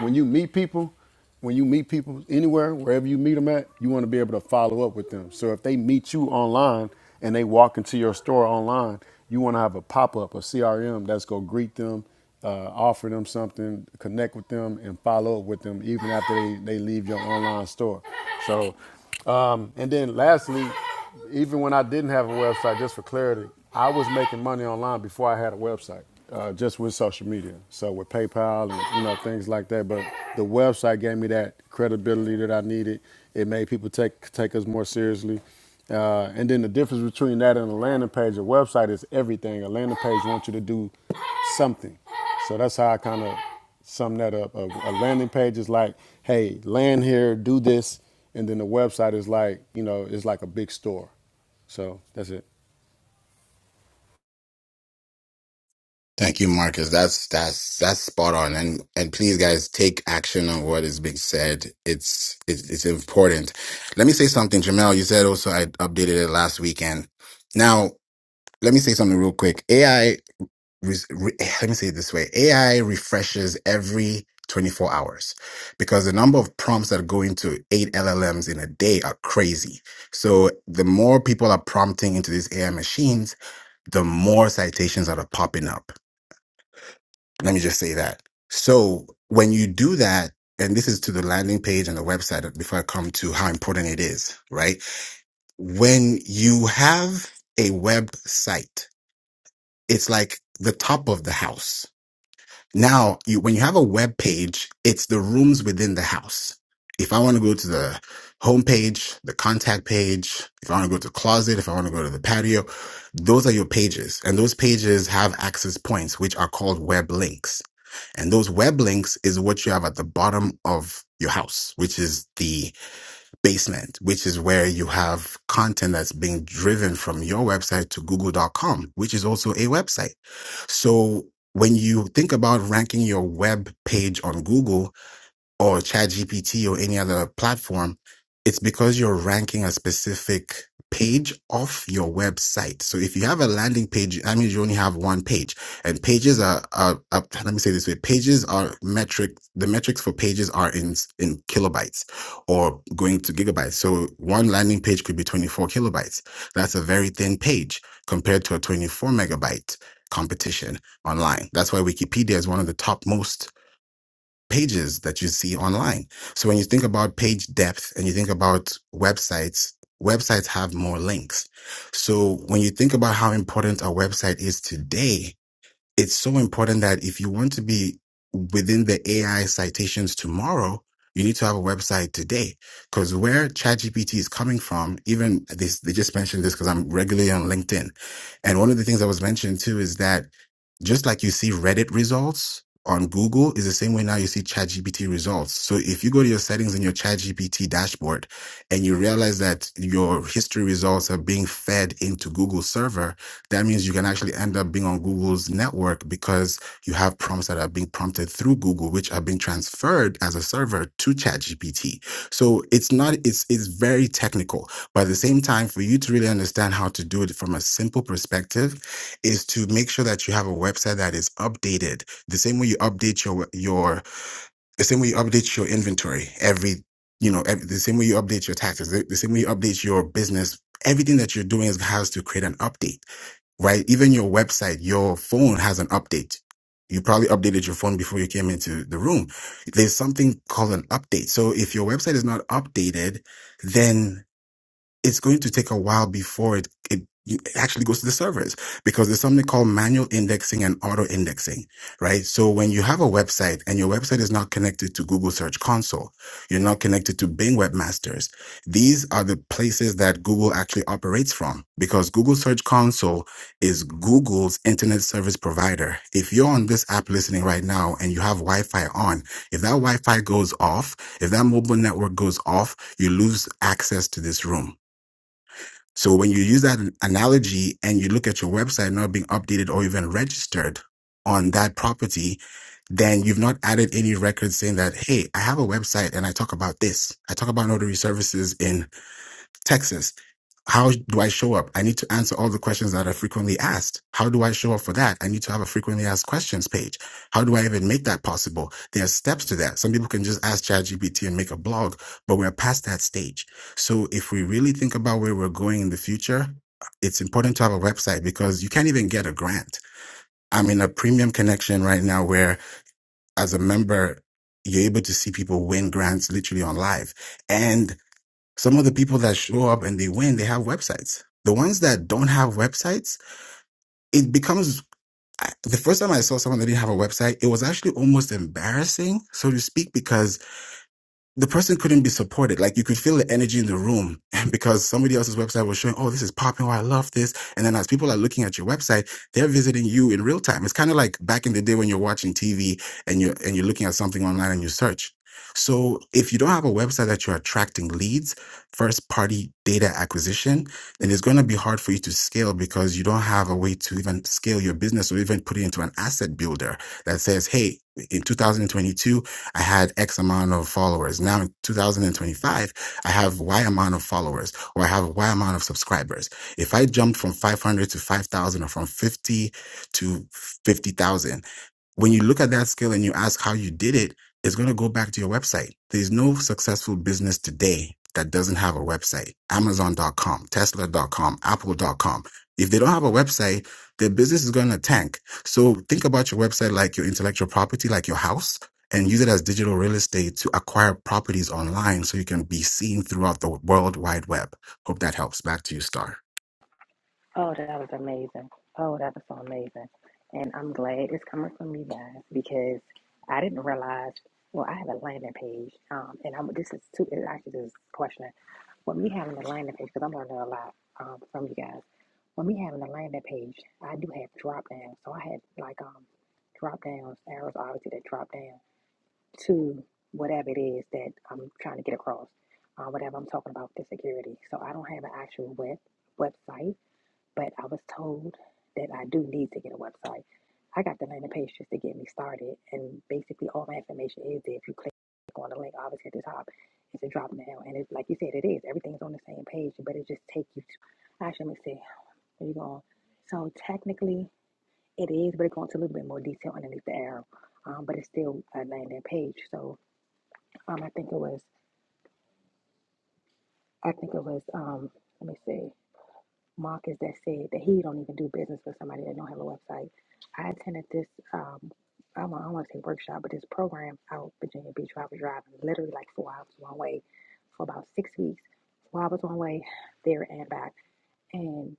[SPEAKER 5] when you meet people, when you meet people anywhere, wherever you meet them at, you want to be able to follow up with them. So if they meet you online and they walk into your store online, you want to have a pop up, a CRM that's going to greet them, uh, offer them something, connect with them, and follow up with them even after they, they leave your online store. So um, And then lastly, even when I didn't have a website, just for clarity, I was making money online before I had a website, uh, just with social media. So with PayPal and you know things like that. But the website gave me that credibility that I needed. It made people take take us more seriously. Uh, and then the difference between that and a landing page, a website is everything. A landing page wants you to do something. So that's how I kind of sum that up. A, a landing page is like, hey, land here, do this, and then the website is like, you know, it's like a big store. So that's it.
[SPEAKER 7] Thank you, Marcus. That's that's that's spot on. And and please, guys, take action on what is being said. It's it's, it's important. Let me say something, Jamel. You said also I updated it last weekend. Now, let me say something real quick. AI. re, re- eh, let me say it this way AI refreshes every 24 hours because the number of prompts that go into eight LLMs in a day are crazy. So the more people are prompting into these AI machines, the more citations that are popping up. Let me just say that. So when you do that, and this is to the landing page and the website uh, before I come to how important it is, right? When you have a website, it's like the top of the house Now, you, when you have a web page, it's the rooms within the house. If I want to go to the home page, the contact page, if I want to go to the closet, if I want to go to the patio, those are your pages. And those pages have access points, which are called web links. And those web links is what you have at the bottom of your house, which is the basement, which is where you have content that's being driven from your website to google.com, which is also a website. So when you think about ranking your web page on Google, or ChatGPT or any other platform, it's because you're ranking a specific page off your website. So if you have a landing page, that means you only have one page. And pages are, are, are let me say this way, pages are metric. The metrics for pages are in in kilobytes or going to gigabytes. So one landing page could be 24 kilobytes. That's a very thin page compared to a 24 megabyte competition online. That's why Wikipedia is one of the top most pages that you see online. So when you think about page depth and you think about websites, websites have more links. So when you think about how important a website is today, it's so important that if you want to be within the AI citations tomorrow, you need to have a website today because where ChatGPT is coming from, even this, they just mentioned this because I'm regularly on LinkedIn. And one of the things that was mentioned too is that just like you see Reddit results on Google is the same way now you see ChatGPT results. So if you go to your settings in your ChatGPT dashboard and you realize that your history results are being fed into Google server, that means you can actually end up being on Google's network because you have prompts that are being prompted through Google, which are being transferred as a server to ChatGPT. So it's not it's it's very technical. But at the same time, for you to really understand how to do it from a simple perspective, is to make sure that you have a website that is updated the same way you update your your the same way you update your inventory every you know ev the same way you update your taxes the, the same way you update your business everything that you're doing is, has to create an update right even your website your phone has an update you probably updated your phone before you came into the room there's something called an update so if your website is not updated then it's going to take a while before it, it you- it actually goes to the servers because there's something called manual indexing and auto indexing, right? So when you have a website and your website is not connected to Google Search Console, you're not connected to Bing Webmasters. These are the places that Google actually operates from because Google Search Console is Google's internet service provider. If you're on this app listening right now and you have Wi-Fi on, if that Wi-Fi goes off, if that mobile network goes off, you lose access to this room so when you use that analogy and you look at your website not being updated or even registered on that property, then you've not added any records saying that, Hey, I have a website and I talk about this. I talk about notary services in. Texas. How do I show up? I need to answer all the questions that are frequently asked. How do I show up for that? I need to have a frequently asked questions page. How do I even make that possible? There are steps to that. Some people can just ask ChatGPT and make a blog, but we're past that stage. So if we really think about where we're going in the future, it's important to have a website because you can't even get a grant. I'm in a premium connection right now where as a member, you're able to see people win grants literally on live. And some of the people that show up and they win, they have websites. The ones that don't have websites, it becomes I- the first time I saw someone that didn't have a website, it was actually almost embarrassing, so to speak, because the person couldn't be supported. Like you could feel the energy in the room because somebody else's website was showing, oh, this is popping. Oh, I love this. And then as people are looking at your website, they're visiting you in real time. It's kind of like back in the day when you're watching TV and you're and you're looking at something online and you search. So if you don't have a website that you're attracting leads, first party data acquisition, then it's going to be hard for you to scale because you don't have a way to even scale your business or even put it into an asset builder that says, hey, in 2022, I had X amount of followers. Now in 2025, I have Y amount of followers or I have Y amount of subscribers. If I jumped from 500 to 5,000 or from 50 to 50,000, when you look at that skill and you ask how you did it, it's going to go back to your website. There's no successful business today that doesn't have a website. Amazon.com, Tesla.com, Apple.com. If they don't have a website, their business is going to tank. So think about your website like your intellectual property, like your house, and use it as digital real estate to acquire properties online so you can be seen throughout the world wide web. Hope that helps. Back to you, Star.
[SPEAKER 1] Oh, that was amazing. Oh, that was so amazing. And I'm glad it's coming from you guys because I didn't realize. Well, I have a landing page, um, and I'm this is too. It actually this is a question. With me having a landing page, because I'm learning a lot um, from you guys. With me having a landing page, I do have drop downs. So I had like um, drop downs arrows, obviously that drop down. to whatever it is that I'm trying to get across, uh, whatever I'm talking about with the security. So I don't have an actual web website, but I was told that I do need to get a website. I got the landing page just to get me started, and basically all my information is there. If you click on the link, obviously at the top, it's a drop down, and it's like you said, it is everything's on the same page, but it just takes you to. Actually, let me see. Where you going? So technically, it is, but it goes into a little bit more detail underneath the arrow, um, but it's still a landing page. So um, I think it was, I think it was, um, let me see, Marcus that said that he don't even do business with somebody that don't have a website. I attended this, um, I don't, I don't want to say workshop, but this program out Virginia Beach where I was driving literally like four hours one way for about six weeks, four hours one way there and back. And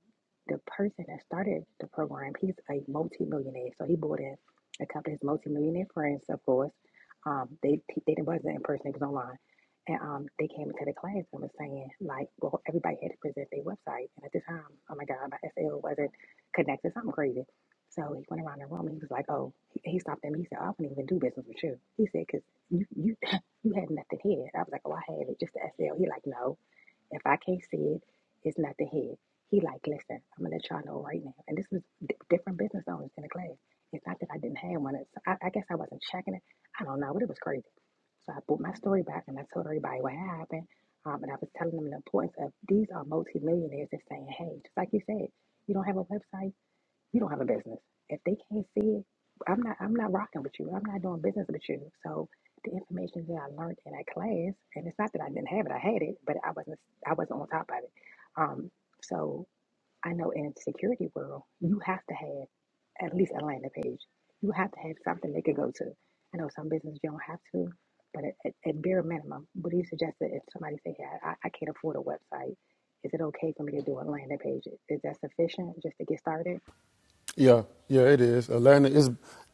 [SPEAKER 1] the person that started the program, he's a multi millionaire. So he bought in a couple of his multi millionaire friends, of course. Um, they they didn't wasn't in person; it was online, and um, they came into the class and was saying like, well, everybody had to present their website, and at the time, oh my God, my SL wasn't connected, something crazy. So he went around the room and he was like, oh, he, he stopped at me. He said, "Oh, I wouldn't even do business with you. He said, cause you you you have nothing here. I was like, oh, I have it, just the SL. He like, no. If I can't see it, it's nothing here. He like, listen, I'm gonna let y'all know right now. And this was d- different business owners in the class. It's not that I didn't have one. It's, I, I guess I wasn't checking it. I don't know, but it was crazy. So I put my story back and I told everybody what happened. Um, and I was telling them the importance of these are multimillionaires that's saying, hey, just like you said, you don't have a website. You don't have a business. If they can't see it, I'm not I'm not rocking with you. I'm not doing business with you. So the information that I learned in that class, and it's not that I didn't have it, I had it, but I wasn't I wasn't on top of it. Um, so I know in the security world, you have to have at least a landing page. You have to have something they could go to. I know some businesses you don't have to, but at, at, at bare minimum, what do you suggest that if somebody say, yeah, I, I can't afford a website, is it okay for me to do a landing page? Is that sufficient just to get started?
[SPEAKER 5] Yeah, yeah, it is. Atlanta is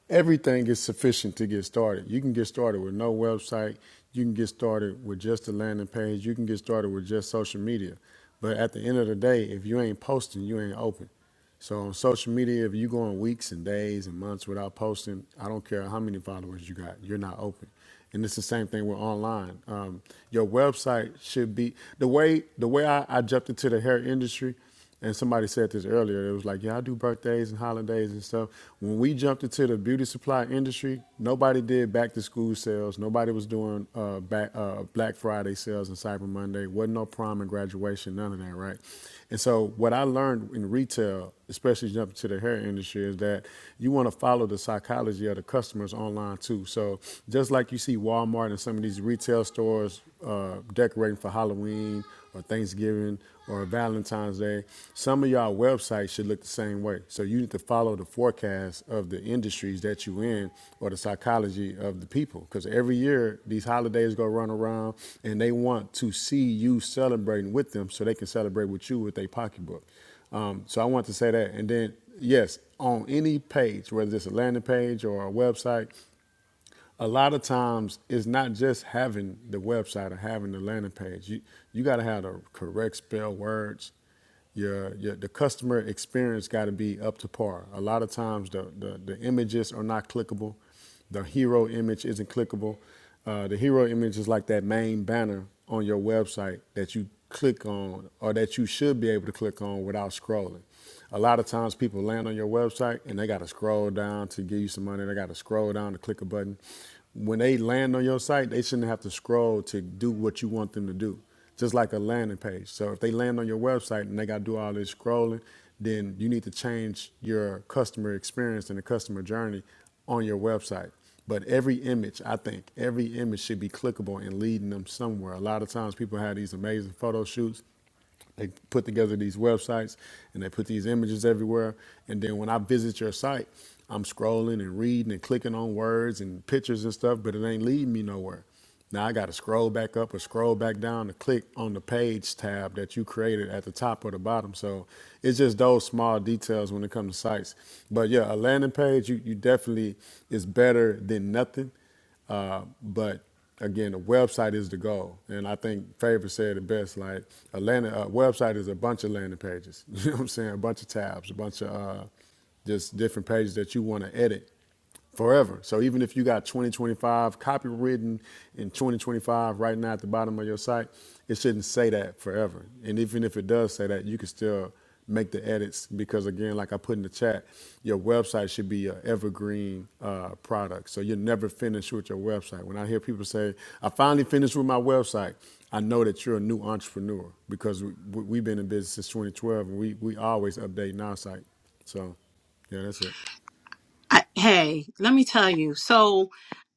[SPEAKER 5] everything is sufficient to get started. You can get started with no website. You can get started with just a landing page. You can get started with just social media. But at the end of the day, if you ain't posting, you ain't open. So on social media, if you going weeks and days and months without posting, I don't care how many followers you got, you're not open. And it's the same thing with online. Um, your website should be the way the way I, I jumped into the hair industry. And somebody said this earlier. It was like, yeah, I do birthdays and holidays and stuff. When we jumped into the beauty supply industry, nobody did back to school sales. Nobody was doing uh, back, uh, Black Friday sales and Cyber Monday. Wasn't no prom and graduation, none of that, right? And so what I learned in retail, especially jumping to the hair industry, is that you want to follow the psychology of the customers online too. So just like you see Walmart and some of these retail stores uh, decorating for Halloween or Thanksgiving or Valentine's Day. Some of y'all websites should look the same way. So you need to follow the forecast of the industries that you in or the psychology of the people. Because every year these holidays go run around and they want to see you celebrating with them so they can celebrate with you with their pocketbook. Um, so I want to say that. And then, yes, on any page, whether it's a landing page or a website, a lot of times it's not just having the website or having the landing page. You you got to have the correct spell words. Your, your the customer experience got to be up to par. A lot of times the, the the images are not clickable. The hero image isn't clickable. Uh, the hero image is like that main banner on your website that you click on or that you should be able to click on without scrolling. A lot of times people land on your website and they got to scroll down to give you some money. They got to scroll down to click a button. When they land on your site, they shouldn't have to scroll to do what you want them to do. Just like a landing page. So if they land on your website and they got to do all this scrolling, then you need to change your customer experience and the customer journey on your website. But every image, I think, every image should be clickable and leading them somewhere. A lot of times people have these amazing photo shoots they put together these websites and they put these images everywhere. And then when I visit your site, I'm scrolling and reading and clicking on words and pictures and stuff, but it ain't leading me nowhere. Now I got to scroll back up or scroll back down to click on the page tab that you created at the top or the bottom. So it's just those small details when it comes to sites. But yeah, a landing page you, you definitely is better than nothing but again, the website is the goal. And I think Favor said it best. Like a landing a website is a bunch of landing pages. You know what I'm saying? A bunch of tabs, a bunch of uh, just different pages that you want to edit forever. So even if you got 2025 copywritten in 2025 right now at the bottom of your site, it shouldn't say that forever. And even if it does say that, you can still make the edits because again, like I put in the chat, your website should be an evergreen uh, product. So you're never finished with your website. When I hear people say, I finally finished with my website, I know that you're a new entrepreneur because we, we, we've been in business since 2012 and we, we always updating our site. So yeah, that's it.
[SPEAKER 3] I, hey, let me tell you. So,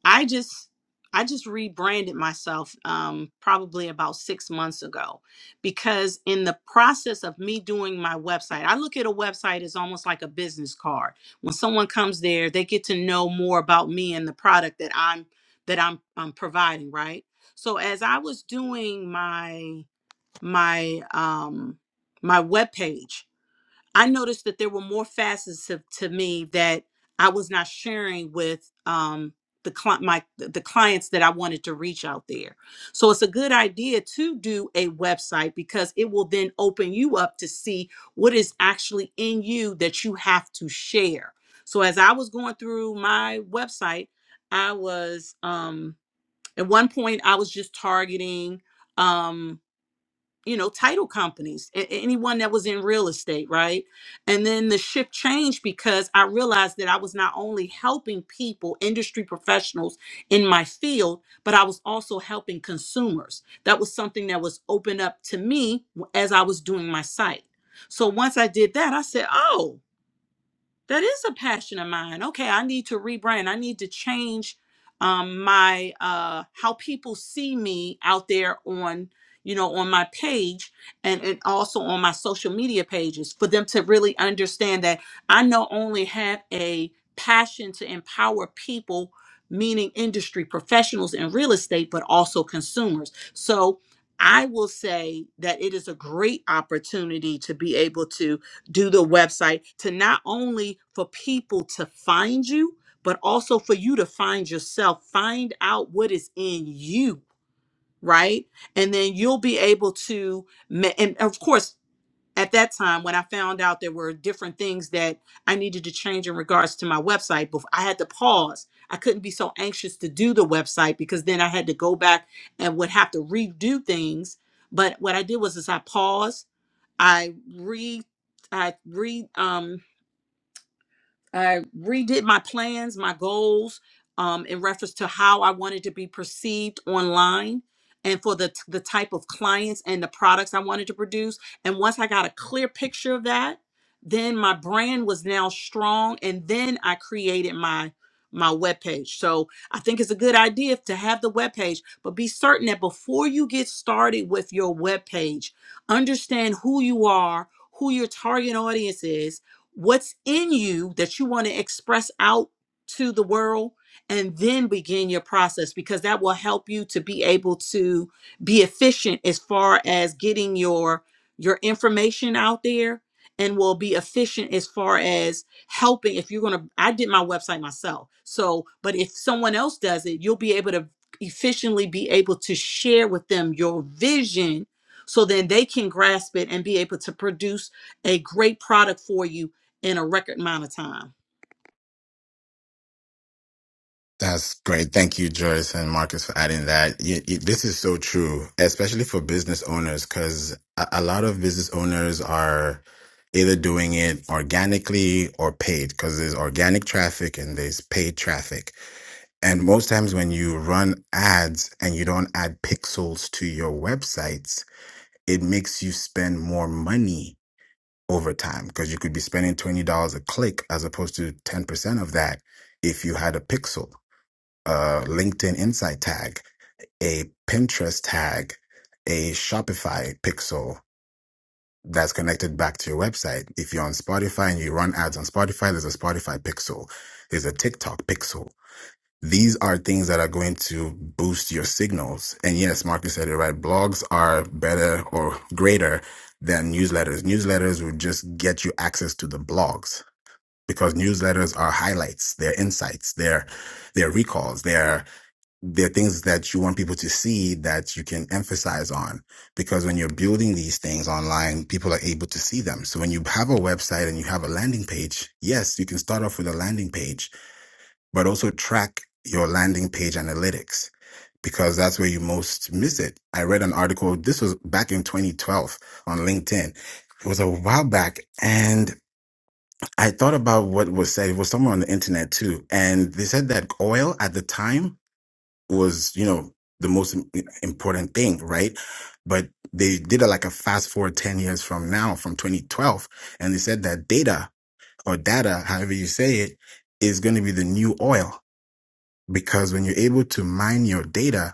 [SPEAKER 3] I just I just rebranded myself um, probably about six months ago because in the process of me doing my website, I look at a website as almost like a business card. When someone comes there, they get to know more about me and the product that I'm that I'm, I'm providing, right? So as I was doing my my um, my webpage, I noticed that there were more facets of, to me that I was not sharing with um, the cli- my the clients that I wanted to reach out there. So it's a good idea to do a website because it will then open you up to see what is actually in you that you have to share. So as I was going through my website, I was um, at one point I was just targeting. Um, you know title companies a- anyone that was in real estate right and then the shift changed because i realized that i was not only helping people industry professionals in my field but i was also helping consumers that was something that was open up to me w- as i was doing my site so once i did that i said oh that is a passion of mine okay i need to rebrand i need to change um my uh how people see me out there on you know on my page and, and also on my social media pages for them to really understand that i not only have a passion to empower people meaning industry professionals in real estate but also consumers so i will say that it is a great opportunity to be able to do the website to not only for people to find you, but also for you to find yourself, find out what is in you, right? And then you'll be able to, ma- and of course, at that time when I found out there were different things that I needed to change in regards to my website, before I had to pause. I couldn't be so anxious to do the website because then I had to go back and would have to redo things. But what I did was is I paused, I re I re um, I redid my plans, my goals, um, in reference to how I wanted to be perceived online and for the, the type of clients and the products I wanted to produce. And once I got a clear picture of that, then my brand was now strong. And then I created my my webpage. So I think it's a good idea to have the webpage, but be certain that before you get started with your webpage, understand who you are, who your target audience is, what's in you that you want to express out to the world and then begin your process because that will help you to be able to be efficient as far as getting your your information out there and will be efficient as far as helping if you're going to I did my website myself. So, but if someone else does it, you'll be able to efficiently be able to share with them your vision so then they can grasp it and be able to produce a great product for you in a record amount of time
[SPEAKER 7] That's great. Thank you, Joyce and Marcus, for adding that. You, you- this is so true, especially for business owners, because a, a lot of business owners are either doing it organically or paid, because there's organic traffic and there's paid traffic. And most times when you run ads and you don't add pixels to your websites, it makes you spend more money over time because you could be spending $20 a click as opposed to 10% of that if you had a pixel a LinkedIn Insight tag, a Pinterest tag, a Shopify pixel that's connected back to your website. If you're on Spotify and you run ads on Spotify, there's a Spotify pixel, there's a TikTok pixel. These are things that are going to boost your signals. And yes, Marcus said it right. Blogs are better or greater than newsletters. Newsletters will just get you access to the blogs because newsletters are highlights, they're insights, they're, they're recalls, they're there are things that you want people to see that you can emphasize on because when you're building these things online people are able to see them so when you have a website and you have a landing page yes you can start off with a landing page but also track your landing page analytics because that's where you most miss it i read an article this was back in 2012 on linkedin it was a while back and i thought about what was said it was somewhere on the internet too and they said that oil at the time was, you know, the most im- important thing, right? But they did a, like a fast forward 10 years from now, from 2012. And they said that data or data, however you say it, is going to be the new oil because when you're able to mine your data,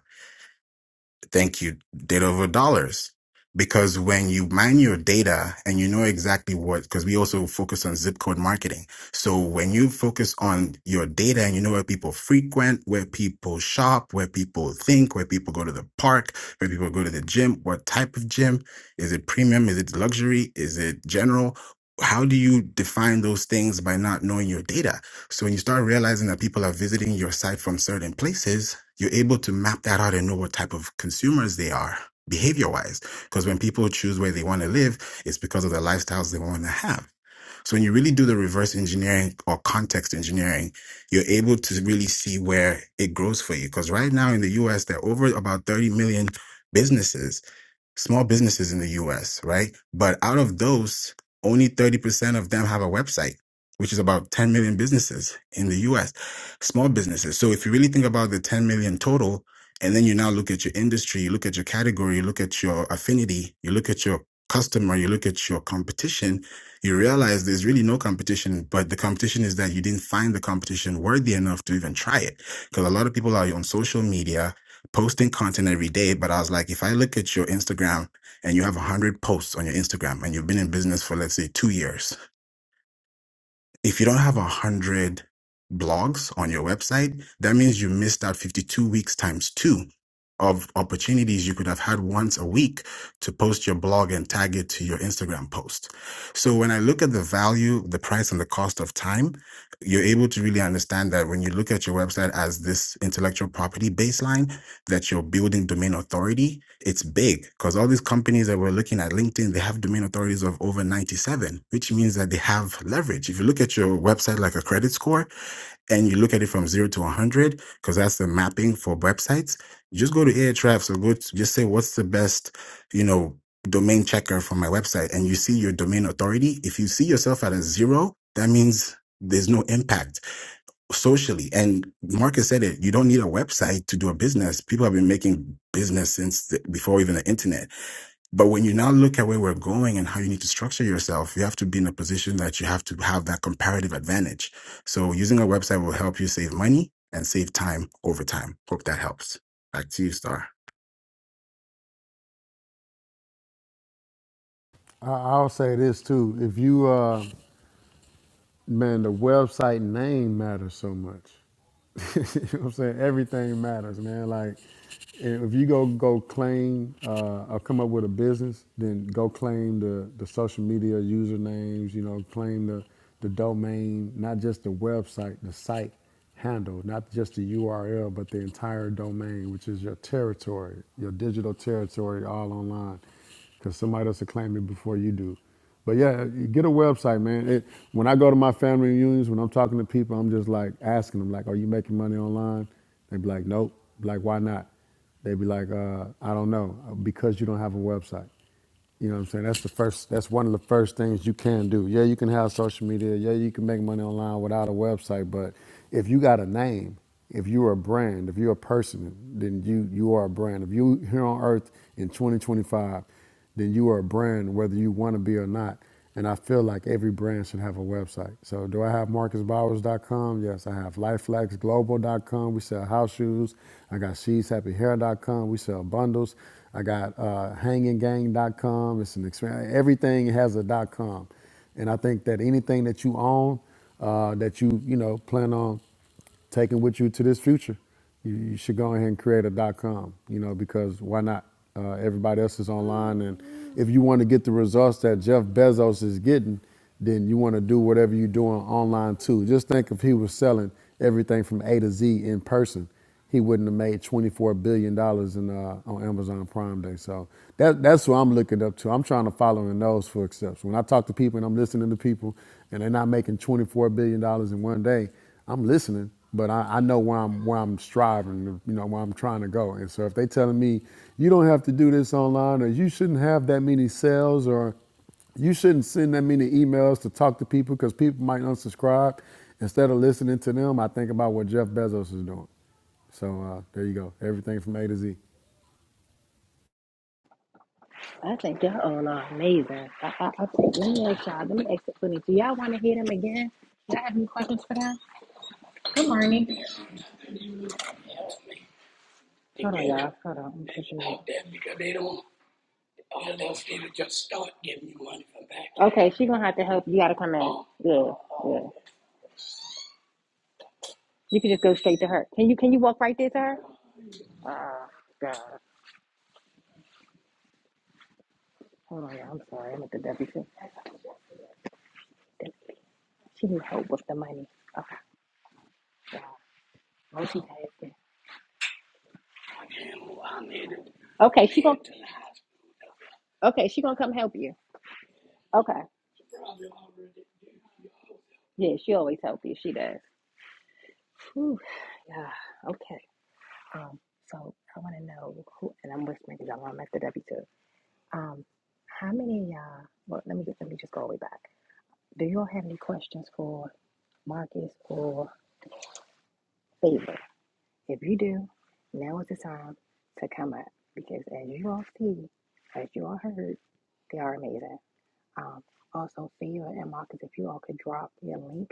[SPEAKER 7] Thank you, data over dollars. Because when you mine your data and you know exactly what, because we also focus on zip code marketing. So when you focus on your data and you know where people frequent, where people shop, where people think, where people go to the park, where people go to the gym, what type of gym, is it premium? Is it luxury? Is it general? How do you define those things by not knowing your data? So when you start realizing that people are visiting your site from certain places, you're able to map that out and know what type of consumers they are behavior wise. Because when people choose where they want to live, it's because of the lifestyles they want to have. So when you really do the reverse engineering or context engineering, you're able to really see where it grows for you. Because right now in the US, there are over about 30 million businesses small businesses in the US, right? But out of those, only 30% of them have a website, which is about 10 million businesses in the US, small businesses. So if you really think about the 10 million total, and then you now look at your industry, you look at your category, you look at your affinity, you look at your customer, you look at your competition, you realize there's really no competition, but the competition is that you didn't find the competition worthy enough to even try it. Because a lot of people are on social media, posting content every day, but I was like, if I look at your Instagram and you have 100 posts on your Instagram and you've been in business for, let's say, two years, if you don't have 100 blogs on your website, that means you missed out 52 weeks times two of opportunities you could have had once a week to post your blog and tag it to your Instagram post. So when I look at the value, the price, and the cost of time, you're able to really understand that when you look at your website as this intellectual property baseline, that you're building domain authority, it's big because all these companies that we're looking at, LinkedIn, they have domain authorities of over 97, which means that they have leverage. If you look at your website like a credit score and you look at it from zero to 100, because that's the mapping for websites, you just go to Ahrefs or go to, just say, what's the best, you know, domain checker for my website? And you see your domain authority. If you see yourself at a zero, that means there's no impact socially. And Marcus said it, you don't need a website to do a business. People have been making business since the, before even the internet. But when you now look at where we're going and how you need to structure yourself, you have to be in a position that you have to have that comparative advantage. So using a website will help you save money and save time over time. Hope that helps. Back to you, Star.
[SPEAKER 5] I- I'll say this too. If you, uh, man, the website name matters so much. you know what I'm saying? Everything matters, man. Like, if you go go claim uh, or come up with a business, then go claim the, the social media usernames, you know, claim the, the domain, not just the website, the site handle, not just the URL, but the entire domain, which is your territory, your digital territory, all online because somebody else will claim it before you do. But yeah, you get a website, man. It, when I go to my family reunions, when I'm talking to people, I'm just like asking them, like, "Are you making money online?" They be like, "Nope." Be like, "Why not?" They be like, uh, "I don't know," uh, because you don't have a website. You know what I'm saying? That's the first. That's one of the first things you can do. Yeah, you can have social media. Yeah, you can make money online without a website. But if you got a name, if you're a brand, if you're a person, then you you are a brand. If you here on Earth in 2025, then you are a brand, whether you want to be or not. And I feel like every brand should have a website. So do I have marcusbowers.com? Yes, I have lifeflexglobal.com. We sell house shoes. I got she's happy hair.com. We sell bundles. I got uh, hanginggang.com. It's an experience. Everything has a com. And I think that anything that you own, uh, that you, you know, plan on taking with you to this future, you, you should go ahead and create a com, you know, because why not? Uh, everybody else is online. And if you want to get the results that Jeff Bezos is getting, then you want to do whatever you're doing online too. Just think if he was selling everything from A to Z in person he wouldn't have made $24 billion dollars in, uh, on Amazon Prime Day. So that, that's who I'm looking up to. I'm trying to follow in those footsteps. When I talk to people and I'm listening to people and they're not making $24 billion dollars in one day, I'm listening, but I, I know where I'm, where I'm striving, you know, where I'm trying to go. And so if they are telling me, you don't have to do this online or you shouldn't have that many sales or you shouldn't send that many emails to talk to people because people might unsubscribe. Instead of listening to them, I think about what Jeff Bezos is doing. So uh, there you go. Everything from A to Z.
[SPEAKER 1] I think y'all all are amazing. I, I, I think, let me ask y'all, let me ask Tiffany, do y'all want to hear them again? Do y'all have any questions for them? Good morning. Hold on, y'all. Hold on. I'm pushing. Okay, she gonna have to help. You gotta come in. Yeah, yeah. You can just go straight to her. Can you can you walk right there to her? Oh, God. Hold on, y'all. I'm sorry. I'm at the WC. She need help with the money. Okay, God. Multitasking. Okay, she gonna okay, she gonna come help you. Okay. Yeah, she always help you. She does. Whew. Yeah. Okay. Um, so I want to know who, and I'm whispering because I'm on Mr. W too. Um, how many of y'all? Well, let me get, let me just go way back. Do y'all have any questions for Marcus or Favor? If you do, now is the time to come up because as you all see, as you all heard, they are amazing. Um, also, Favor and Marcus, if you all could drop your link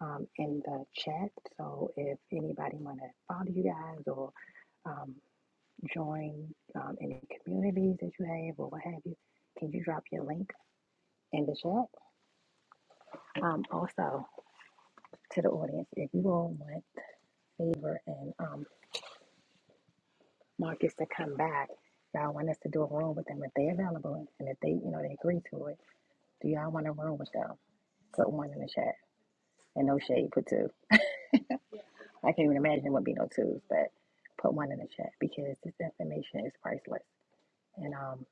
[SPEAKER 1] um, in the chat, so if anybody want to follow you guys or um. join um, any communities that you have or what have you, can you drop your link in the chat? Um, also, to the audience, if you all want Favor and um, Marcus to come back, y'all want us to do a room with them if they're available and if they, you know, they agree to it, do y'all want a room with them? Put one in the chat and no shade, put two. I can't even imagine it would be no twos, but put one in the chat because this information is priceless. And um,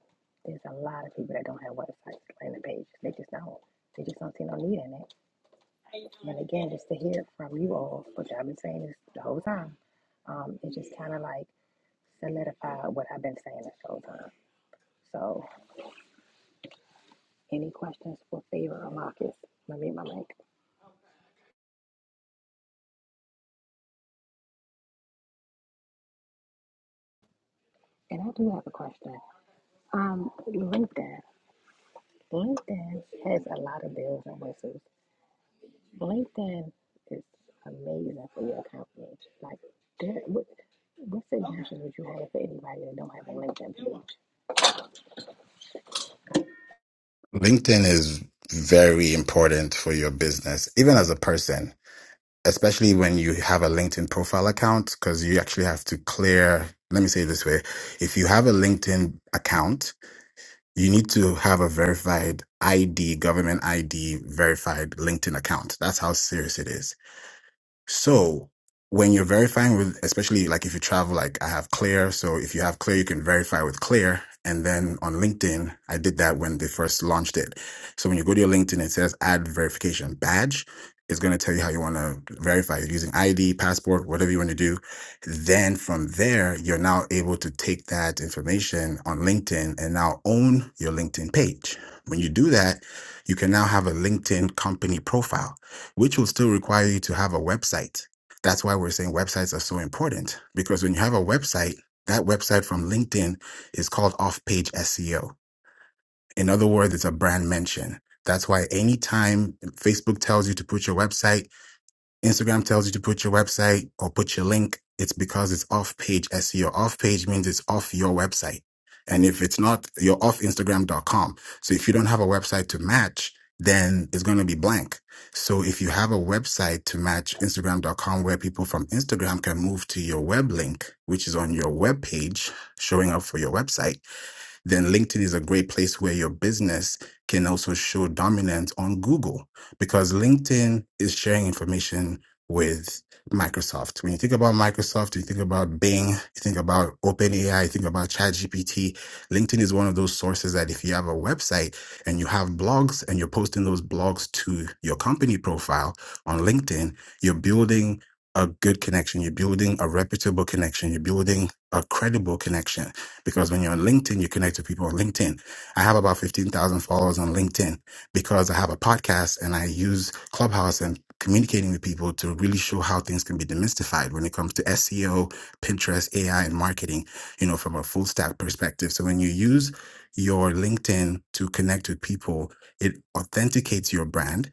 [SPEAKER 1] there's a lot of people that don't have websites, landing pages. They just don't. They just don't see no need in it. And again, just to hear from you all, which I've been saying this the whole time, um, it just kind of like solidified what I've been saying this whole time. So, any questions for Favor or Marcus? Let me read my mic. And I do have a question. Um, LinkedIn. LinkedIn has a lot of bells and whistles. LinkedIn is amazing for your company. Like, there, what, what's the advice would you have for anybody that don't have a LinkedIn page?
[SPEAKER 7] LinkedIn is very important for your business, even as a person. especially when you have a LinkedIn profile account, because you actually have to clear. Let me say it this way if you have a LinkedIn account, you need to have a verified ID, government ID verified LinkedIn account. That's how serious it is so when you're verifying with, especially like if you travel, like I have Clear. So if you have Clear, you can verify with Clear. And then on LinkedIn, I did that when they first launched it. So when you go to your LinkedIn, it says add verification badge. It's going to tell you how you want to verify you using ID, passport, whatever you want to do. Then from there, you're now able to take that information on LinkedIn and now own your LinkedIn page. When you do that, you can now have a LinkedIn company profile which will still require you to have a website. That's why we're saying websites are so important because when you have a website, that website from LinkedIn is called off page SEO. In other words, it's a brand mention. That's why anytime Facebook tells you to put your website, Instagram tells you to put your website or put your link, it's because it's off page SEO. Off page means it's off your website. And if it's not, you're off Instagram.com. So if you don't have a website to match, then it's going to be blank. So if you have a website to match Instagram.com where people from Instagram can move to your web link, which is on your web page showing up for your website, then LinkedIn is a great place where your business can also show dominance on Google because LinkedIn is sharing information with Microsoft. When you think about Microsoft, you think about Bing, you think about OpenAI, you think about ChatGPT. LinkedIn is one of those sources that if you have a website and you have blogs and you're posting those blogs to your company profile on LinkedIn, you're building a good connection, you're building a reputable connection, you're building a credible connection. Because when you're on LinkedIn, you connect to people on LinkedIn. I have about 15,000 followers on LinkedIn because I have a podcast and I use Clubhouse and communicating with people to really show how things can be demystified when it comes to SEO, Pinterest, AI, and marketing, you know, from a full stack perspective. So when you use your LinkedIn to connect with people, it authenticates your brand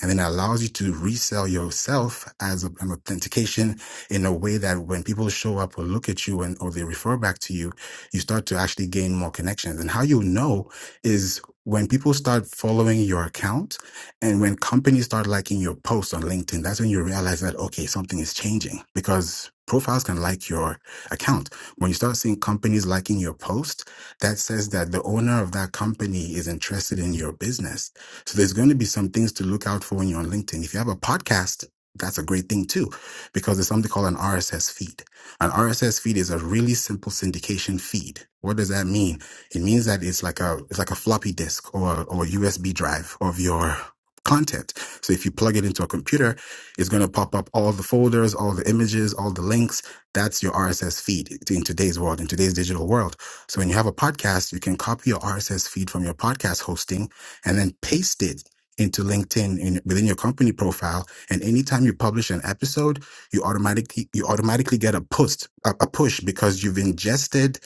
[SPEAKER 7] and then it allows you to resell yourself as a- an authentication in a way that when people show up or look at you and or they refer back to you, you start to actually gain more connections. And how you know is when people start following your account and when companies start liking your posts on LinkedIn, that's when you realize that, okay, something is changing because profiles can like your account. When you start seeing companies liking your post, that says that the owner of that company is interested in your business so there's going to be some things to look out for when you're on LinkedIn. If you have a podcast, that's a great thing too, because there's something called an RSS feed. An RSS feed is a really simple syndication feed. What does that mean? It means that it's like a it's like a floppy disk or or USB drive of your content. So if you plug it into a computer, it's going to pop up all the folders, all the images, all the links. That's your RSS feed in today's world, in today's digital world. So when you have a podcast, you can copy your RSS feed from your podcast hosting and then paste it into LinkedIn in, within your company profile. And anytime you publish an episode, you automatically you automatically get a post a, a push because you've ingested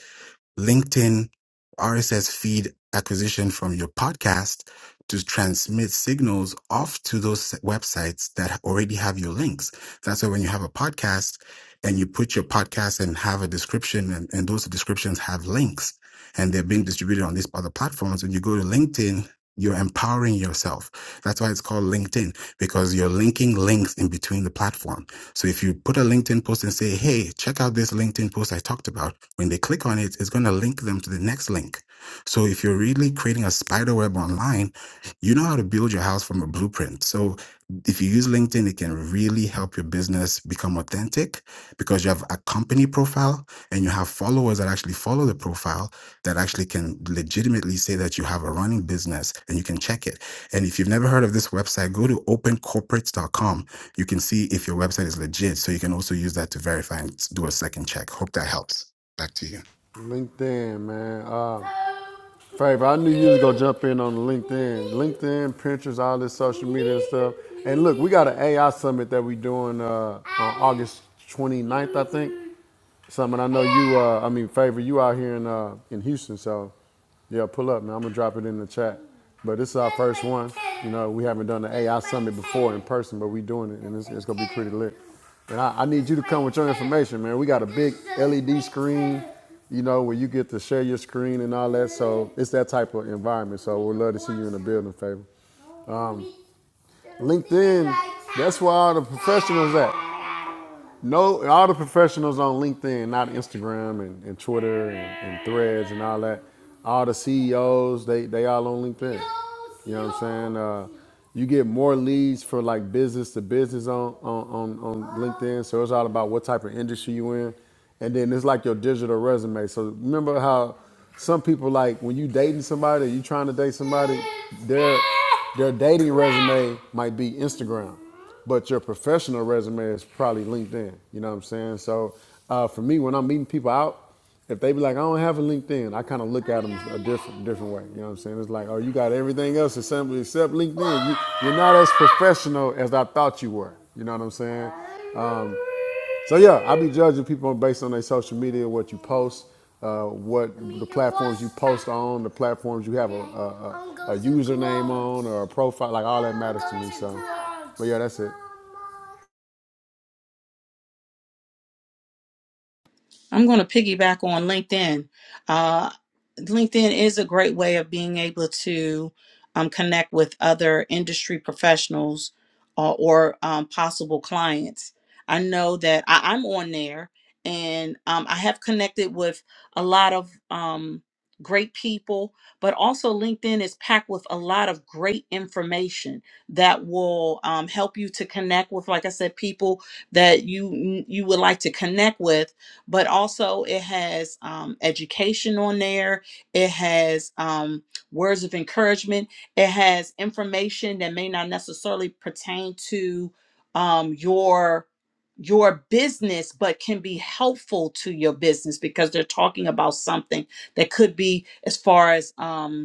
[SPEAKER 7] LinkedIn RSS feed acquisition from your podcast to transmit signals off to those websites that already have your links. That's why when you have a podcast and you put your podcast and have a description and, and those descriptions have links and they're being distributed on these other platforms. When you go to LinkedIn, you're empowering yourself. That's why it's called LinkedIn because you're linking links in between the platform. So if you put a LinkedIn post and say, hey, check out this LinkedIn post I talked about, when they click on it, it's going to link them to the next link. So if you're really creating a spider web online, you know how to build your house from a blueprint. So if you use LinkedIn, it can really help your business become authentic because you have a company profile and you have followers that actually follow the profile that actually can legitimately say that you have a running business and you can check it. And if you've never heard of this website, go to opencorporates.com you can see if your website is legit. So you can also use that to verify and do a second check. Hope that helps. Back to you.
[SPEAKER 5] LinkedIn, man. Uh, Favor, I knew you was gonna jump in on the LinkedIn, LinkedIn, Pinterest, all this social media and stuff. And look, we got an AI summit that we doing uh, on August 29th, I think. Simon, I know you. Uh, I mean, favor you out here in uh, in Houston, so yeah, pull up, man. I'm gonna drop it in the chat. But this is our first one. You know, we haven't done the AI summit before in person, but we doing it, and it's, it's gonna be pretty lit. And I, I need you to come with your information, man. We got a big LED screen, you know, where you get to share your screen and all that. So it's that type of environment. So we'd love to see you in the building, favor. Um, LinkedIn, that's where all the professionals at. No, all the professionals on LinkedIn, not Instagram and, and Twitter and, and Threads and all that. All the CEOs, they they all on LinkedIn. You know what I'm saying? Uh, you get more leads for like business to business on on, on on LinkedIn. So it's all about what type of industry you in, and then it's like your digital resume. So remember how some people like when you dating somebody, you trying to date somebody, their their dating resume might be Instagram but your professional resume is probably LinkedIn. You know what I'm saying? So uh, for me, when I'm meeting people out, if they be like, I don't have a LinkedIn, I kind of look at them a different different way. You know what I'm saying? It's like, oh, you got everything else except, except LinkedIn. You, you're not as professional as I thought you were. You know what I'm saying? Um, so yeah, I be judging people based on their social media, what you post, uh, what the platforms you post on, the platforms you have a, a, a, a username on or a profile, like all that matters to me. So, but yeah, that's it.
[SPEAKER 3] I'm going to piggyback on LinkedIn. Uh, LinkedIn is a great way of being able to um, connect with other industry professionals uh, or um, possible clients. I know that I, I'm on there and um, I have connected with a lot of um, great people, but also LinkedIn is packed with a lot of great information that will um, help you to connect with, like I said, people that you you would like to connect with but also it has um, education on there. It has um, words of encouragement. It has information that may not necessarily pertain to um, your your business but can be helpful to your business because they're talking about something that could be as far as um,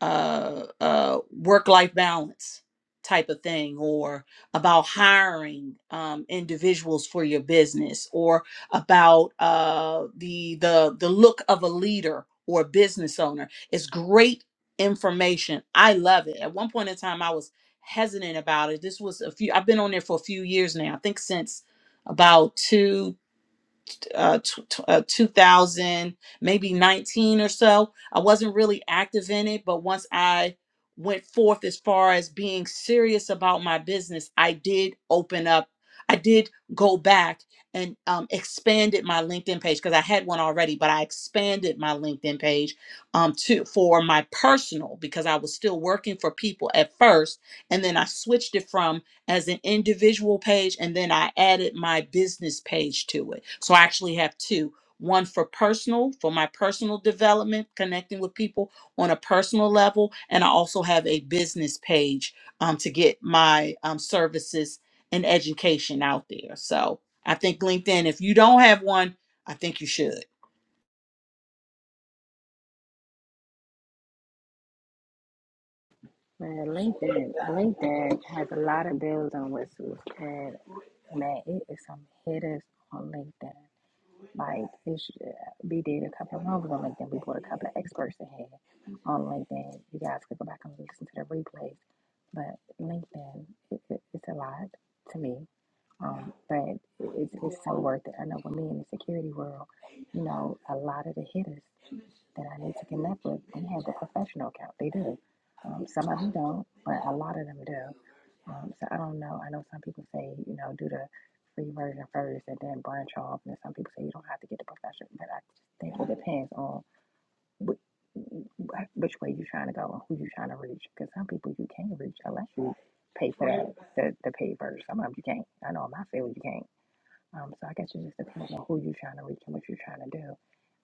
[SPEAKER 3] uh, uh, work life balance type of thing, or about hiring um, individuals for your business, or about uh, the the the look of a leader or a business owner. It's great information. I love it. At one point in time, I was hesitant about it. This was a few. I've been on there for a few years now. I think since about two uh, tw- tw- uh, 2000, maybe 19 or so. I wasn't really active in it, but once I went forth as far as being serious about my business, I did open up. I did go back and um, expanded my LinkedIn page because I had one already, but I expanded my LinkedIn page um, to for my personal because I was still working for people at first, and then I switched it from as an individual page and then I added my business page to it. So I actually have two one for personal, for my personal development, connecting with people on a personal level. And I also have a business page um, to get my um, services and education out there. So I think LinkedIn, if you don't have one, I think you should.
[SPEAKER 1] Man, LinkedIn, LinkedIn has a lot of bills on whistles, and man, it is some hitters on LinkedIn. Like, it should we did a couple of rooms on LinkedIn. We brought a couple of experts in here on LinkedIn. You guys could go back and listen to the replays. But LinkedIn, it, it, it's a lot to me. Um, but it, it's it's so worth it. I know with me in the security world, you know, a lot of the hitters that I need to connect with, they have a professional account. They do. Um, some of them don't, but a lot of them do. Um, so I don't know. I know some people say, you know, do the free version first and then branch off. And then some people say you don't have to get the professional. But I just think it depends on wh- wh- which way you're trying to go and who you're trying to reach. Because some people you can't reach unless you pay for that, the, the paid version. Some of them you can't. I know in my field you can't. Um, so I guess it just depends on who you're trying to reach and what you're trying to do.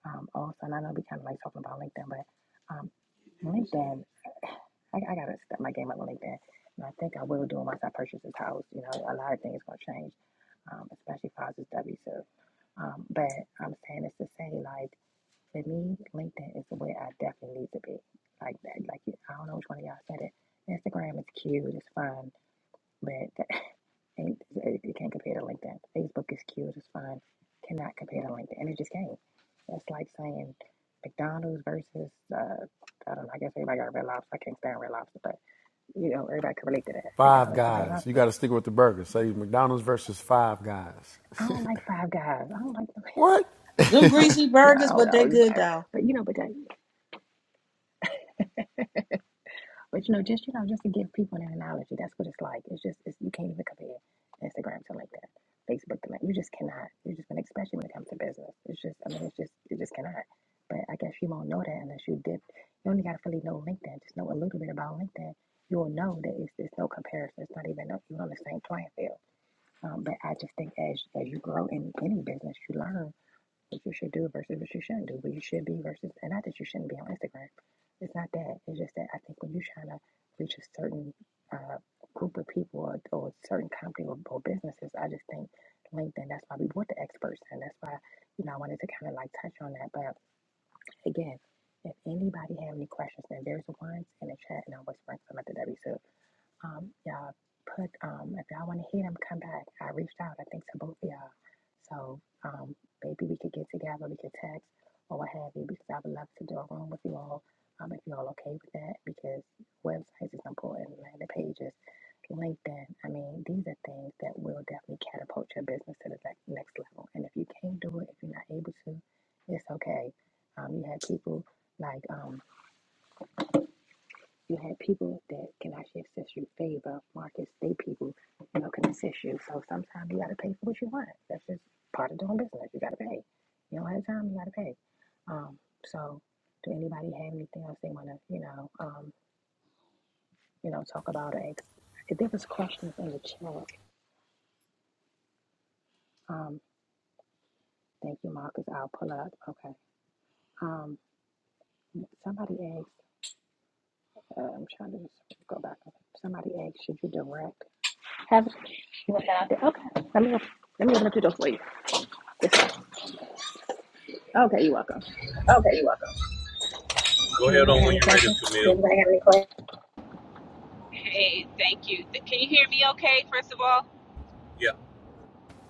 [SPEAKER 1] Um, also, and I know we kind of like talking about LinkedIn, but um, LinkedIn, I, I gotta step my game up with LinkedIn, and I think I will do it once I purchase this house. You know, a lot of things gonna change, um, especially if I was just W two. Um, but I'm saying this to say, like, for me, LinkedIn is the way I definitely need to be. Like that, like I don't know which one of y'all said it. Instagram is cute, it's fun, but that, ain't, you can't compare to LinkedIn. Facebook is cute, it's fine. Cannot compare to LinkedIn. And it just can't. That's like saying McDonald's versus, uh, I don't know, I guess everybody got Red Lobster. I can't stand Red Lobster, but, you know, everybody can relate to that.
[SPEAKER 5] Five
[SPEAKER 1] McDonald's to Red
[SPEAKER 5] Guys. You
[SPEAKER 1] Lobster.
[SPEAKER 5] got to stick with the burgers. Say McDonald's versus Five Guys.
[SPEAKER 1] I don't like Five Guys. I don't like,
[SPEAKER 5] What?
[SPEAKER 3] Them
[SPEAKER 1] I don't,
[SPEAKER 3] greasy
[SPEAKER 1] yeah, I
[SPEAKER 3] burgers,
[SPEAKER 1] don't,
[SPEAKER 3] but
[SPEAKER 1] I
[SPEAKER 3] they
[SPEAKER 1] always
[SPEAKER 3] good
[SPEAKER 1] Five.
[SPEAKER 3] though.
[SPEAKER 1] But, you know, but that. But you know, just you know, just to give people an analogy, that's what it's like. It's just it's, you can't even compare Instagram to LinkedIn, Facebook to LinkedIn. You just cannot. You're just gonna, especially when it comes to business. It's just, I mean, it's just, you just cannot. But I guess you won't know that unless you dip. You only gotta fully know LinkedIn. Just know a little bit about LinkedIn. You'll know that it's there's no comparison. It's not even up. You're on the same playing field. Um, but I just think as as you grow in any business, you learn what you should do versus what you shouldn't do, what you should be versus, and not that you shouldn't be on Instagram. It's not that. It's just that I think when you're trying to reach a certain uh, group of people or, or a certain company or, or businesses, I just think LinkedIn, that's why we want the experts. And that's why, you know, I wanted to kind of like touch on that. But again, if anybody have any questions, then there's a ones in the chat and I'll whisper some at the to Debbie um, y'all put um, if y'all want to hear them, come back. I reached out, I think, to both of y'all. So um, maybe we could get together, we could text or what have you, because I would love to do a room with you all. Um, if you're all okay with that, because websites is important, landing pages, LinkedIn. I mean, these are things that will definitely catapult your business to the next next level. And if you can't do it, if you're not able to, it's okay. Um, you have people like um, you had people that can actually assist you. Favor, markets, they people, you know, can assist you. So sometimes you got to pay for what you want. That's just part of doing business. You got to pay. You don't have time, you got to pay. Um, so, do anybody have anything else they want to, you know, um, you know, talk about or ex- if There was questions in the chat. Um, thank you, Marcus. I'll pull up. Okay. Um, somebody asked. Uh, I'm trying to just go back. Somebody asked, should you direct? Have you want that out there? Okay. Let me let me open up the door for you. Okay, you're welcome. Does
[SPEAKER 2] Okay, you're welcome.
[SPEAKER 1] anybody have any questions?
[SPEAKER 2] Camille. anybody have any questions?
[SPEAKER 8] Hey, thank you. Th- Can you hear me okay, first of all?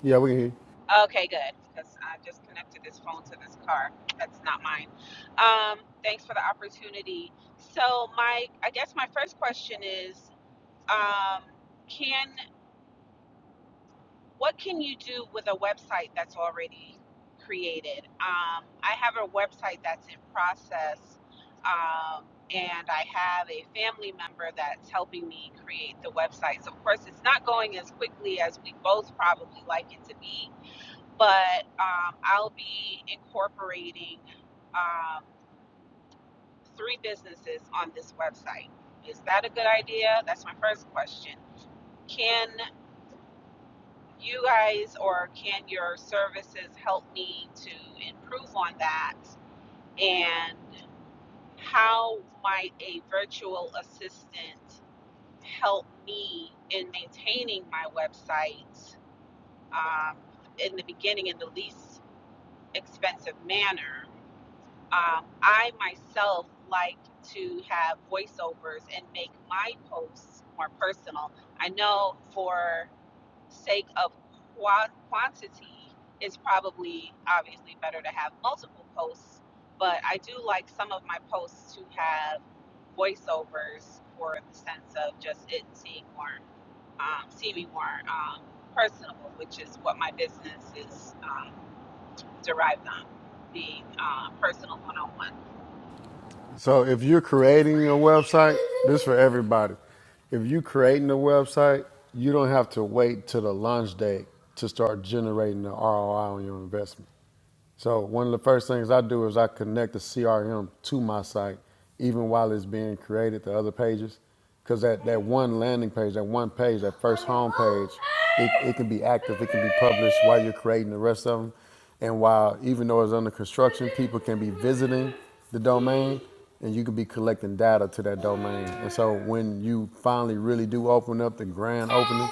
[SPEAKER 5] Yeah, we can hear. you.
[SPEAKER 8] Okay, good. Because I just connected this phone to this car. That's not mine. Um, thanks for the opportunity. So, my, I guess my first question is um, can what can you do with a website that's already created? Um, I have a website that's in process, um, and I have a family member that's helping me create the website. So, of course, it's not going as quickly as we both probably like it to be, but um, I'll be incorporating um, three businesses on this website. Is that a good idea? That's my first question can you guys or can your services help me to improve on that? And how might a virtual assistant help me in maintaining my website um, in the beginning in the least expensive manner? Um, I myself like to have voiceovers and make my posts more personal. I know for sake of qua- quantity, it's probably obviously better to have multiple posts. But I do like some of my posts to have voiceovers for the sense of just it seeing more, um, seeming more um, personable, which is what my business is um, derived on being uh, personal one on one.
[SPEAKER 5] So if you're creating a website, this is for everybody. If you're creating a website, you don't have to wait till the launch date to start generating the ROI on your investment. So one of the first things I do is I connect the CRM to my site, even while it's being created The other pages, because that, that one landing page, that one page, that first home page, it, it can be active, it can be published while you're creating the rest of them. And while, even though it's under construction, people can be visiting the domain and you can be collecting data to that domain. And so when you finally really do open up the grand opening,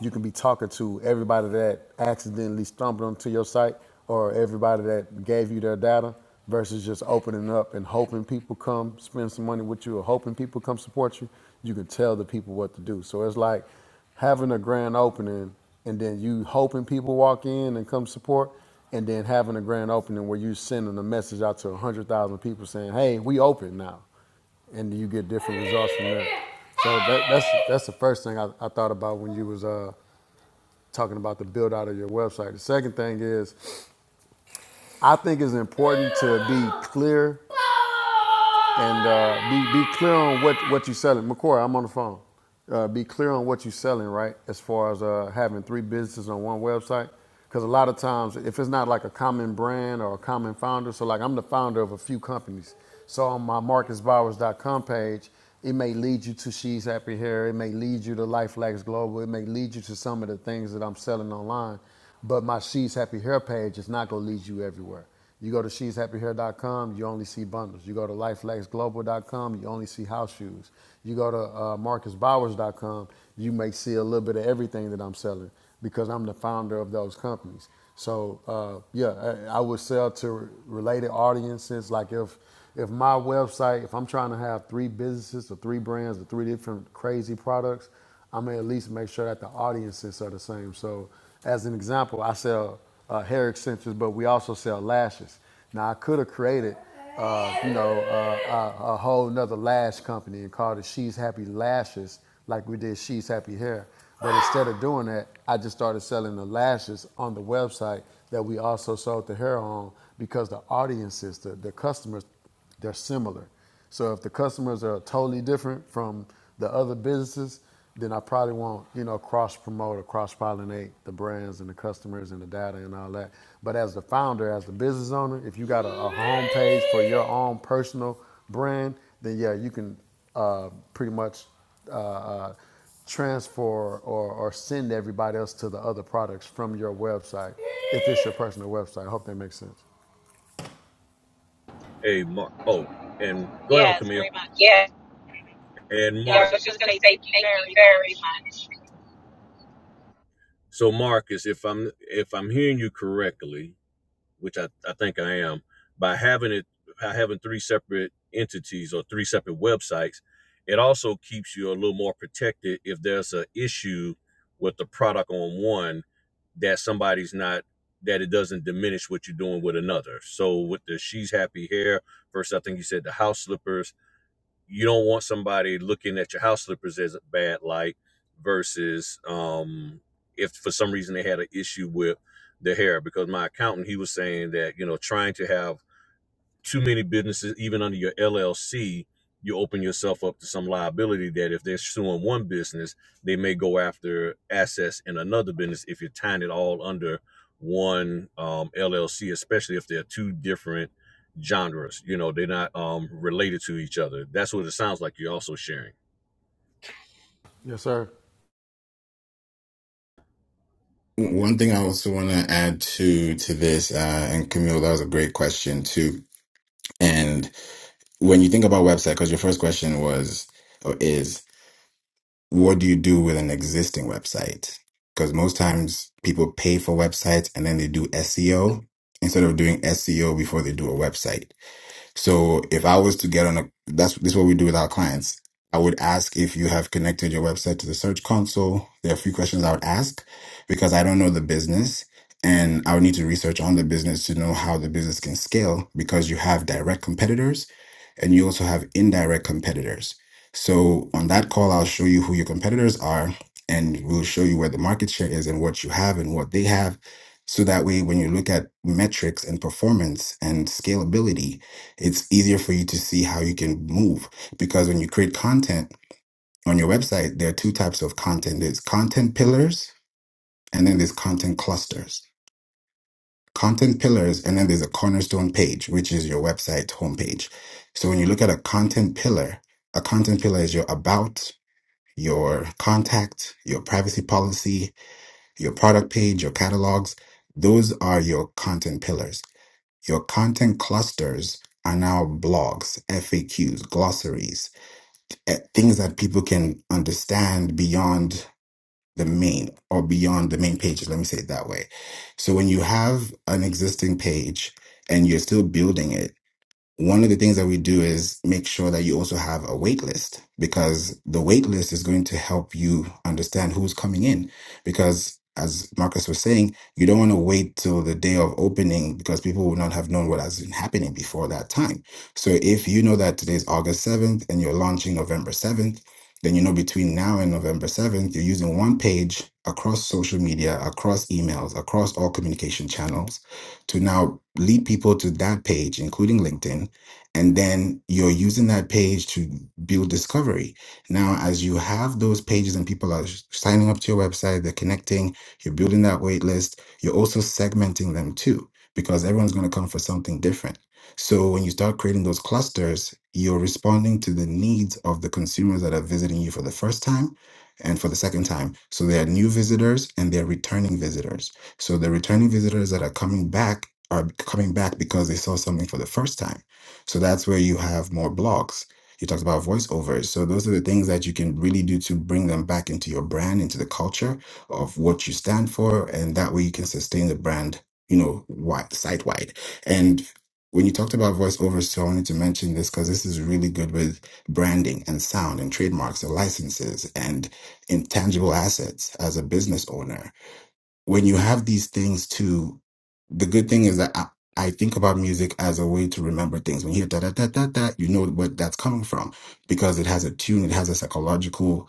[SPEAKER 5] you can be talking to everybody that accidentally stumbled onto your site or everybody that gave you their data versus just opening up and hoping people come spend some money with you or hoping people come support you. You can tell the people what to do. So it's like having a grand opening and then you hoping people walk in and come support and then having a grand opening where you sending a message out to 100,000 people saying, hey, we open now. And you get different results from that. So that, that's, that's the first thing I, I thought about when you was uh, talking about the build out of your website. The second thing is, I think it's important to be clear and uh, be be clear on what what you're selling. McCoy, I'm on the phone. Uh, be clear on what you're selling, right? As far as uh, having three businesses on one website, because a lot of times, if it's not like a common brand or a common founder, so like I'm the founder of a few companies. So on my marcusbowers.com page, it may lead you to She's Happy Hair. It may lead you to Life Lacks Global. It may lead you to some of the things that I'm selling online. But my She's Happy Hair page is not going to lead you everywhere. You go to She's Happy Hair dot com, you only see bundles. You go to life lex Global dot com, you only see house shoes. You go to uh, marcus bowers dot com, you may see a little bit of everything that I'm selling because I'm the founder of those companies. So uh, yeah, I, I would sell to related audiences. Like if if my website, if I'm trying to have three businesses or three brands or three different crazy products, I'm gonna at least make sure that the audiences are the same. So as an example, I sell uh, hair extensions, but we also sell lashes. Now I could have created, uh, you know, uh, a, a whole nother lash company and called it She's Happy Lashes, like we did She's Happy Hair. But instead of doing that, I just started selling the lashes on the website that we also sold the hair on because the audiences, the, the customers they're similar. So if the customers are totally different from the other businesses, then I probably won't, you know, cross promote or cross pollinate the brands and the customers and the data and all that. But as the founder, as the business owner, if you got a, a home for your own personal brand, then yeah, you can uh, pretty much uh, uh, transfer or, or send everybody else to the other products from your website if it's your personal website. I hope that makes sense.
[SPEAKER 2] Hey, Mark. Oh, and go ahead on,
[SPEAKER 8] Yes,
[SPEAKER 2] Camille.
[SPEAKER 8] very much.
[SPEAKER 2] Yeah, And
[SPEAKER 8] Yeah,
[SPEAKER 2] Mark.
[SPEAKER 8] I
[SPEAKER 2] yeah. I
[SPEAKER 8] was
[SPEAKER 2] Mark. was
[SPEAKER 8] just going
[SPEAKER 2] just
[SPEAKER 8] to
[SPEAKER 2] gonna
[SPEAKER 8] say
[SPEAKER 2] say
[SPEAKER 8] thank you
[SPEAKER 2] thank you
[SPEAKER 8] very
[SPEAKER 2] very
[SPEAKER 8] much.
[SPEAKER 2] much. So, Marcus, if I'm if I'm hearing you correctly, which I, I think I am, by having it by having three separate entities or three separate websites, it also keeps you a little more protected if there's an issue with the product on one that somebody's not that it doesn't diminish what you're doing with another. So with the she's happy hair, first I think you said the house slippers you don't want somebody looking at your house slippers as a bad light versus um, if for some reason they had an issue with the hair because my accountant he was saying that you know trying to have too many businesses, even under your LLC, you open yourself up to some liability that if they're suing one business, they may go after assets in another business if you're tying it all under one um, LLC, especially if they're two different genres. You know, they're not um, related to each other. That's what it sounds like you're also sharing.
[SPEAKER 5] Yes, sir.
[SPEAKER 7] One thing I also want to add to to this, uh, and Camille, that was a great question too. And when you think about website, because your first question was or is, what do you do with an existing website? Because most times people pay for websites and then they do SEO instead of doing SEO before they do a website. So if I was to get on a, that's this is what we do with our clients. I would ask if you have connected your website to the Search Console. There are a few questions I would ask because I don't know the business and I would need to research on the business to know how the business can scale because you have direct competitors and you also have indirect competitors. So on that call, I'll show you who your competitors are and we'll show you where the market share is and what you have and what they have. So that way, when you look at metrics and performance and scalability, it's easier for you to see how you can move because when you create content on your website there are two types of content there's content pillars and then there's content clusters content pillars and then there's a cornerstone page which is your website homepage so when you look at a content pillar a content pillar is your about your contact your privacy policy your product page your catalogs those are your content pillars your content clusters are now blogs, FAQs, glossaries, at things that people can understand beyond the main or beyond the main pages. Let me say it that way. So when you have an existing page and you're still building it, one of the things that we do is make sure that you also have a wait list because the wait list is going to help you understand who's coming in. Because as Marcus was saying, you don't want to wait till the day of opening because people will not have known what has been happening before that time. So if you know that today's August 7th and you're launching November 7th, then you know between now and November 7th, you're using one page across social media, across emails, across all communication channels to now lead people to that page, including LinkedIn. And then you're using that page to build discovery. Now, as you have those pages and people are s- signing up to your website, they're connecting, you're building that wait list, you're also segmenting them too, because everyone's going to come for something different. So when you start creating those clusters, you're responding to the needs of the consumers that are visiting you for the first time and for the second time. So they are new visitors and they're returning visitors. So the returning visitors that are coming back are coming back because they saw something for the first time. So that's where you have more blogs. You talked about voiceovers. So those are the things that you can really do to bring them back into your brand, into the culture of what you stand for. And that way you can sustain the brand, you know, wide, site wide. And when you talked about voiceovers, so I wanted to mention this because this is really good with branding and sound and trademarks and licenses and intangible assets as a business owner when you have these things to the good thing is that I, I think about music as a way to remember things. When you hear da da da da da, you know what that's coming from because it has a tune, it has a psychological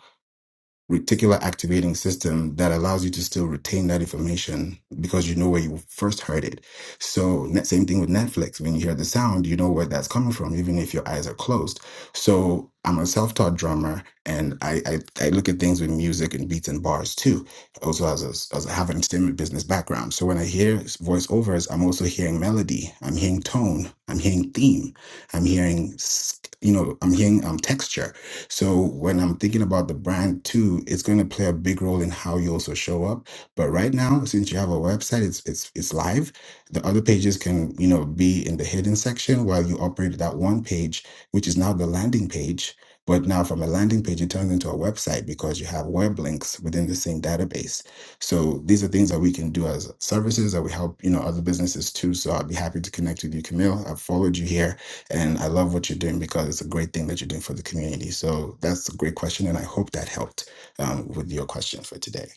[SPEAKER 7] reticular activating system that allows you to still retain that information because you know where you first heard it. So net- same thing with Netflix. When you hear the sound, you know where that's coming from, even if your eyes are closed. So I'm a self-taught drummer and I, I, I look at things with music and beats and bars too. Also as a, as I have an entertainment business background. So when I hear voiceovers, I'm also hearing melody, I'm hearing tone, I'm hearing theme, I'm hearing, s- you know, I'm hearing um, texture. So when I'm thinking about the brand too, it's going to play a big role in how you also show up. But right now, since you have a website, it's it's it's live. The other pages can you know be in the hidden section while you operate that one page, which is now the landing page. But now from a landing page, it turns into a website because you have web links within the same database. So these are things that we can do as services that we help you know other businesses too. So I'd be happy to connect with you, Camille. I've followed you here and I love what you're doing because it's a great thing that you're doing for the community. So that's a great question. And I hope that helped um, with your question for today.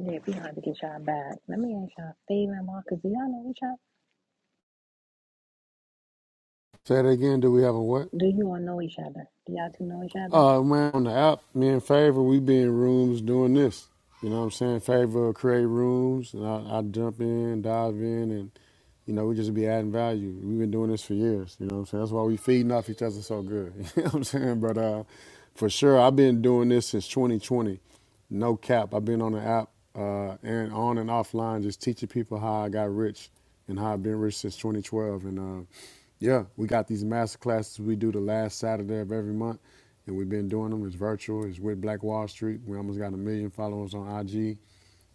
[SPEAKER 1] Yeah, we gonna have to get y'all back. Let me ask y'all, Steve Marcus, do y'all know each other?
[SPEAKER 5] Say that again. Do we have a what?
[SPEAKER 1] Do you all know each other? Do y'all two know each other?
[SPEAKER 5] Uh, man, on the app, me and Favor, we be in rooms doing this. You know what I'm saying? Favor create rooms, and I, I jump in, dive in, and, you know, we just be adding value. We've been doing this for years. You know what I'm saying? That's why we feeding off each other so good. You know what I'm saying? But uh, for sure, I've been doing this since 2020. No cap. I've been on the app uh, and on and offline, just teaching people how I got rich and how I've been rich since 2012. And uh, yeah, we got these master classes we do the last Saturday of every month, and we've been doing them. It's virtual. It's with Black Wall Street. We almost got a million followers on IG.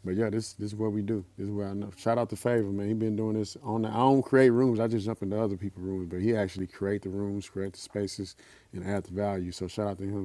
[SPEAKER 5] But yeah, this this is what we do. This is what I know. Shout out to Favor, man. He been doing this on. The, I don't create rooms. I just jump into other people's rooms, but he actually create the rooms, create the spaces, and add the value. So shout out to him.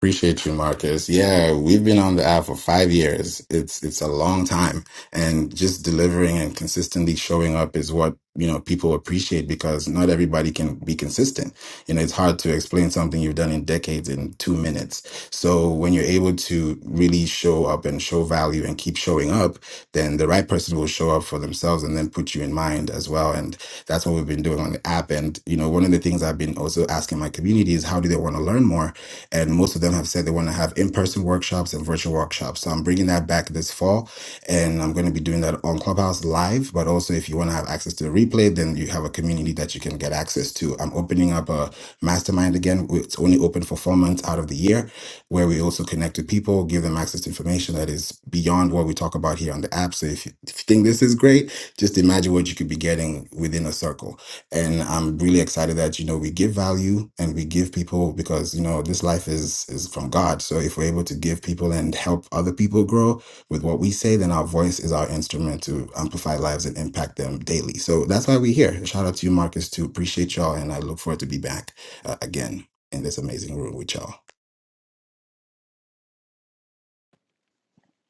[SPEAKER 7] Appreciate you, Marcus. Yeah, we've been on the app for five years. It's it's a long time, and just delivering and consistently showing up is what you know people appreciate because not everybody can be consistent. You know, it's hard to explain something you've done in decades in two minutes. So when you're able to really show up and show value and keep showing up, then the right person will show up for themselves and then put you in mind as well. And that's what we've been doing on the app. And you know, one of the things I've been also asking my community is how do they want to learn more? and most of them have said they want to have in-person workshops and virtual workshops. So I'm bringing that back this fall, and I'm going to be doing that on Clubhouse live. But also, if you want to have access to the replay, then you have a community that you can get access to. I'm opening up a mastermind again. It's only open for four months out of the year, where we also connect with people, give them access to information that is beyond what we talk about here on the app. So if you, if you think this is great, just imagine what you could be getting within a circle and I'm really excited that you know we give value and we give people because you know this life is is from God. So if we're able to give people and help other people grow with what we say, then our voice is our instrument to amplify lives and impact them daily. So that's why we're here. Shout out to you, Marcus, too. Appreciate y'all, and I look forward to be back uh, again in this amazing room with y'all.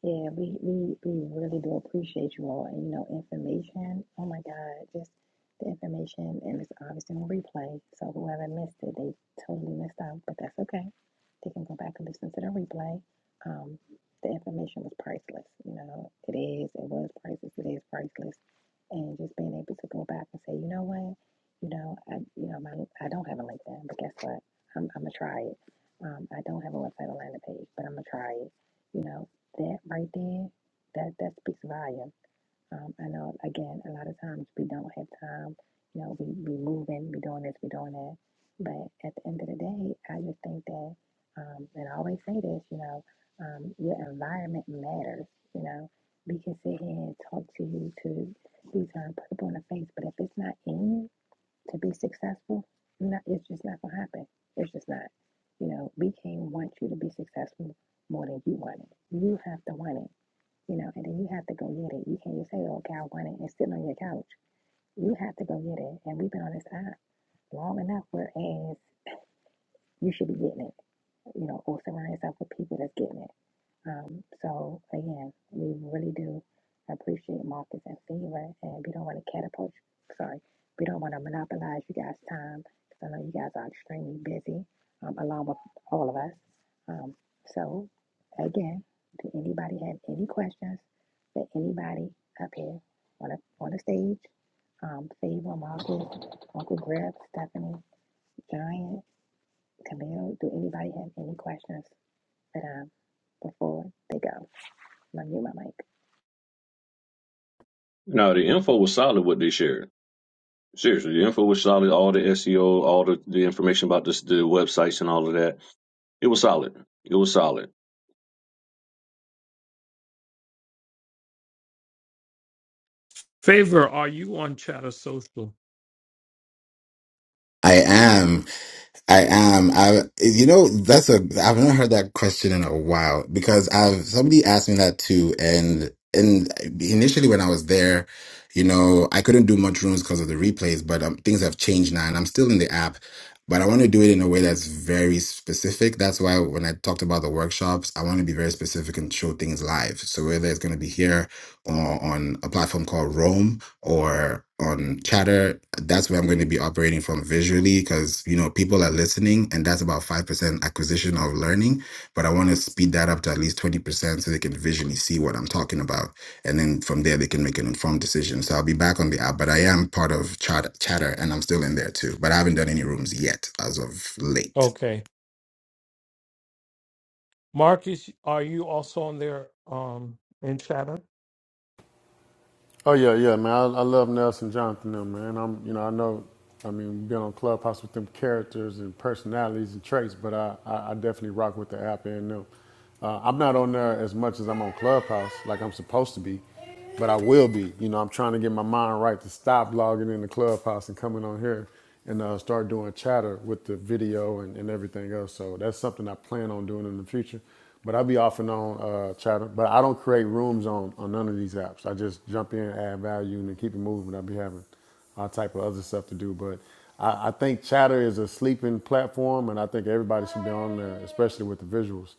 [SPEAKER 1] Yeah, we, we, we really do appreciate you all. And, you know, information, oh my God, just the information, and it's obviously on replay. So whoever missed it, they totally missed out, but that's okay. They can go back and listen to the replay. Um, the information was priceless. You know, it is, it was priceless, it is priceless. And just being able to go back and say, you know what, you know, I, you know, my, I don't have a LinkedIn, but guess what? I'm, I'm gonna try it. Um, I don't have a website or landing page, but I'm gonna try it. You know, that right there, that that speaks volume. Um, I know again, a lot of times we don't have time. You know, we we moving, we doing this, we doing that. But at the end of the day, I just think that, um, and I always say this, you know, um, your environment matters. You know, we can sit here and talk to you to be turned purple in the face, but if it's not in you, to be successful, not, it's just not gonna happen. It's just not. You know, we can't want you to be successful more than you want it. You have to want it. You know, and then you have to go get it. You can't just say, "Oh, God, I want it," and sit on your couch. You have to go get it. And we've been on this app long enough, whereas you should be getting it. You know, or surround yourself with people that's getting it. Um, so again, we really do appreciate Marcus and Favor, and we don't want to catapult. Sorry, we don't want to monopolize you guys' time because I know you guys are extremely busy, um, along with all of us. Um, so again, do anybody have any questions for anybody up here on the on the stage? Um, Favor, Marcus, Uncle Griff, Stephanie, Giant, Camille. Do anybody have any questions for them before they go? I mute my mic.
[SPEAKER 2] No, the info was solid what they shared. Seriously, the info was solid. All the SEO, all the, the information about this, the websites and all of that. It was solid. It was solid.
[SPEAKER 4] Favor, are you on Chatter Social?
[SPEAKER 7] I am. I am. I, you know, that's a, I've not heard that question in a while because I've, somebody asked me that too. And, and initially when I was there, you know, I couldn't do much rooms because of the replays, but um, things have changed now and I'm still in the app, but I want to do it in a way that's very specific. That's why when I talked about the workshops, I want to be very specific and show things live. So whether it's going to be here or on a platform called Rome, or on chatter that's where i'm going to be operating from visually because you know people are listening and that's about 5% acquisition of learning but i want to speed that up to at least 20% so they can visually see what i'm talking about and then from there they can make an informed decision so i'll be back on the app but i am part of chatter, chatter and i'm still in there too but i haven't done any rooms yet as of late
[SPEAKER 4] Okay. Marcus, are you also on there um in chatter?
[SPEAKER 5] Oh yeah, yeah, man. I, I love Nelson Jonathan, them, man. I'm, you know, I know. I mean, being on Clubhouse with them characters and personalities and traits, but I, I, I definitely rock with the app and them. Uh, I'm not on there as much as I'm on Clubhouse, like I'm supposed to be, but I will be. You know, I'm trying to get my mind right to stop logging in the Clubhouse and coming on here and uh, start doing chatter with the video and, and everything else. So that's something I plan on doing in the future. But I'll be off and on uh, chatter. But I don't create rooms on, on none of these apps. I just jump in, add value, and then keep it moving. I'll be having all type of other stuff to do. But I, I think chatter is a sleeping platform, and I think everybody should be on there, especially with the visuals.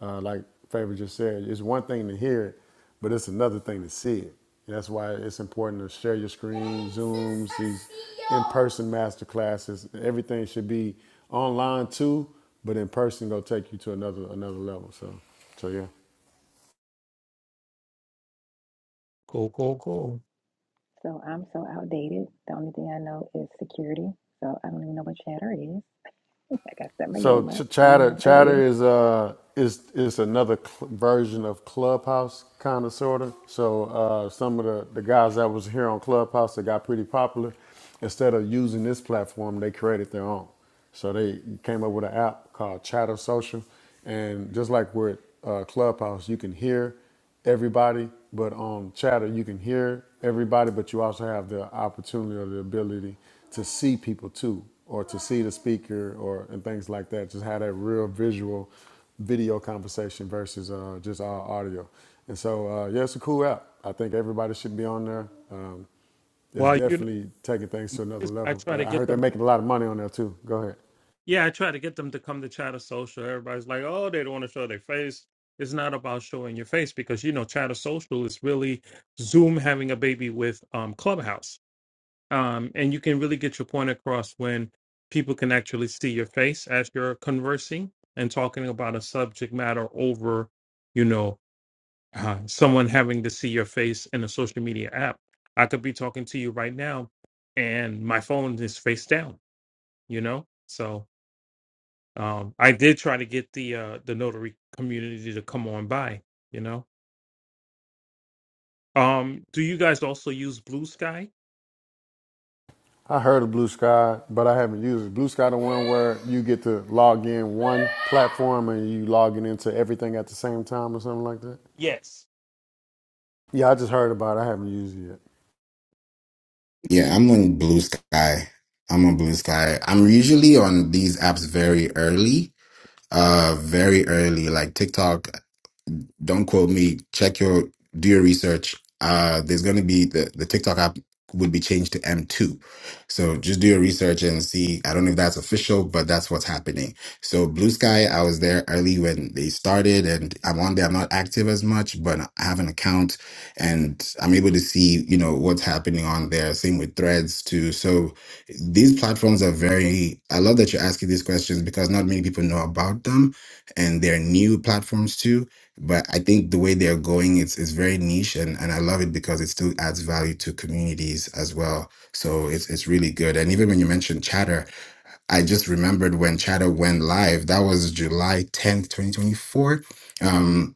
[SPEAKER 5] Uh, like Favor just said, it's one thing to hear it, but it's another thing to see it. And That's why it's important to share your screen, Zooms, these in-person master classes. Everything should be online too, but in person gonna take you to another another level. So, so yeah.
[SPEAKER 4] Cool, cool, cool.
[SPEAKER 1] So I'm so outdated. The only thing I know is security. So I don't even know what chatter is. I got to step my
[SPEAKER 5] So
[SPEAKER 1] game up.
[SPEAKER 5] Ch-
[SPEAKER 1] Don't even know
[SPEAKER 5] Chatter
[SPEAKER 1] what that is.
[SPEAKER 5] Chatter is uh is is another cl- version of Clubhouse kind of sort of. So uh, some of the the guys that was here on Clubhouse that got pretty popular, instead of using this platform, they created their own. So they came up with an app called Chatter Social, and just like with uh, Clubhouse, you can hear everybody, but on chatter you can hear everybody, but you also have the opportunity or the ability to see people too, or to see the speaker, or and things like that. Just have that real visual video conversation versus uh, just all audio. And so, uh, yeah, it's a cool app. I think everybody should be on there. Um, it's
[SPEAKER 4] Well, you know,
[SPEAKER 5] definitely taking things to another
[SPEAKER 4] Marcus, I
[SPEAKER 5] level.
[SPEAKER 4] try to
[SPEAKER 5] I
[SPEAKER 4] get
[SPEAKER 5] heard they're
[SPEAKER 4] them.
[SPEAKER 5] making a lot of money on there too. Go ahead.
[SPEAKER 4] yeah, I try to get them to come to chatter social. Everybody's like, oh, they don't want to show their face. It's not about showing your face because you know chatter social is really Zoom having a baby with um Clubhouse. Um, and you can really get your point across when people can actually see your face as you're conversing and talking about a subject matter over, you know. uh, someone having to see your face in a social media app. I could be talking to you right now, and my phone is face down. You know, so um, I did try to get the uh, the notary community to come on by. You know, um, do you guys also use Blue Sky?
[SPEAKER 5] I heard of Blue Sky, but I haven't used it. Blue Sky, the one where you get to log in one platform and you logging into everything at the same time or something like that.
[SPEAKER 4] Yes.
[SPEAKER 5] Yeah, I just heard about it. I haven't used it yet.
[SPEAKER 7] yeah i'm on blue sky i'm on blue sky i'm usually on these apps very early uh very early like tiktok Don't quote me. Check your do your research. Uh, there's going to be the the TikTok app would be changed to M2. So just do your research and see. I don't know if that's official, but that's what's happening. So Blue Sky, I was there early when they started, and I'm on there. I'm not active as much, but I have an account, and I'm able to see you know what's happening on there. Same with Threads too. So these platforms are very i love that you're asking these questions because not many people know about them and they're new platforms too but I think the way they're going it's it's very niche and, and I love it because it still adds value to communities as well. So it's it's really good. And even when you mentioned Chatter, I just remembered when Chatter went live. That was July 10th, 2024. Um,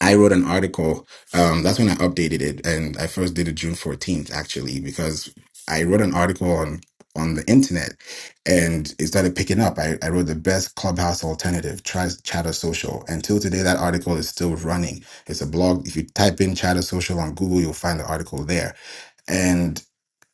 [SPEAKER 7] I wrote an article. Um, that's when I updated it, and I first did it June fourteenth, actually, because I wrote an article on on the internet, and it started picking up. I, I wrote the best clubhouse alternative, try Chatter Social. Until today, that article is still running. It's a blog. If you type in Chatter Social on Google, you'll find the article there. and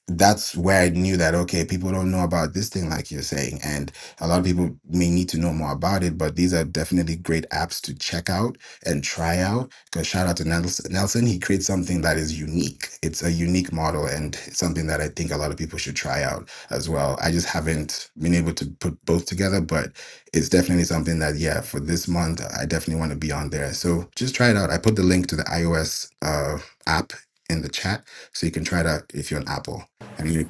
[SPEAKER 7] that's where I knew that okay, people don't know about this thing like you're saying, and a lot of people may need to know more about it. But these are definitely great apps to check out and try out. Because shout out to Nelson, Nelson, he creates something that is unique. It's a unique model and something that I think a lot of people should try out as well. I just haven't been able to put both together, but it's definitely something that yeah, for this month, I definitely want to be on there. So just try it out. I put the link to the iOS uh, app in the chat so you can try it out if you're on Apple. I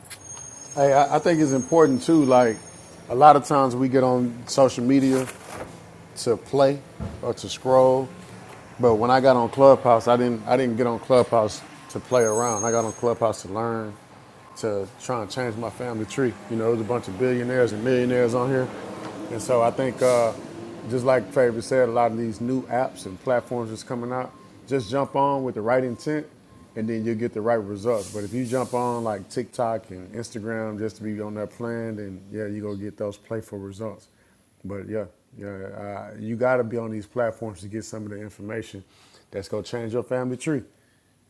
[SPEAKER 5] Hey, I, I think it's important too. Like a lot of times we get on social media to play or to scroll, But when I got on Clubhouse, I didn't I didn't get on Clubhouse to play around. I got on Clubhouse to learn, to try and change my family tree. You know, there's a bunch of billionaires and millionaires on here, and so I think uh, just like Favor said, a lot of these new apps and platforms that's coming out, just jump on with the right intent, and then you'll get the right results. But if you jump on like TikTok and Instagram just to be on that plan, then yeah, you are gonna get those playful results. But yeah, yeah, uh, you got to be on these platforms to get some of the information that's gonna change your family tree,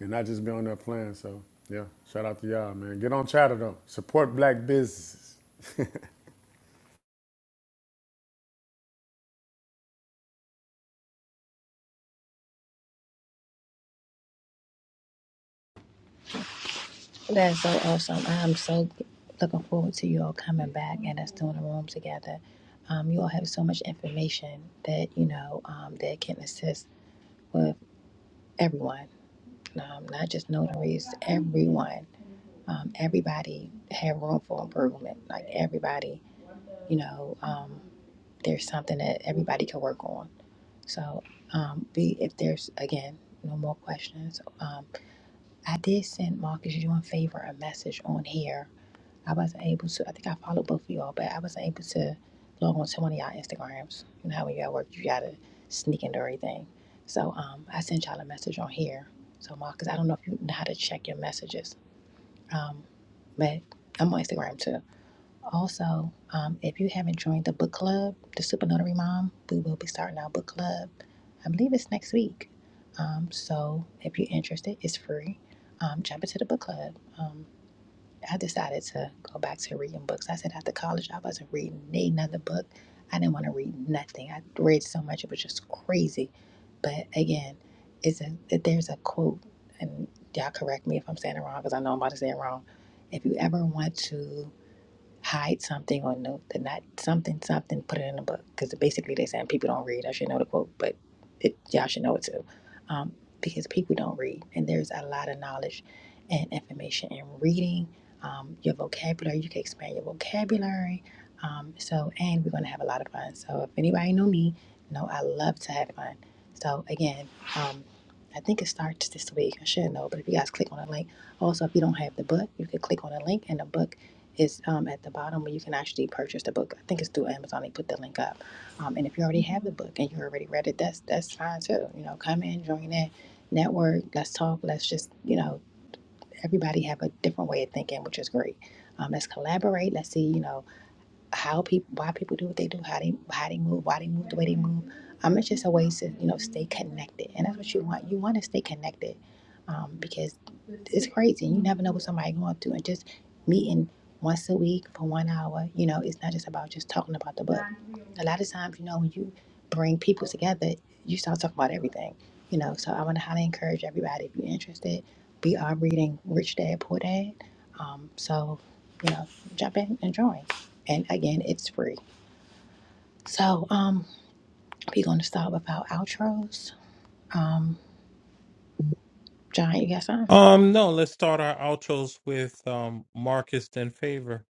[SPEAKER 5] and not just be on that plan. So yeah, shout out to y'all, man. Get on chatter though. Support black businesses.
[SPEAKER 1] That's so awesome. I'm so looking forward to you all coming back and us doing a room together. Um, you all have so much information that you know um, that can assist with everyone, um, not just notaries. Everyone, um, everybody have room for improvement. Like everybody, you know, um, there's something that everybody can work on. So, um, be if there's again no more questions. Um, I did send Marcus you in favor a message on here. I wasn't able to. I think I followed both of y'all, but I wasn't able to log on to one of y'all Instagrams. You know how when you at work, you gotta sneak into everything. So, um, I sent y'all a message on here. So, Marcus, I don't know if you know how to check your messages, um, but I'm on Instagram too. Also, um, if you haven't joined the book club, the Super Notary Mom, we will be starting our book club. I believe it's next week. Um, so if you're interested, it's free. Um, jump into the book club. Um, I decided to go back to reading books. I said after college, I wasn't reading another book. I didn't want to read nothing. I read so much, it was just crazy. But again, it's a there's a quote, and y'all correct me if I'm saying it wrong because I know I'm about to say it wrong. If you ever want to hide something or know that not something something put it in a book because basically they're saying people don't read i should know the quote but it, y'all should know it too um, because people don't read and there's a lot of knowledge and information in reading um, your vocabulary you can expand your vocabulary um, so and we're going to have a lot of fun so if anybody know me know i love to have fun so again um, i think it starts this week i should know but if you guys click on the link also if you don't have the book you can click on the link in the book is um, at the bottom where you can actually purchase the book. I think it's through Amazon. They put the link up. Um, and if you already have the book and you already read it, that's that's fine too. You know, come in, join that network. Let's talk. Let's just you know, everybody have a different way of thinking, which is great. Um, let's collaborate. Let's see. You know how people why people do what they do, how they how they move, why they move the way they move. Um, it's just a way to you know stay connected, and that's what you want. You want to stay connected, um, because it's crazy. You never know what somebody going through, and just meeting once a week for one hour, you know, it's not just about just talking about the book. A lot of times, you know, when you bring people together, you start talking about everything, you know. So I want to highly encourage everybody if you're interested. We are reading Rich Dad Poor Dad, um, so you know, jump in and join. And again, it's free. So, um, we gonna stop about outros. John, you got something?
[SPEAKER 4] Um, no. Let's start our outros with um, Marcus in favor.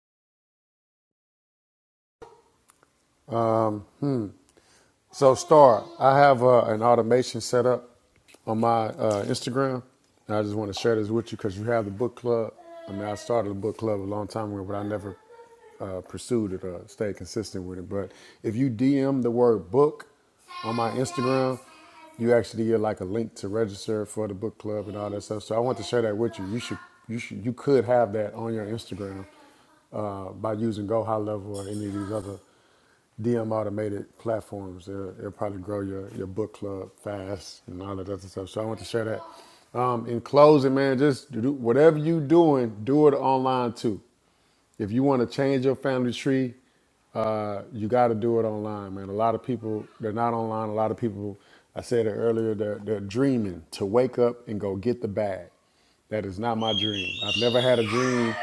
[SPEAKER 5] So, Star, I have uh, an automation set up on my uh, Instagram, and I just want to share this with you because you have the book club. I mean, I started a book club a long time ago, but I never uh, pursued it or stayed consistent with it. But if you DM the word book on my Instagram, you actually get like a link to register for the book club and all that stuff. So I want to share that with you. You should, you should, you could have that on your Instagram uh, by using Go High Level or any of these other DM automated platforms. It'll, it'll probably grow your, your book club fast and all that other stuff. So I want to share that. Um, in closing, man, just do whatever you doing, do it online too. If you want to change your family tree, uh, you got to do it online, man. A lot of people, they're not online. A lot of people, I said it earlier, they're, they're dreaming to wake up and go get the bag. That is not my dream. I've never had a dream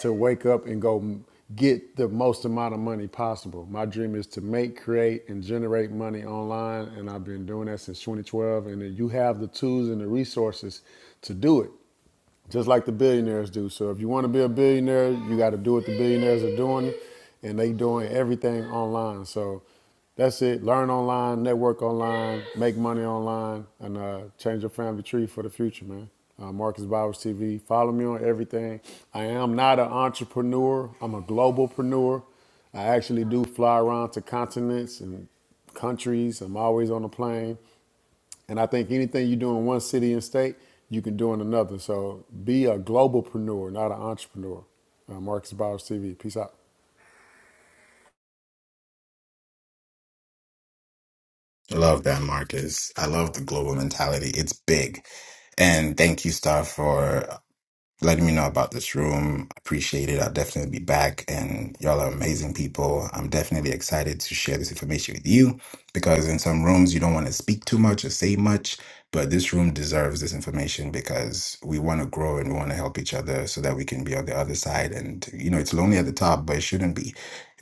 [SPEAKER 5] to wake up and go m- get the most amount of money possible. My dream is to make, create, and generate money online. And I've been doing that since 2012. And then you have the tools and the resources to do it just like the billionaires do. So if you want to be a billionaire, you got to do what the billionaires are doing, and they doing everything online. So that's it. Learn online, network online, make money online, and uh, change your family tree for the future, man. Uh, Marcus Bowers TV. Follow me on everything. I am not an entrepreneur. I'm a globalpreneur. I actually do fly around to continents and countries. I'm always on a plane. And I think anything you do in one city and state, you can do in another. So be a globalpreneur, not an entrepreneur. Uh, Marcus Bowers TV. Peace out.
[SPEAKER 7] love that, Marcus. I love the global mentality. It's big. And thank you, Star, for letting me know about this room. appreciate it. I'll definitely be back. And y'all are amazing people. I'm definitely excited to share this information with you because in some rooms, you don't want to speak too much or say much. But this room deserves this information because we want to grow and we want to help each other so that we can be on the other side. And, you know, it's lonely at the top, but it shouldn't be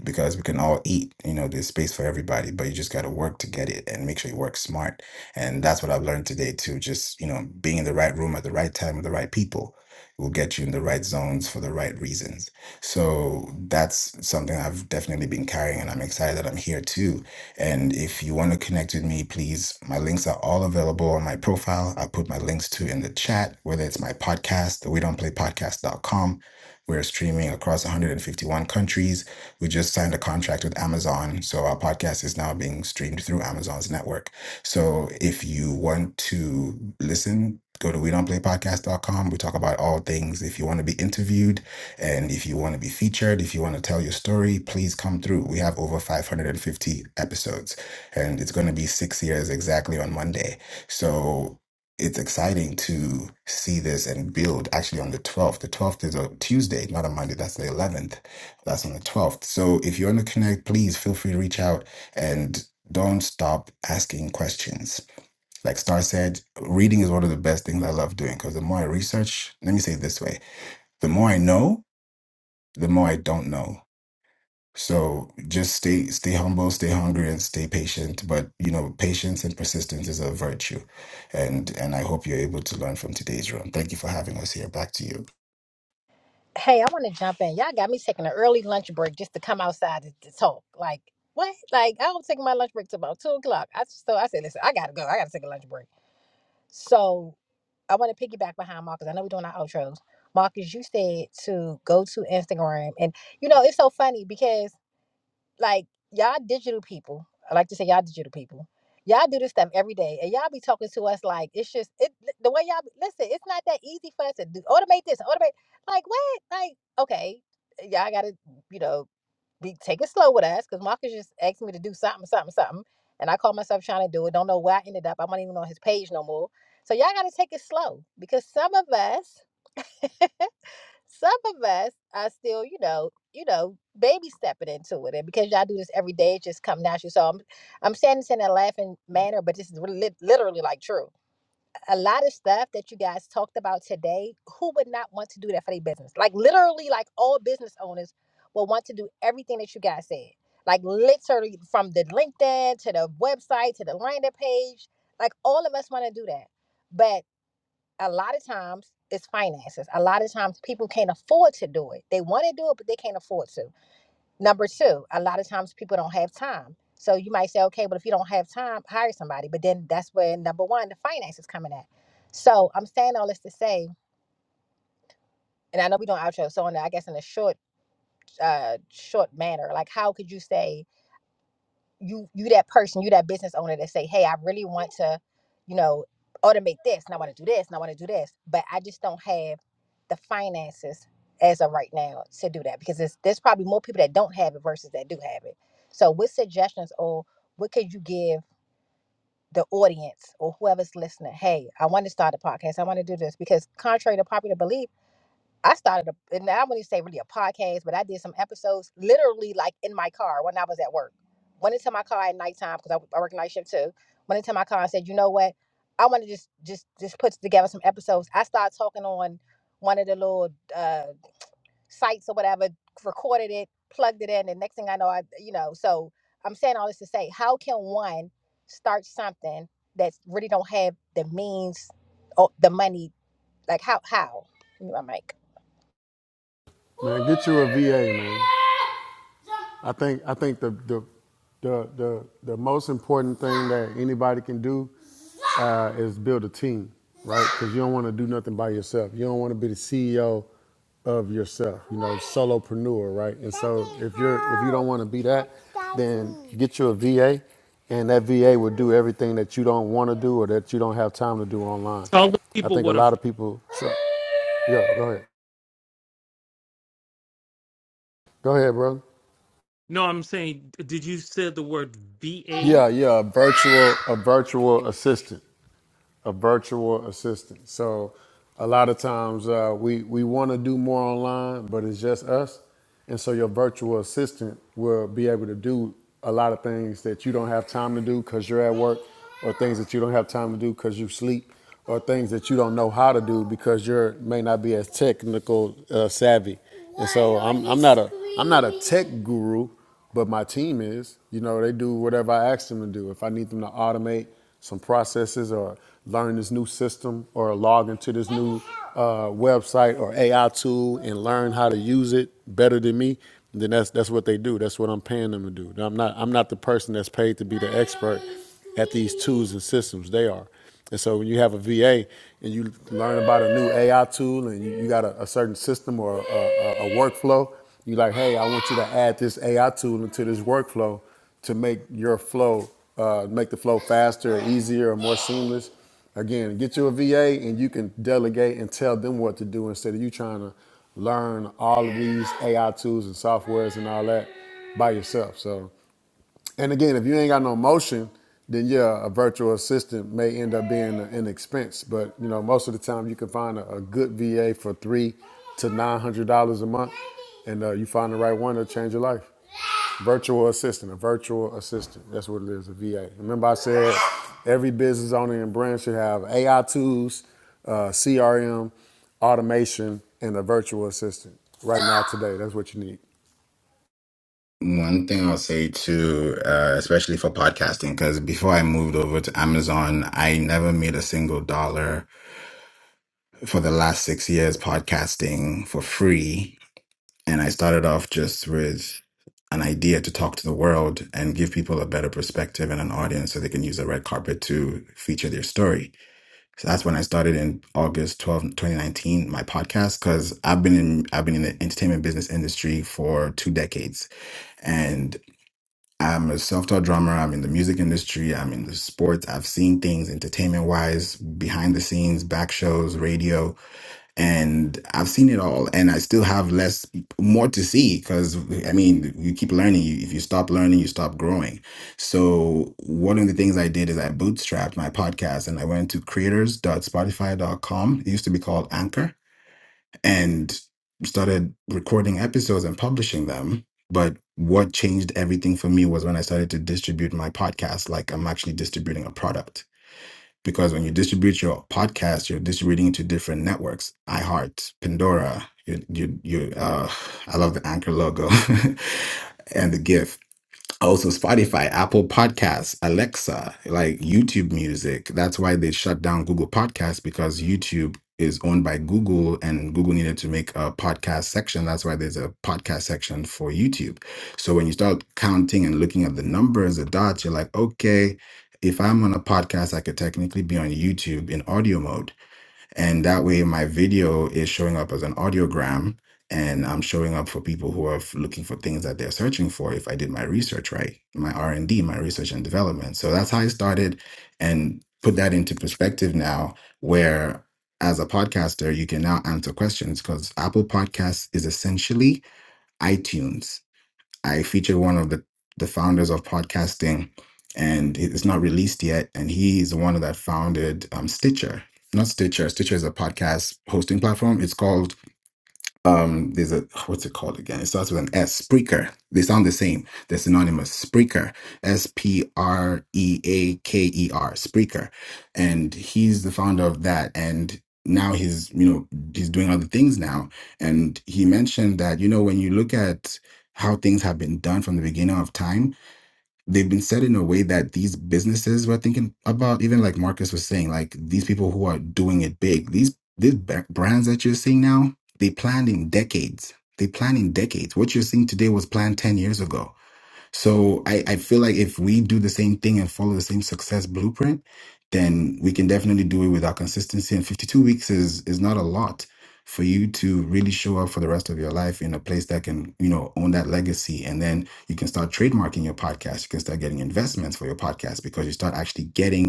[SPEAKER 7] because we can all eat. You know, there's space for everybody, but you just got to work to get it and make sure you work smart. And that's what I've learned today, too. Just, you know, being in the right room at the right time with the right people will get you in the right zones for the right reasons. So that's something I've definitely been carrying, and I'm excited that I'm here too. And if you want to connect with me, please, my links are all available on my profile. I put my links to in the chat, whether it's my podcast, the we don't play podcast dot com. We're streaming across 151 countries. We just signed a contract with Amazon. So our podcast is now being streamed through Amazon's network. So if you want to listen Go to we don't play podcast dot com. We talk about all things. If you want to be interviewed and if you want to be featured, if you want to tell your story, please come through. We have over 550 episodes and it's going to be six years exactly on Monday. So it's exciting to see this and build actually on the 12th. The 12th is a Tuesday, not a Monday. That's the 11th. That's on the 12th. So if you want to connect, please feel free to reach out and don't stop asking questions like Star said, reading is one of the best things I love doing because the more I research, let me say it this way, the more I know, the more I don't know. So just stay stay humble, stay hungry, and stay patient. But you know, patience and persistence is a virtue. And and I hope you're able to learn from today's room. Thank you for having us here. Back to you.
[SPEAKER 1] Hey, I want to jump in. Y'all got me taking an early lunch break just to come outside to, to talk. Like what? Like I don't take my lunch break till about two o'clock. I so I said, listen, I gotta go. I gotta take a lunch break. So I want to piggyback behind Marcus. I know we're doing our outros. Marcus, you said to go to Instagram, and you know it's so funny because. like y'all digital people. I like to say y'all digital people. Y'all do this stuff every day, and y'all be talking to us like it's just it. The way y'all listen, it's not that easy for us to do automate this, automate like what? Like okay, y'all gotta you know be take it slow with us because Marcus just asked me to do something, something, something, and I caught myself trying to do it. Don't know where I ended up. I'm not even on his page no more. So y'all gotta take it slow because some of us Some of us are still, you know, you know, baby stepping into it, and because y'all do this every day, it just comes natural. So I'm, I'm saying this in a laughing manner, but this is really, lit- literally like true. A lot of stuff that you guys talked about today, who would not want to do that for their business? Like literally, like all business owners will want to do everything that you guys said. Like literally, from the LinkedIn to the website to the landing page, like all of us want to do that, but a lot of times it's finances. A lot of times people can't afford to do it. They want to do it, but they can't afford to. Number two, a lot of times people don't have time. So you might say, okay, but if you don't have time, hire somebody. But then that's where number one, the finances coming at. So I'm saying all this to say, and I know we don't outro. So in, the- I guess in a short, uh, short manner, like how could you say you you that person, you that business owner that say, "Hey, I really want to, you know, automate this, and I want to do this, and I want to do this, but I just don't have the finances as of right now to do that because it's, there's probably more people that don't have it versus that do have it." So, what suggestions or what could you give the audience or whoever's listening? Hey, I want to start a podcast. I want to do this because, contrary to popular belief I started a, and I wouldn't even say really a podcast, but I did some episodes literally like in my car when I was at work. Went into my car at nighttime because I, I work night shift too. Went into my car and said, you know what? I want to just just just put together some episodes. I started talking on one of the little uh, sites or whatever, recorded it, plugged it in, and next thing I know, I you know. So I'm saying all this to say, how can one start something that really don't have the means or the money? Like how how? Give me My mic.
[SPEAKER 5] Man, get you a VA, man. I think I think the the the the, the most important thing that anybody can do uh, is build a team, right? Because you don't want to do nothing by yourself. You don't want to be the CEO of yourself, you know, solopreneur, right? And so if you're if you don't want to be that, then get you a VA, and that VA will do everything that you don't want to do or that you don't have time to do online.
[SPEAKER 4] Tell the
[SPEAKER 5] I
[SPEAKER 4] people
[SPEAKER 5] think a
[SPEAKER 4] what a
[SPEAKER 5] lot
[SPEAKER 4] V-
[SPEAKER 5] of people. So, yeah, go ahead. Go ahead, brother.
[SPEAKER 4] no. I'm saying, did you say the word VA?
[SPEAKER 5] Yeah, yeah, a virtual a virtual assistant. a virtual assistant. So a lot of times uh, we we want to do more online, but it's just us, and so your virtual assistant will be able to do a lot of things that you don't have time to do because you're at work, or things that you don't have time to do because you sleep, or things that you don't know how to do because you may not be as technical uh, savvy. And so I'm I'm not a I'm not a tech guru, but my team is, you know, they do whatever I ask them to do. If I need them to automate some processes or learn this new system or log into this new uh, website or AI tool and learn how to use it better than me, then that's that's what they do. That's what I'm paying them to do. I'm not I'm not the person that's paid to be the expert at these tools and systems. They are. And so when you have a VA and you learn about a new AI tool and you, you got a, a certain system or a, a, a workflow, you like, hey, I want you to add this AI tool into this workflow to make your flow, uh, make the flow faster, easier, or more seamless. Again, get you a VA and you can delegate and tell them what to do instead of you trying to learn all of these AI tools and softwares and all that by yourself. So and again, if you ain't got no motion, then yeah, a virtual assistant may end up being an expense. But you know, most of the time, you can find a, a good VA for three to nine hundred dollars a month, and uh, you find the right one to change your life. Virtual assistant, a virtual assistant. That's what it is, a VA. Remember, I said every business owner and brand should have AI tools, uh, CRM, automation, and a virtual assistant. Right now, today, that's what you need.
[SPEAKER 7] One thing I'll say too, uh, especially for podcasting, because before I moved over to Amazon, I never made a single dollar for the last six years podcasting for free And I started off just with an idea to talk to the world and give people a better perspective and an audience so they can use the red carpet to feature their story. So that's when I started in August 12, 2019, my podcast, because I've been in I've been in the entertainment business industry for two decades. And I'm a self-taught drummer. I'm in the music industry. I'm in the sports. I've seen things entertainment wise, behind the scenes, back shows, radio and I've seen it all, and I still have less, more to see because I mean, you keep learning. You, if you stop learning, you stop growing. So, one of the things I did is I bootstrapped my podcast and I went to creators. dot Spotify. dot com. It used to be called Anchor and started recording episodes and publishing them. But what changed everything for me was when I started to distribute my podcast like I'm actually distributing a product because when you distribute your podcast, you're distributing it to different networks: iHeart, Pandora. You, you, you. Uh, I love the Anchor logo and the GIF also Spotify, Apple Podcasts, Alexa, like YouTube Music. That's why they shut down Google Podcasts because YouTube is owned by Google and Google needed to make a podcast section. That's why there's a podcast section for YouTube. So when you start counting and looking at the numbers, the dots, you're like, okay, if I'm on a podcast, I could technically be on YouTube in audio mode and that way, my video is showing up as an audiogram and I'm showing up for people who are f- looking for things that they're searching for if I did my research right, my R&D, my research and development. So that's how I started and put that into perspective now where as a podcaster, you can now answer questions because Apple Podcasts is essentially iTunes I featured one of the, the founders of podcasting, and it's not released yet. And he's the one that founded um, Stitcher. Not Stitcher. Stitcher is a podcast hosting platform. It's called um there's a what's it called again it starts with an s spreaker they sound the same they're synonymous spreaker s-p-r-e-a-k-e-r spreaker and he's the founder of that and now he's you know he's doing other things now and he mentioned that you know when you look at how things have been done from the beginning of time they've been set in a way that these businesses were thinking about even like marcus was saying like these people who are doing it big these these ba- brands that you're seeing now they planned in decades they planned in decades what you're seeing today was planned 10 years ago so I, I feel like if we do the same thing and follow the same success blueprint, then we can definitely do it with our consistency. And 52 weeks is is not a lot for you to really show up for the rest of your life in a place that can, you know, own that legacy. And then you can start trademarking your podcast. You can start getting investments for your podcast because you start actually getting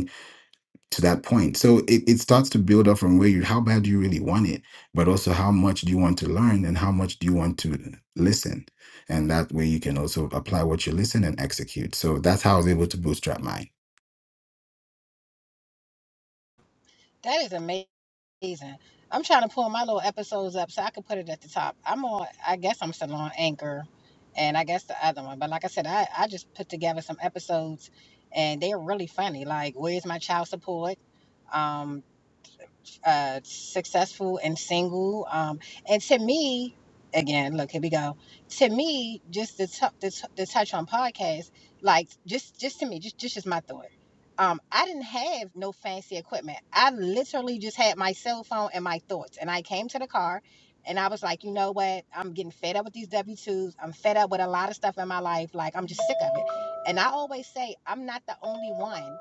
[SPEAKER 7] to that point. So it, it starts to build up from where you how bad do you really want it, but also how much do you want to learn and how much do you want to listen. And that way you can also apply what you listen and execute. So that's how I was able to bootstrap mine.
[SPEAKER 1] That is amazing. season. I'm trying to pull my little episodes up so I can put it at the top. I'm on, I guess I'm still on Anchor and I guess the other one. But like I said, I, I just put together some episodes and they're really funny. Like, Where's My Child Support? Um, uh, Successful and Single. Um, and to me, again, look, here we go. To me, just the, t- the, t- the touch on podcast, like, just, just to me, just, just, just my thoughts um, I didn't have no fancy equipment. I literally just had my cell phone and my thoughts. And I came to the car and I was like, you know what? I'm getting fed up with these W 2s. I'm fed up with a lot of stuff in my life. Like, I'm just sick of it. And I always say, I'm not the only one.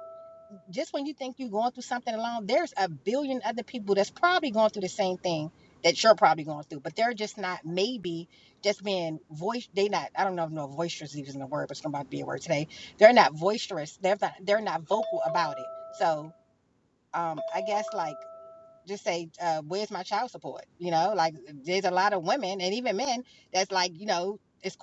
[SPEAKER 1] Just when you think you're going through something alone, there's a billion other people that's probably going through the same thing that you're probably going through, but they're just not maybe just being voice. They not, I don't know if no voice they, they're not. So, uh, like, just saying that's so it's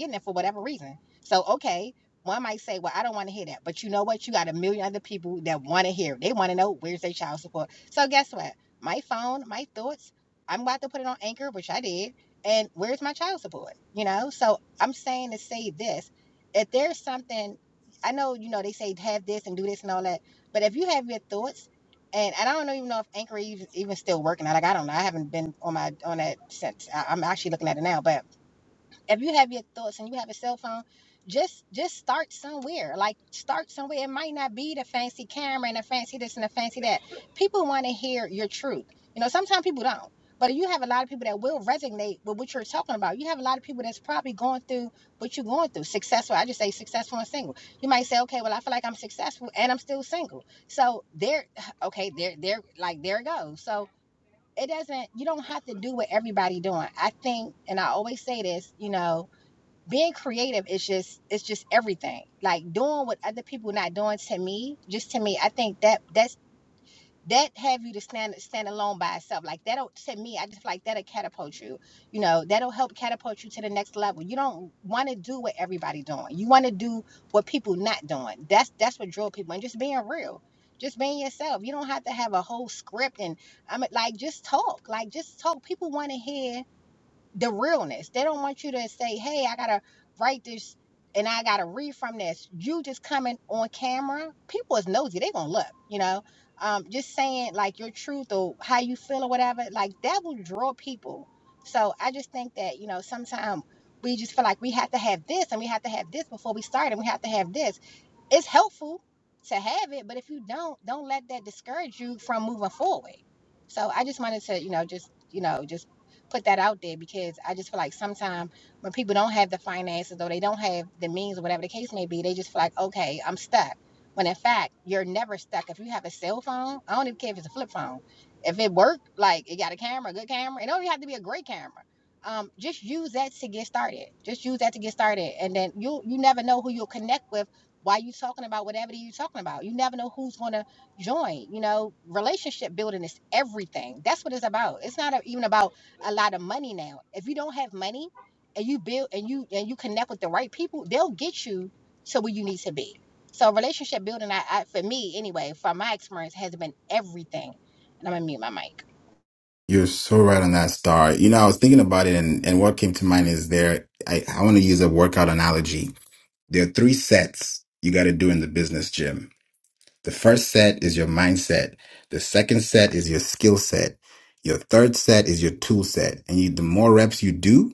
[SPEAKER 1] not getting it for whatever reason. So, okay, one might say, well, I don't want to hear that. But you know what? You got a million other people that want to hear. it. They want to know where's their child support. So, guess what? My phone, my thoughts, I'm about to put it on Anchor, which I did. And where's my child support? You know? So, I'm saying to say this if there's something, I know, you know, they say have this and do this and all that. But if you have your thoughts, and, and I don't even know if Anchor even, even still working. Like I don't know. I haven't been on my on that since. I, I'm actually looking at it now. But if you have your thoughts and you have a cell phone just just start somewhere like start somewhere it might not be the fancy camera and the fancy this and the fancy that people want to hear your truth you know sometimes people don't but you have a lot of people that will resonate with what you're talking about you have a lot of people that's probably going through what you're going through successful i just say successful and single you might say okay well i feel like i'm successful and i'm still single so there okay there there like there it goes so it doesn't you don't have to do what everybody doing i think and i always say this you know being creative is just it's just everything like doing what other people not doing to me just to me i think that that's that have you to stand stand alone by itself like that'll to me i just like that'll catapult you you know that'll help catapult you to the next level you don't want to do what everybody doing you want to do what people not doing that's that's what drove people and just being real just being yourself you don't have to have a whole script and i am like just talk like just talk people want to hear the realness. They don't want you to say, "Hey, I gotta write this and I gotta read from this." You just coming on camera, people is nosy. They gonna look, you know. Um, just saying like your truth or how you feel or whatever, like that will draw people. So I just think that you know sometimes we just feel like we have to have this and we have to have this before we start and we have to have this it's helpful to have it, but if you don't, don't let that discourage you from moving forward. So I just wanted to, you know, just you know, just put that out there because I just feel like sometimes when people don't have the finances or they don't have the means or whatever the case may be, they just feel like, okay, I'm stuck. When in fact, you're never stuck. If you have a cell phone, I don't even care if it's a flip phone. If it worked, like it got a camera, a good camera, it don't even have to be a great camera. Um, just use that to get started. Just use that to get started, and then you you never know who you'll connect with why are you talking about whatever you're talking about you never know who's going to join you know relationship building is everything that's what it's about it's not even about a lot of money now if you don't have money and you build and you and you connect with the right people they'll get you to where you need to be so relationship building i, I for me anyway from my experience has been everything and i'm gonna mute my mic
[SPEAKER 7] You're so right on that star. You know, I was thinking about it and, and what came to mind is there, I, I want to use a workout analogy. There are three sets you got to do in the business gym. The first set is your mindset. The second set is your skill set. Your third set is your tool set. And you, the more reps you do,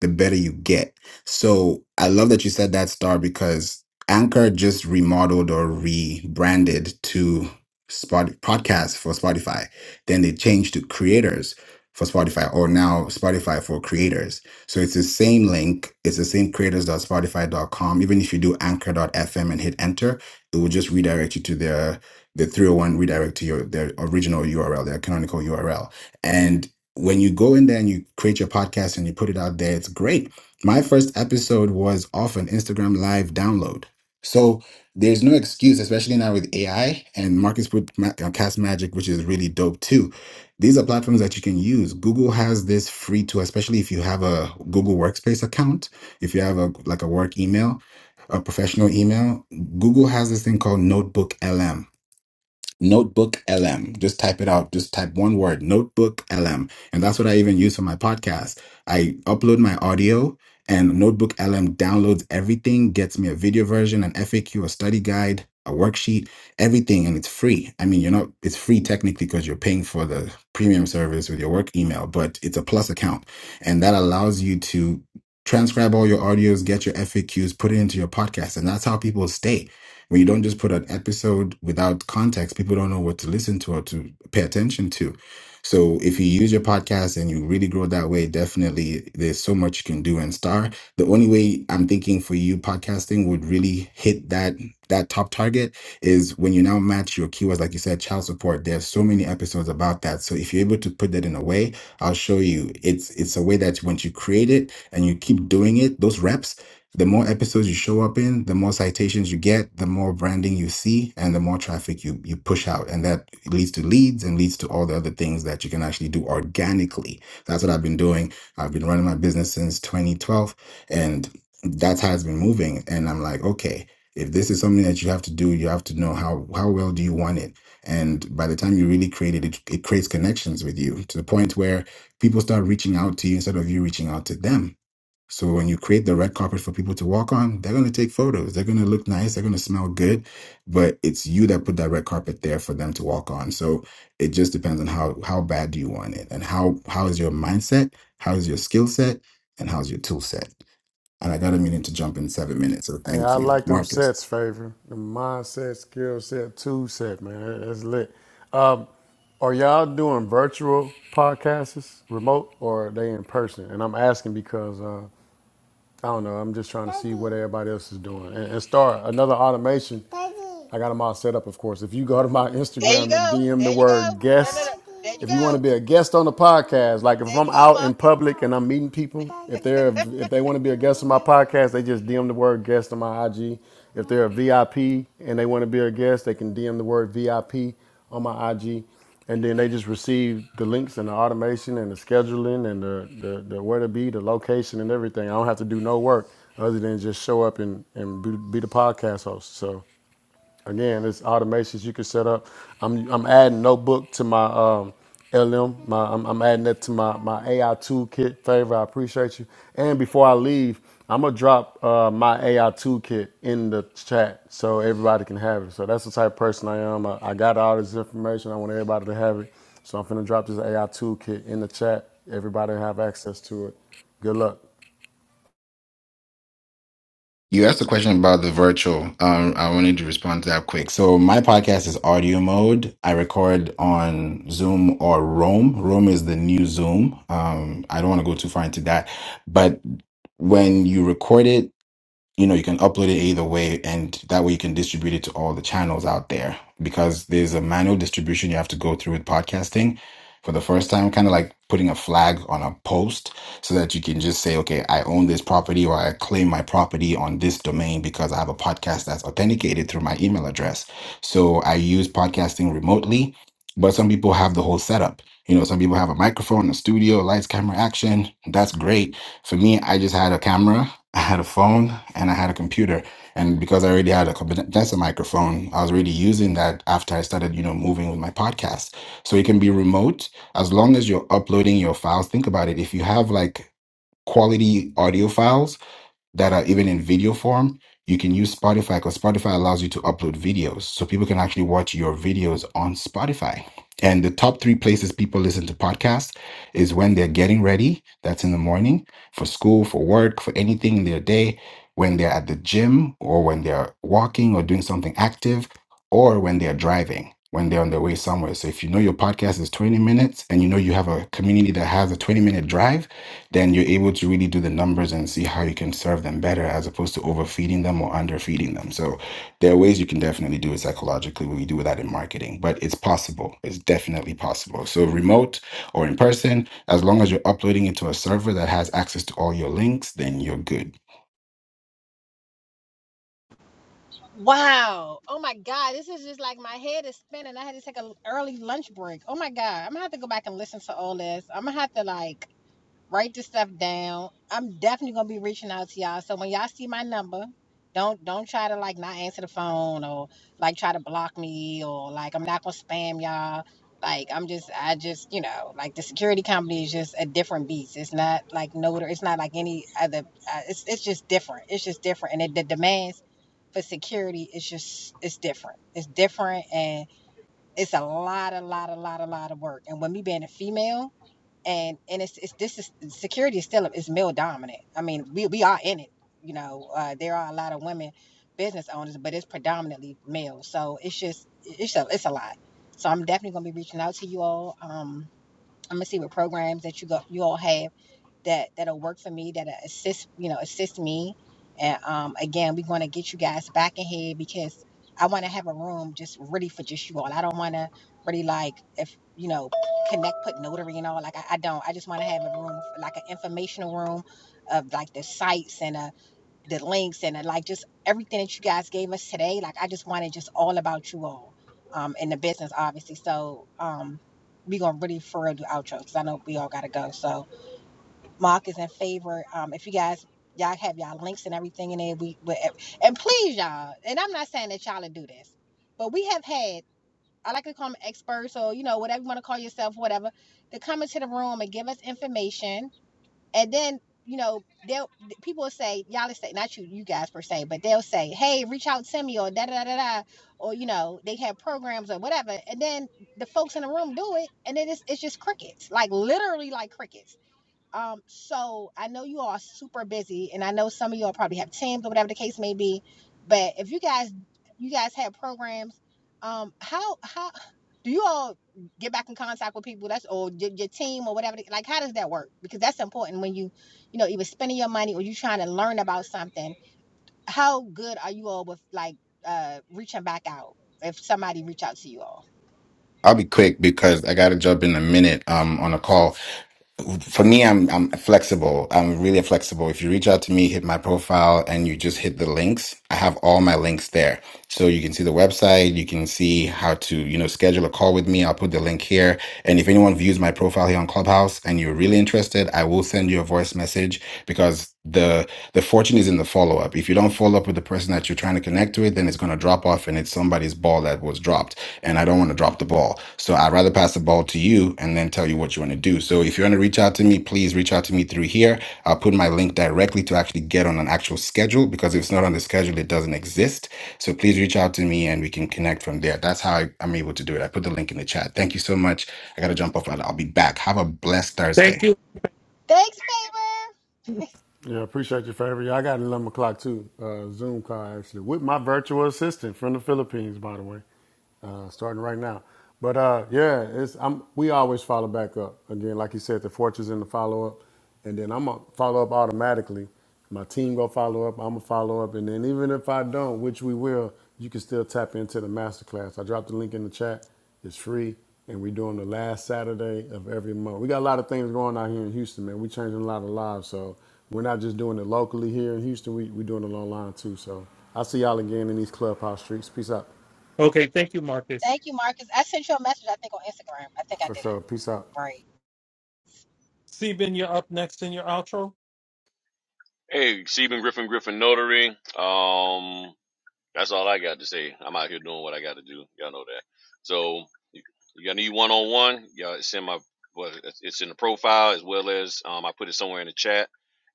[SPEAKER 7] the better you get. So I love that you said that, Star, because Anchor just remodeled or rebranded to Spot podcast for Spotify. Then they changed to creators for Spotify or now Spotify for creators. So it's the same link. It's the same creators dot dot spotify dot com. Even if you do anchor dot fm and hit enter, it will just redirect you to their the 301 redirect to your their original URL, their canonical URL. And when you go in there and you create your podcast and you put it out there, it's great. My first episode was off an Instagram live download. So there's no excuse, especially now with AI and Marcus put Ma- uh, Cast Magic, which is really dope too. These are platforms that you can use. Google has this free tool, especially if you have a Google Workspace account, if you have a like a work email, a professional email. Google has this thing called Notebook LM. Notebook LM. Just type it out. Just type one word, Notebook LM. And that's what I even use for my podcast. I upload my audio and Notebook LM downloads everything, gets me a video version, an FAQ, a Q, a study guide, a worksheet, everything. And it's free. I mean, you're not, it's free technically because you're paying for the premium service with your work email, but it's a plus account. And that allows you to transcribe all your audios, get your FAQs, put it into your podcast. And that's how people stay when you don't just put an episode without context, people don't know what to listen to or to pay attention to. So if you use your podcast and you really grow that way, definitely there's so much you can do and star. The only way I'm thinking for you podcasting would really hit that that top target is when you now match your keywords, like you said, child support. There's so many episodes about that. So if you're able to put that in a way, I'll show you. It's it's a way that once you create it and you keep doing it, those reps the more episodes you show up in, the more citations you get, the more branding you see, and the more traffic you, you push out. And that leads to leads and leads to all the other things that you can actually do organically. That's what I've been doing. I've been running my business since 2012, and that's how it's been moving. And I'm like, okay, if this is something that you have to do, you have to know how, how well do you want it? And by the time you really create it, it, it creates connections with you to the point where people start reaching out to you instead of you reaching out to them so when you create the red carpet for people to walk on, they're going to take photos. They're going to look nice. They're going to smell good, but it's you that put that red carpet there for them to walk on. So it just depends on how how bad do you want it, and how how is your mindset, how is your skill set, and how's your tool set. And I got a minute to jump in seven minutes. So
[SPEAKER 5] Hey,
[SPEAKER 7] thank
[SPEAKER 5] I
[SPEAKER 7] you,
[SPEAKER 5] like them
[SPEAKER 7] Marcus.
[SPEAKER 5] sets, favor. The mindset, skill set, two set, man. That- That's lit. Are y'all doing virtual podcasts, remote, or are they in person? And I'm asking because uh, I don't know. I'm just trying to see what everybody else is doing and, and start another automation. I got them all set up, of course. If you go to my
[SPEAKER 1] There you
[SPEAKER 5] Instagram
[SPEAKER 1] go.
[SPEAKER 5] and DM the
[SPEAKER 1] There you go.
[SPEAKER 5] word
[SPEAKER 1] No, no,
[SPEAKER 5] guest,
[SPEAKER 1] no. There you
[SPEAKER 5] if you
[SPEAKER 1] go.
[SPEAKER 5] want to be a guest on the podcast, like if
[SPEAKER 1] There
[SPEAKER 5] I'm
[SPEAKER 1] you go,
[SPEAKER 5] out
[SPEAKER 1] Ma.
[SPEAKER 5] in public and I'm meeting people, if they're if they want to be a guest on my podcast, they just DM the word guest on my IG. If they're a VIP and they want to be a guest, they can DM the word VIP on my IG and then they just receive the links and the automation and the scheduling and the, the, the where to be, the location and everything. I don't have to do no work other than just show up and, and be, be the podcast host. So Again, it's automations you can set up. I'm I'm adding notebook to my um, LM. My I'm, I'm adding that to my my AI toolkit. Favor, I appreciate you. And before I leave, I'm gonna drop uh, my AI toolkit in the chat so everybody can have it. So that's the type of person I am. I, I got all this information. I want everybody to have it. So I'm finna drop this AI toolkit in the chat. Everybody have access to it. Good luck.
[SPEAKER 7] You asked a question about the virtual. Um, I wanted to respond to that quick. So my podcast is audio mode. I record on Zoom or Roam. Roam is the new Zoom. Um, I don't want to go too far into that, but when you record it you know you can upload it either way and that way you can distribute it to all the channels out there because there's a manual distribution you have to go through with podcasting for the first time kind of like putting a flag on a post so that you can just say okay i own this property or i claim my property on this domain because i have a podcast that's authenticated through my email address so i use podcasting remotely but some people have the whole setup you know some people have a microphone a studio lights camera action that's great for me i just had a camera I had a phone and I had a computer. And because I already had a condenser microphone, I was already using that after I started, you know, moving with my podcast. So it can be remote as long as you're uploading your files. Think about it. If you have like quality audio files, that are even in video form, you can use Spotify because Spotify allows you to upload videos. So people can actually watch your videos on Spotify. And the top three places people listen to podcasts is when they're getting ready. That's in the morning for school, for work, for anything in their day, when they're at the gym or when they're walking or doing something active or when they're driving, when they're on their way somewhere. So if you know your podcast is 20 minutes and you know you have a community that has a 20 minute drive, then you're able to really do the numbers and see how you can serve them better as opposed to overfeeding them or underfeeding them. So there are ways you can definitely do it psychologically when you do that in marketing, but it's possible. It's definitely possible. So remote or in person, as long as you're uploading it to a server that has access to all your links, then you're good.
[SPEAKER 1] Wow. Oh my God. This is just like my head is spinning. I had to take an early lunch break. Oh my God. I'm gonna have to go back and listen to all this. I'm gonna have to like write this stuff down. I'm definitely gonna be reaching out to y'all. So when y'all see my number, don't don't try to like no like uh like the security count is a different beast. It's not like notary. It's not like any other. Uh, it's it's just different. It's just different, and it, the demands for security is just it's different. It's different, and it's a lot, a lot, a lot, a lot of work. And with me being a female. and and it's, it's this is security is still is male dominant. I mean, we we are in it. You know, uh, there are a lot of women business owners, but it's predominantly male. So it's just it's a it's a lot. So I'm definitely gonna be reaching out to you all. Um, I'm gonna see what programs that you go you all have that that'll work for me that'll assist you know assist me and um again we want to get you guys back in here because i want to have a room just really for just you all i don't want to really like if you know connect put notary and all like i, I don't i just want to have a room like an informational room of like the sites and uh the links and uh, like just everything that you guys gave us today like i just wanted just all about you all um in the business obviously so um we gonna really for real do outro because i know we all gotta go so Mark is in favor. Um, if you guys y'all have y'all links and everything in there, we, we and please y'all. And I'm not saying that y'all to do this, but we have had I like to call them experts or you know whatever you want to call yourself, whatever, to come into the room and give us information, and then you know they'll people will say y'all will say not you you guys per se, but they'll say hey reach out to me or da da da da da or you know they have programs or whatever, and then the folks in the room do it, and then it's it's just crickets like literally like crickets um, so I know you all are super busy, and I know some of y'all probably have teams or whatever the case may be. But if you guys, you guys have programs, um, how how do you all get back in contact with people? That's or your, your team or whatever. Like, how does that work? Because that's important when you, you know, either spending your money or you trying to learn about something how good are you all with like uh reaching back out if somebody reach out to you all
[SPEAKER 7] I'll be quick because I got to jump in a minute um, on a call. for me i'm i'm flexible i'm really flexible if you reach out to me hit my profile and you just hit the links i have all my links there so you can see the website you can see how to you know schedule a call with me i'll put the link here and if anyone views my profile here on clubhouse and you're really interested i will send you a voice message because the the fortune is in the follow up if you don't follow up with the person that you're trying to connect with then it's going to drop off and it's somebody's ball that was dropped and I don't want to drop the ball. So I'd rather pass the ball to you and then tell you what you want to do. So if you want to reach out to me, please reach out to me through here. I'll put my link directly to actually get on an actual schedule because if it's not on the schedule, it doesn't exist. So please reach out to me and we can connect from there. That's how I, I'm able to do it. I put the link in the chat. Thank you so much. I got to jump off. I'll I'll be back. Have a blessed
[SPEAKER 4] Thank
[SPEAKER 7] Thursday.
[SPEAKER 4] you.
[SPEAKER 1] thanks favor
[SPEAKER 5] Yeah, appreciate you for every. I got an eleven o'clock too. Uh, Zoom call actually with my virtual assistant from the Philippines, by the way uh, starting right now. But uh, yeah, it's I'm, we always follow back up. Again, like you said, the fortress in the follow up, and then I'm gonna follow up automatically. My team gonna follow up. I'm gonna follow up, and then even if I don't, which we will, you can still tap into the masterclass. I dropped the link in the chat. It's free, and we're doing the last Saturday of every month. We got a lot of things going out here in Houston, man. We changing a lot of lives, so we're not just doing it locally here in Houston. We we doing it online too. So I'll see y'all again in these clubhouse streets. Peace out.
[SPEAKER 4] Okay, thank you, Marcus.
[SPEAKER 1] thank you marcus i sent you a message i think on instagram i think i
[SPEAKER 5] For
[SPEAKER 1] did it
[SPEAKER 5] sure. Peace out.
[SPEAKER 1] right
[SPEAKER 4] Seben, you're up next in your outro.
[SPEAKER 2] Hey, Stephen Griffin, Griffin Notary. Um, that's all I got to say. I'm out here doing what I got to do. Y'all know that. So, y- y'all need one on one. Y'all it's in my, well, it's it's in the profile as well as um, I put it somewhere in the chat.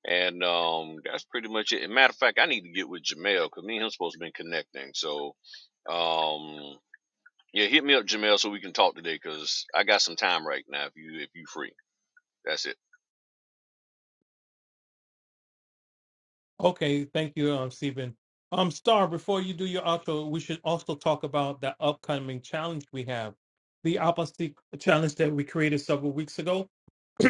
[SPEAKER 2] And um, that's pretty much it. And matter of fact, I need to get with Jamel because me and him supposed to been connecting. So, um, yeah, hit me up, Jamel, so we can talk today because I got some time right now. If you if you free, that's it.
[SPEAKER 4] Okay, thank you, um, Seben. Um, Star, before you do your outro, we should also talk about that upcoming challenge we have, the Apostolic challenge that we created several weeks ago.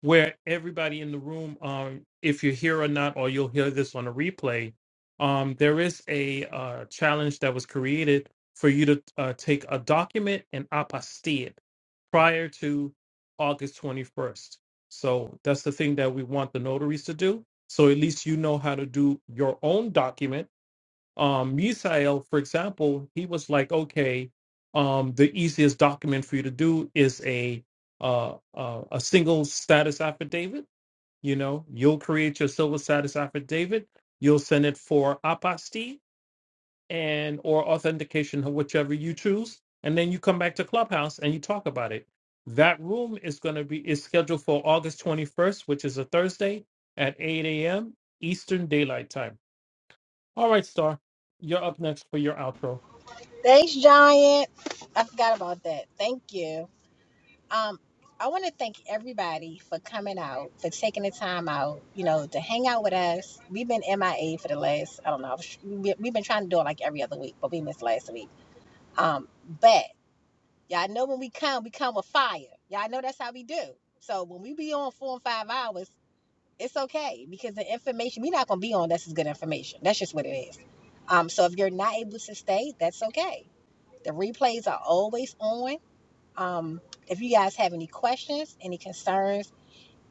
[SPEAKER 4] where everybody in the room, um, if you're here or not, or you'll hear this on a replay, um, there is a uh, challenge that was created for you to uh, take a document and apostille it prior to August 21st. So that's the thing that we want the notaries to do. So at least you know how to do your own document um Misael, for example, he was like, okay, um, the easiest document for you to do is a uh, uh, a single status affidavit. You know, you'll create your silver status affidavit. You'll send it for apostille and or authentication, whichever you choose, and then you come back to Clubhouse and you talk about it. That room is going to be is scheduled for August twenty first, which is a Thursday at eight a.m. Eastern Daylight Time all right, Star. You're up next for your outro.
[SPEAKER 1] thanks giant i forgot about that thank you Um, I want to thank everybody for coming out, for taking the time out, you know, to hang out with us. We've been MIA for the last, I don't know, we- have been trying to do it like every other week, but we missed last week. Um, but y'all know when we come, we come with fire. Y'all know that's how we do. So when we be on four and five hours, it's okay because the information we're not gonna be on. That's is good information. That's just what it is. Um, so if you're not able to stay, that's okay. The replays are always on. Um, if you guys have any questions, any concerns,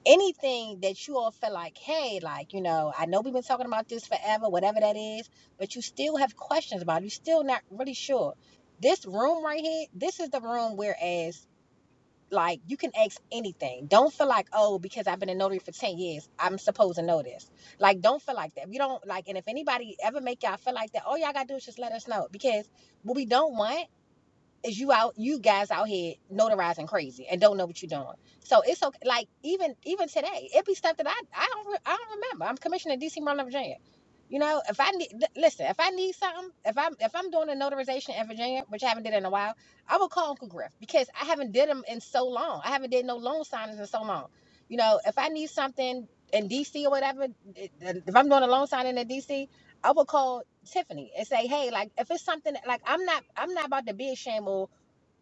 [SPEAKER 1] anything that you all feel like, hey, like, you know, I know we've been talking about this forever, whatever that is, but you still have questions about it, you're still not really sure. This room right here, this is the room whereas like you can ask anything. Don't feel like, oh, because I've been a notary for 10 years, I'm supposed to know this. Like, don't feel like that. We don't like, and if anybody ever make y'all feel like that, all y'all gotta do is just let us know. Because what we don't want is you out you guys out here notarizing crazy and don't know what you're doing so it's okay like even even today it be stuff that i i don't re- i don't remember i'm commissioner dc maryland virginia you know if i need listen if i need something if i'm if i'm doing a notarization in virginia which i haven't did in a while i will call uncle griff because i haven't did them in so long i haven't did no loan signings in so long you know if i need something in dc or whatever if i'm doing a loan signing in dc i will call Tiffany and say, hey, like if it's something that- like I'm not I'm not about to be ashamed or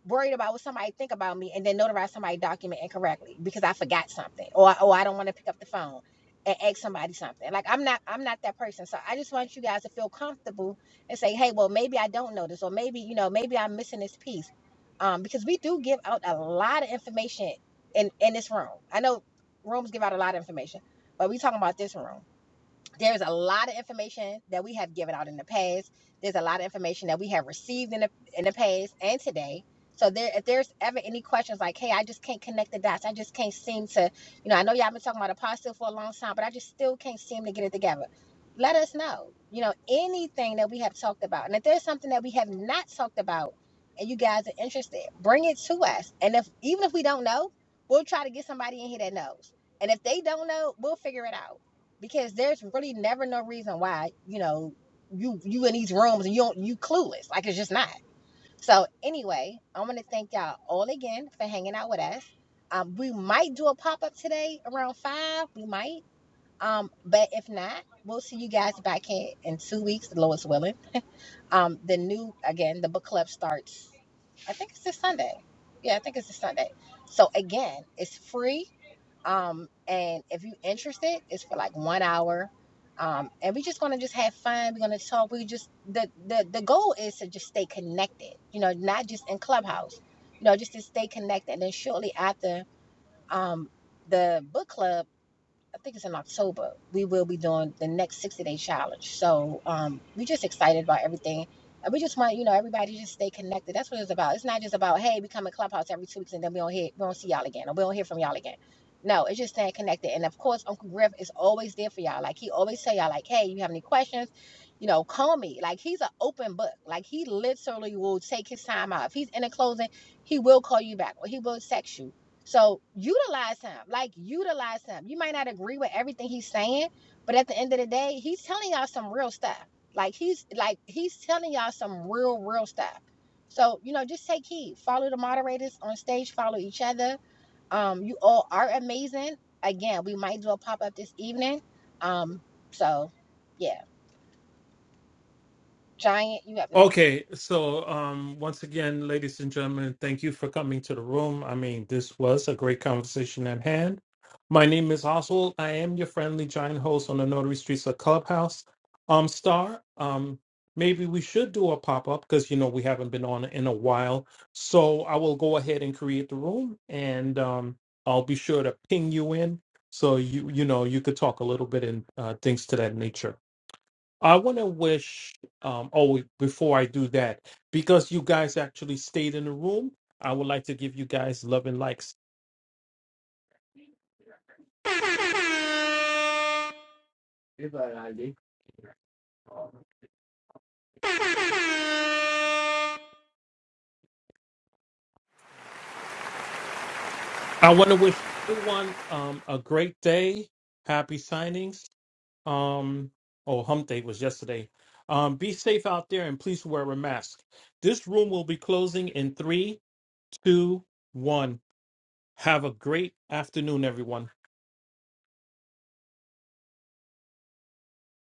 [SPEAKER 1] worried about what somebody think about me and then notarize somebody document incorrectly because I forgot something or or I don't want to pick up the phone and ask somebody something. Like I'm not I'm not that person. So I just want you guys to feel comfortable and say, hey, well maybe I don't know this or maybe, you know, maybe I'm missing this piece. Um, because we do give out a lot of information in in this room. I know rooms give out a lot of information, but we talking about this room there's a lot of information that we have given out in the past. There's a lot of information that we have received in the in the past and today. So there, if there's ever any questions like, "Hey, I just can't connect the dots. I just can't seem to," you know, I know y'all been talking about apostle for a long time, but I just still can't seem to get it together. Let us know. You know, anything that we have talked about, and if there's something that we have not talked about, and you guys are interested, bring it to us. And if even if we don't know, we'll try to get somebody in here that knows. And if they don't know, we'll figure it out because there's really never no reason why you know you you in these rooms and you don't you clueless like it's just not so anyway i want to thank y'all all again for hanging out with us um, we might do a pop-up today around five we might um, but if not we'll see you guys back in in two weeks the lowest willing um, the new again the book club starts i think it's this sunday yeah i think it's this sunday so again it's free um, and if you're interested it's for like one hour um, and we're just gonna just have fun. We're gonna talk. We just the the the goal is to just stay connected. You know, not just in Clubhouse. You know, just to stay connected. And then shortly after um, the book club, I think it's in October, we will be doing the next 60 day challenge. So um, we're just excited about everything. And we just want, you know, everybody just stay connected. That's what it's about. It's not just about, hey, we come in Clubhouse every two weeks and then we don't hear, we don't see y'all again or we don't hear from y'all again. No, it's just staying connected. And of course, Uncle Griff is always there for y'all. Like he always tell y'all, like, hey, you have any questions? You know, call me. Like he's an open book. Like he literally will take his time out. If he's in a closing, he will call you back or he will text you so utilize him, like utilize him. You might not agree with everything he's saying, but at the end of the day, he's telling y'all some real stuff. Like he's like he's telling some real real stuff. So you know, just take heed. Follow the moderators on stage. Follow each other. Um, you all are amazing. Again, we might do a pop up this evening. Um, so yeah, Giant, you up next.
[SPEAKER 4] Okay, so um once again, ladies and gentlemen, thank you for coming to the room. I mean, this was a great conversation at hand. My name is Oswald. I am your friendly giant host on the Notary Streets of Clubhouse. Um, Star, um, maybe we should do a pop-up because you know we haven't been on in a while. So I will go ahead and create the room and um I'll be sure to ping you in so you you know you could talk a little bit and uh, things to that nature. I want to wish, um, oh, before I do that, because you guys actually stayed in the room, I would like to give you guys love and likes. I want to wish everyone um, a great day, happy signings. Um, oh, hump day was yesterday. Um, be safe out there and please wear a mask. This room will be closing in three, two, one. Have a great afternoon, everyone.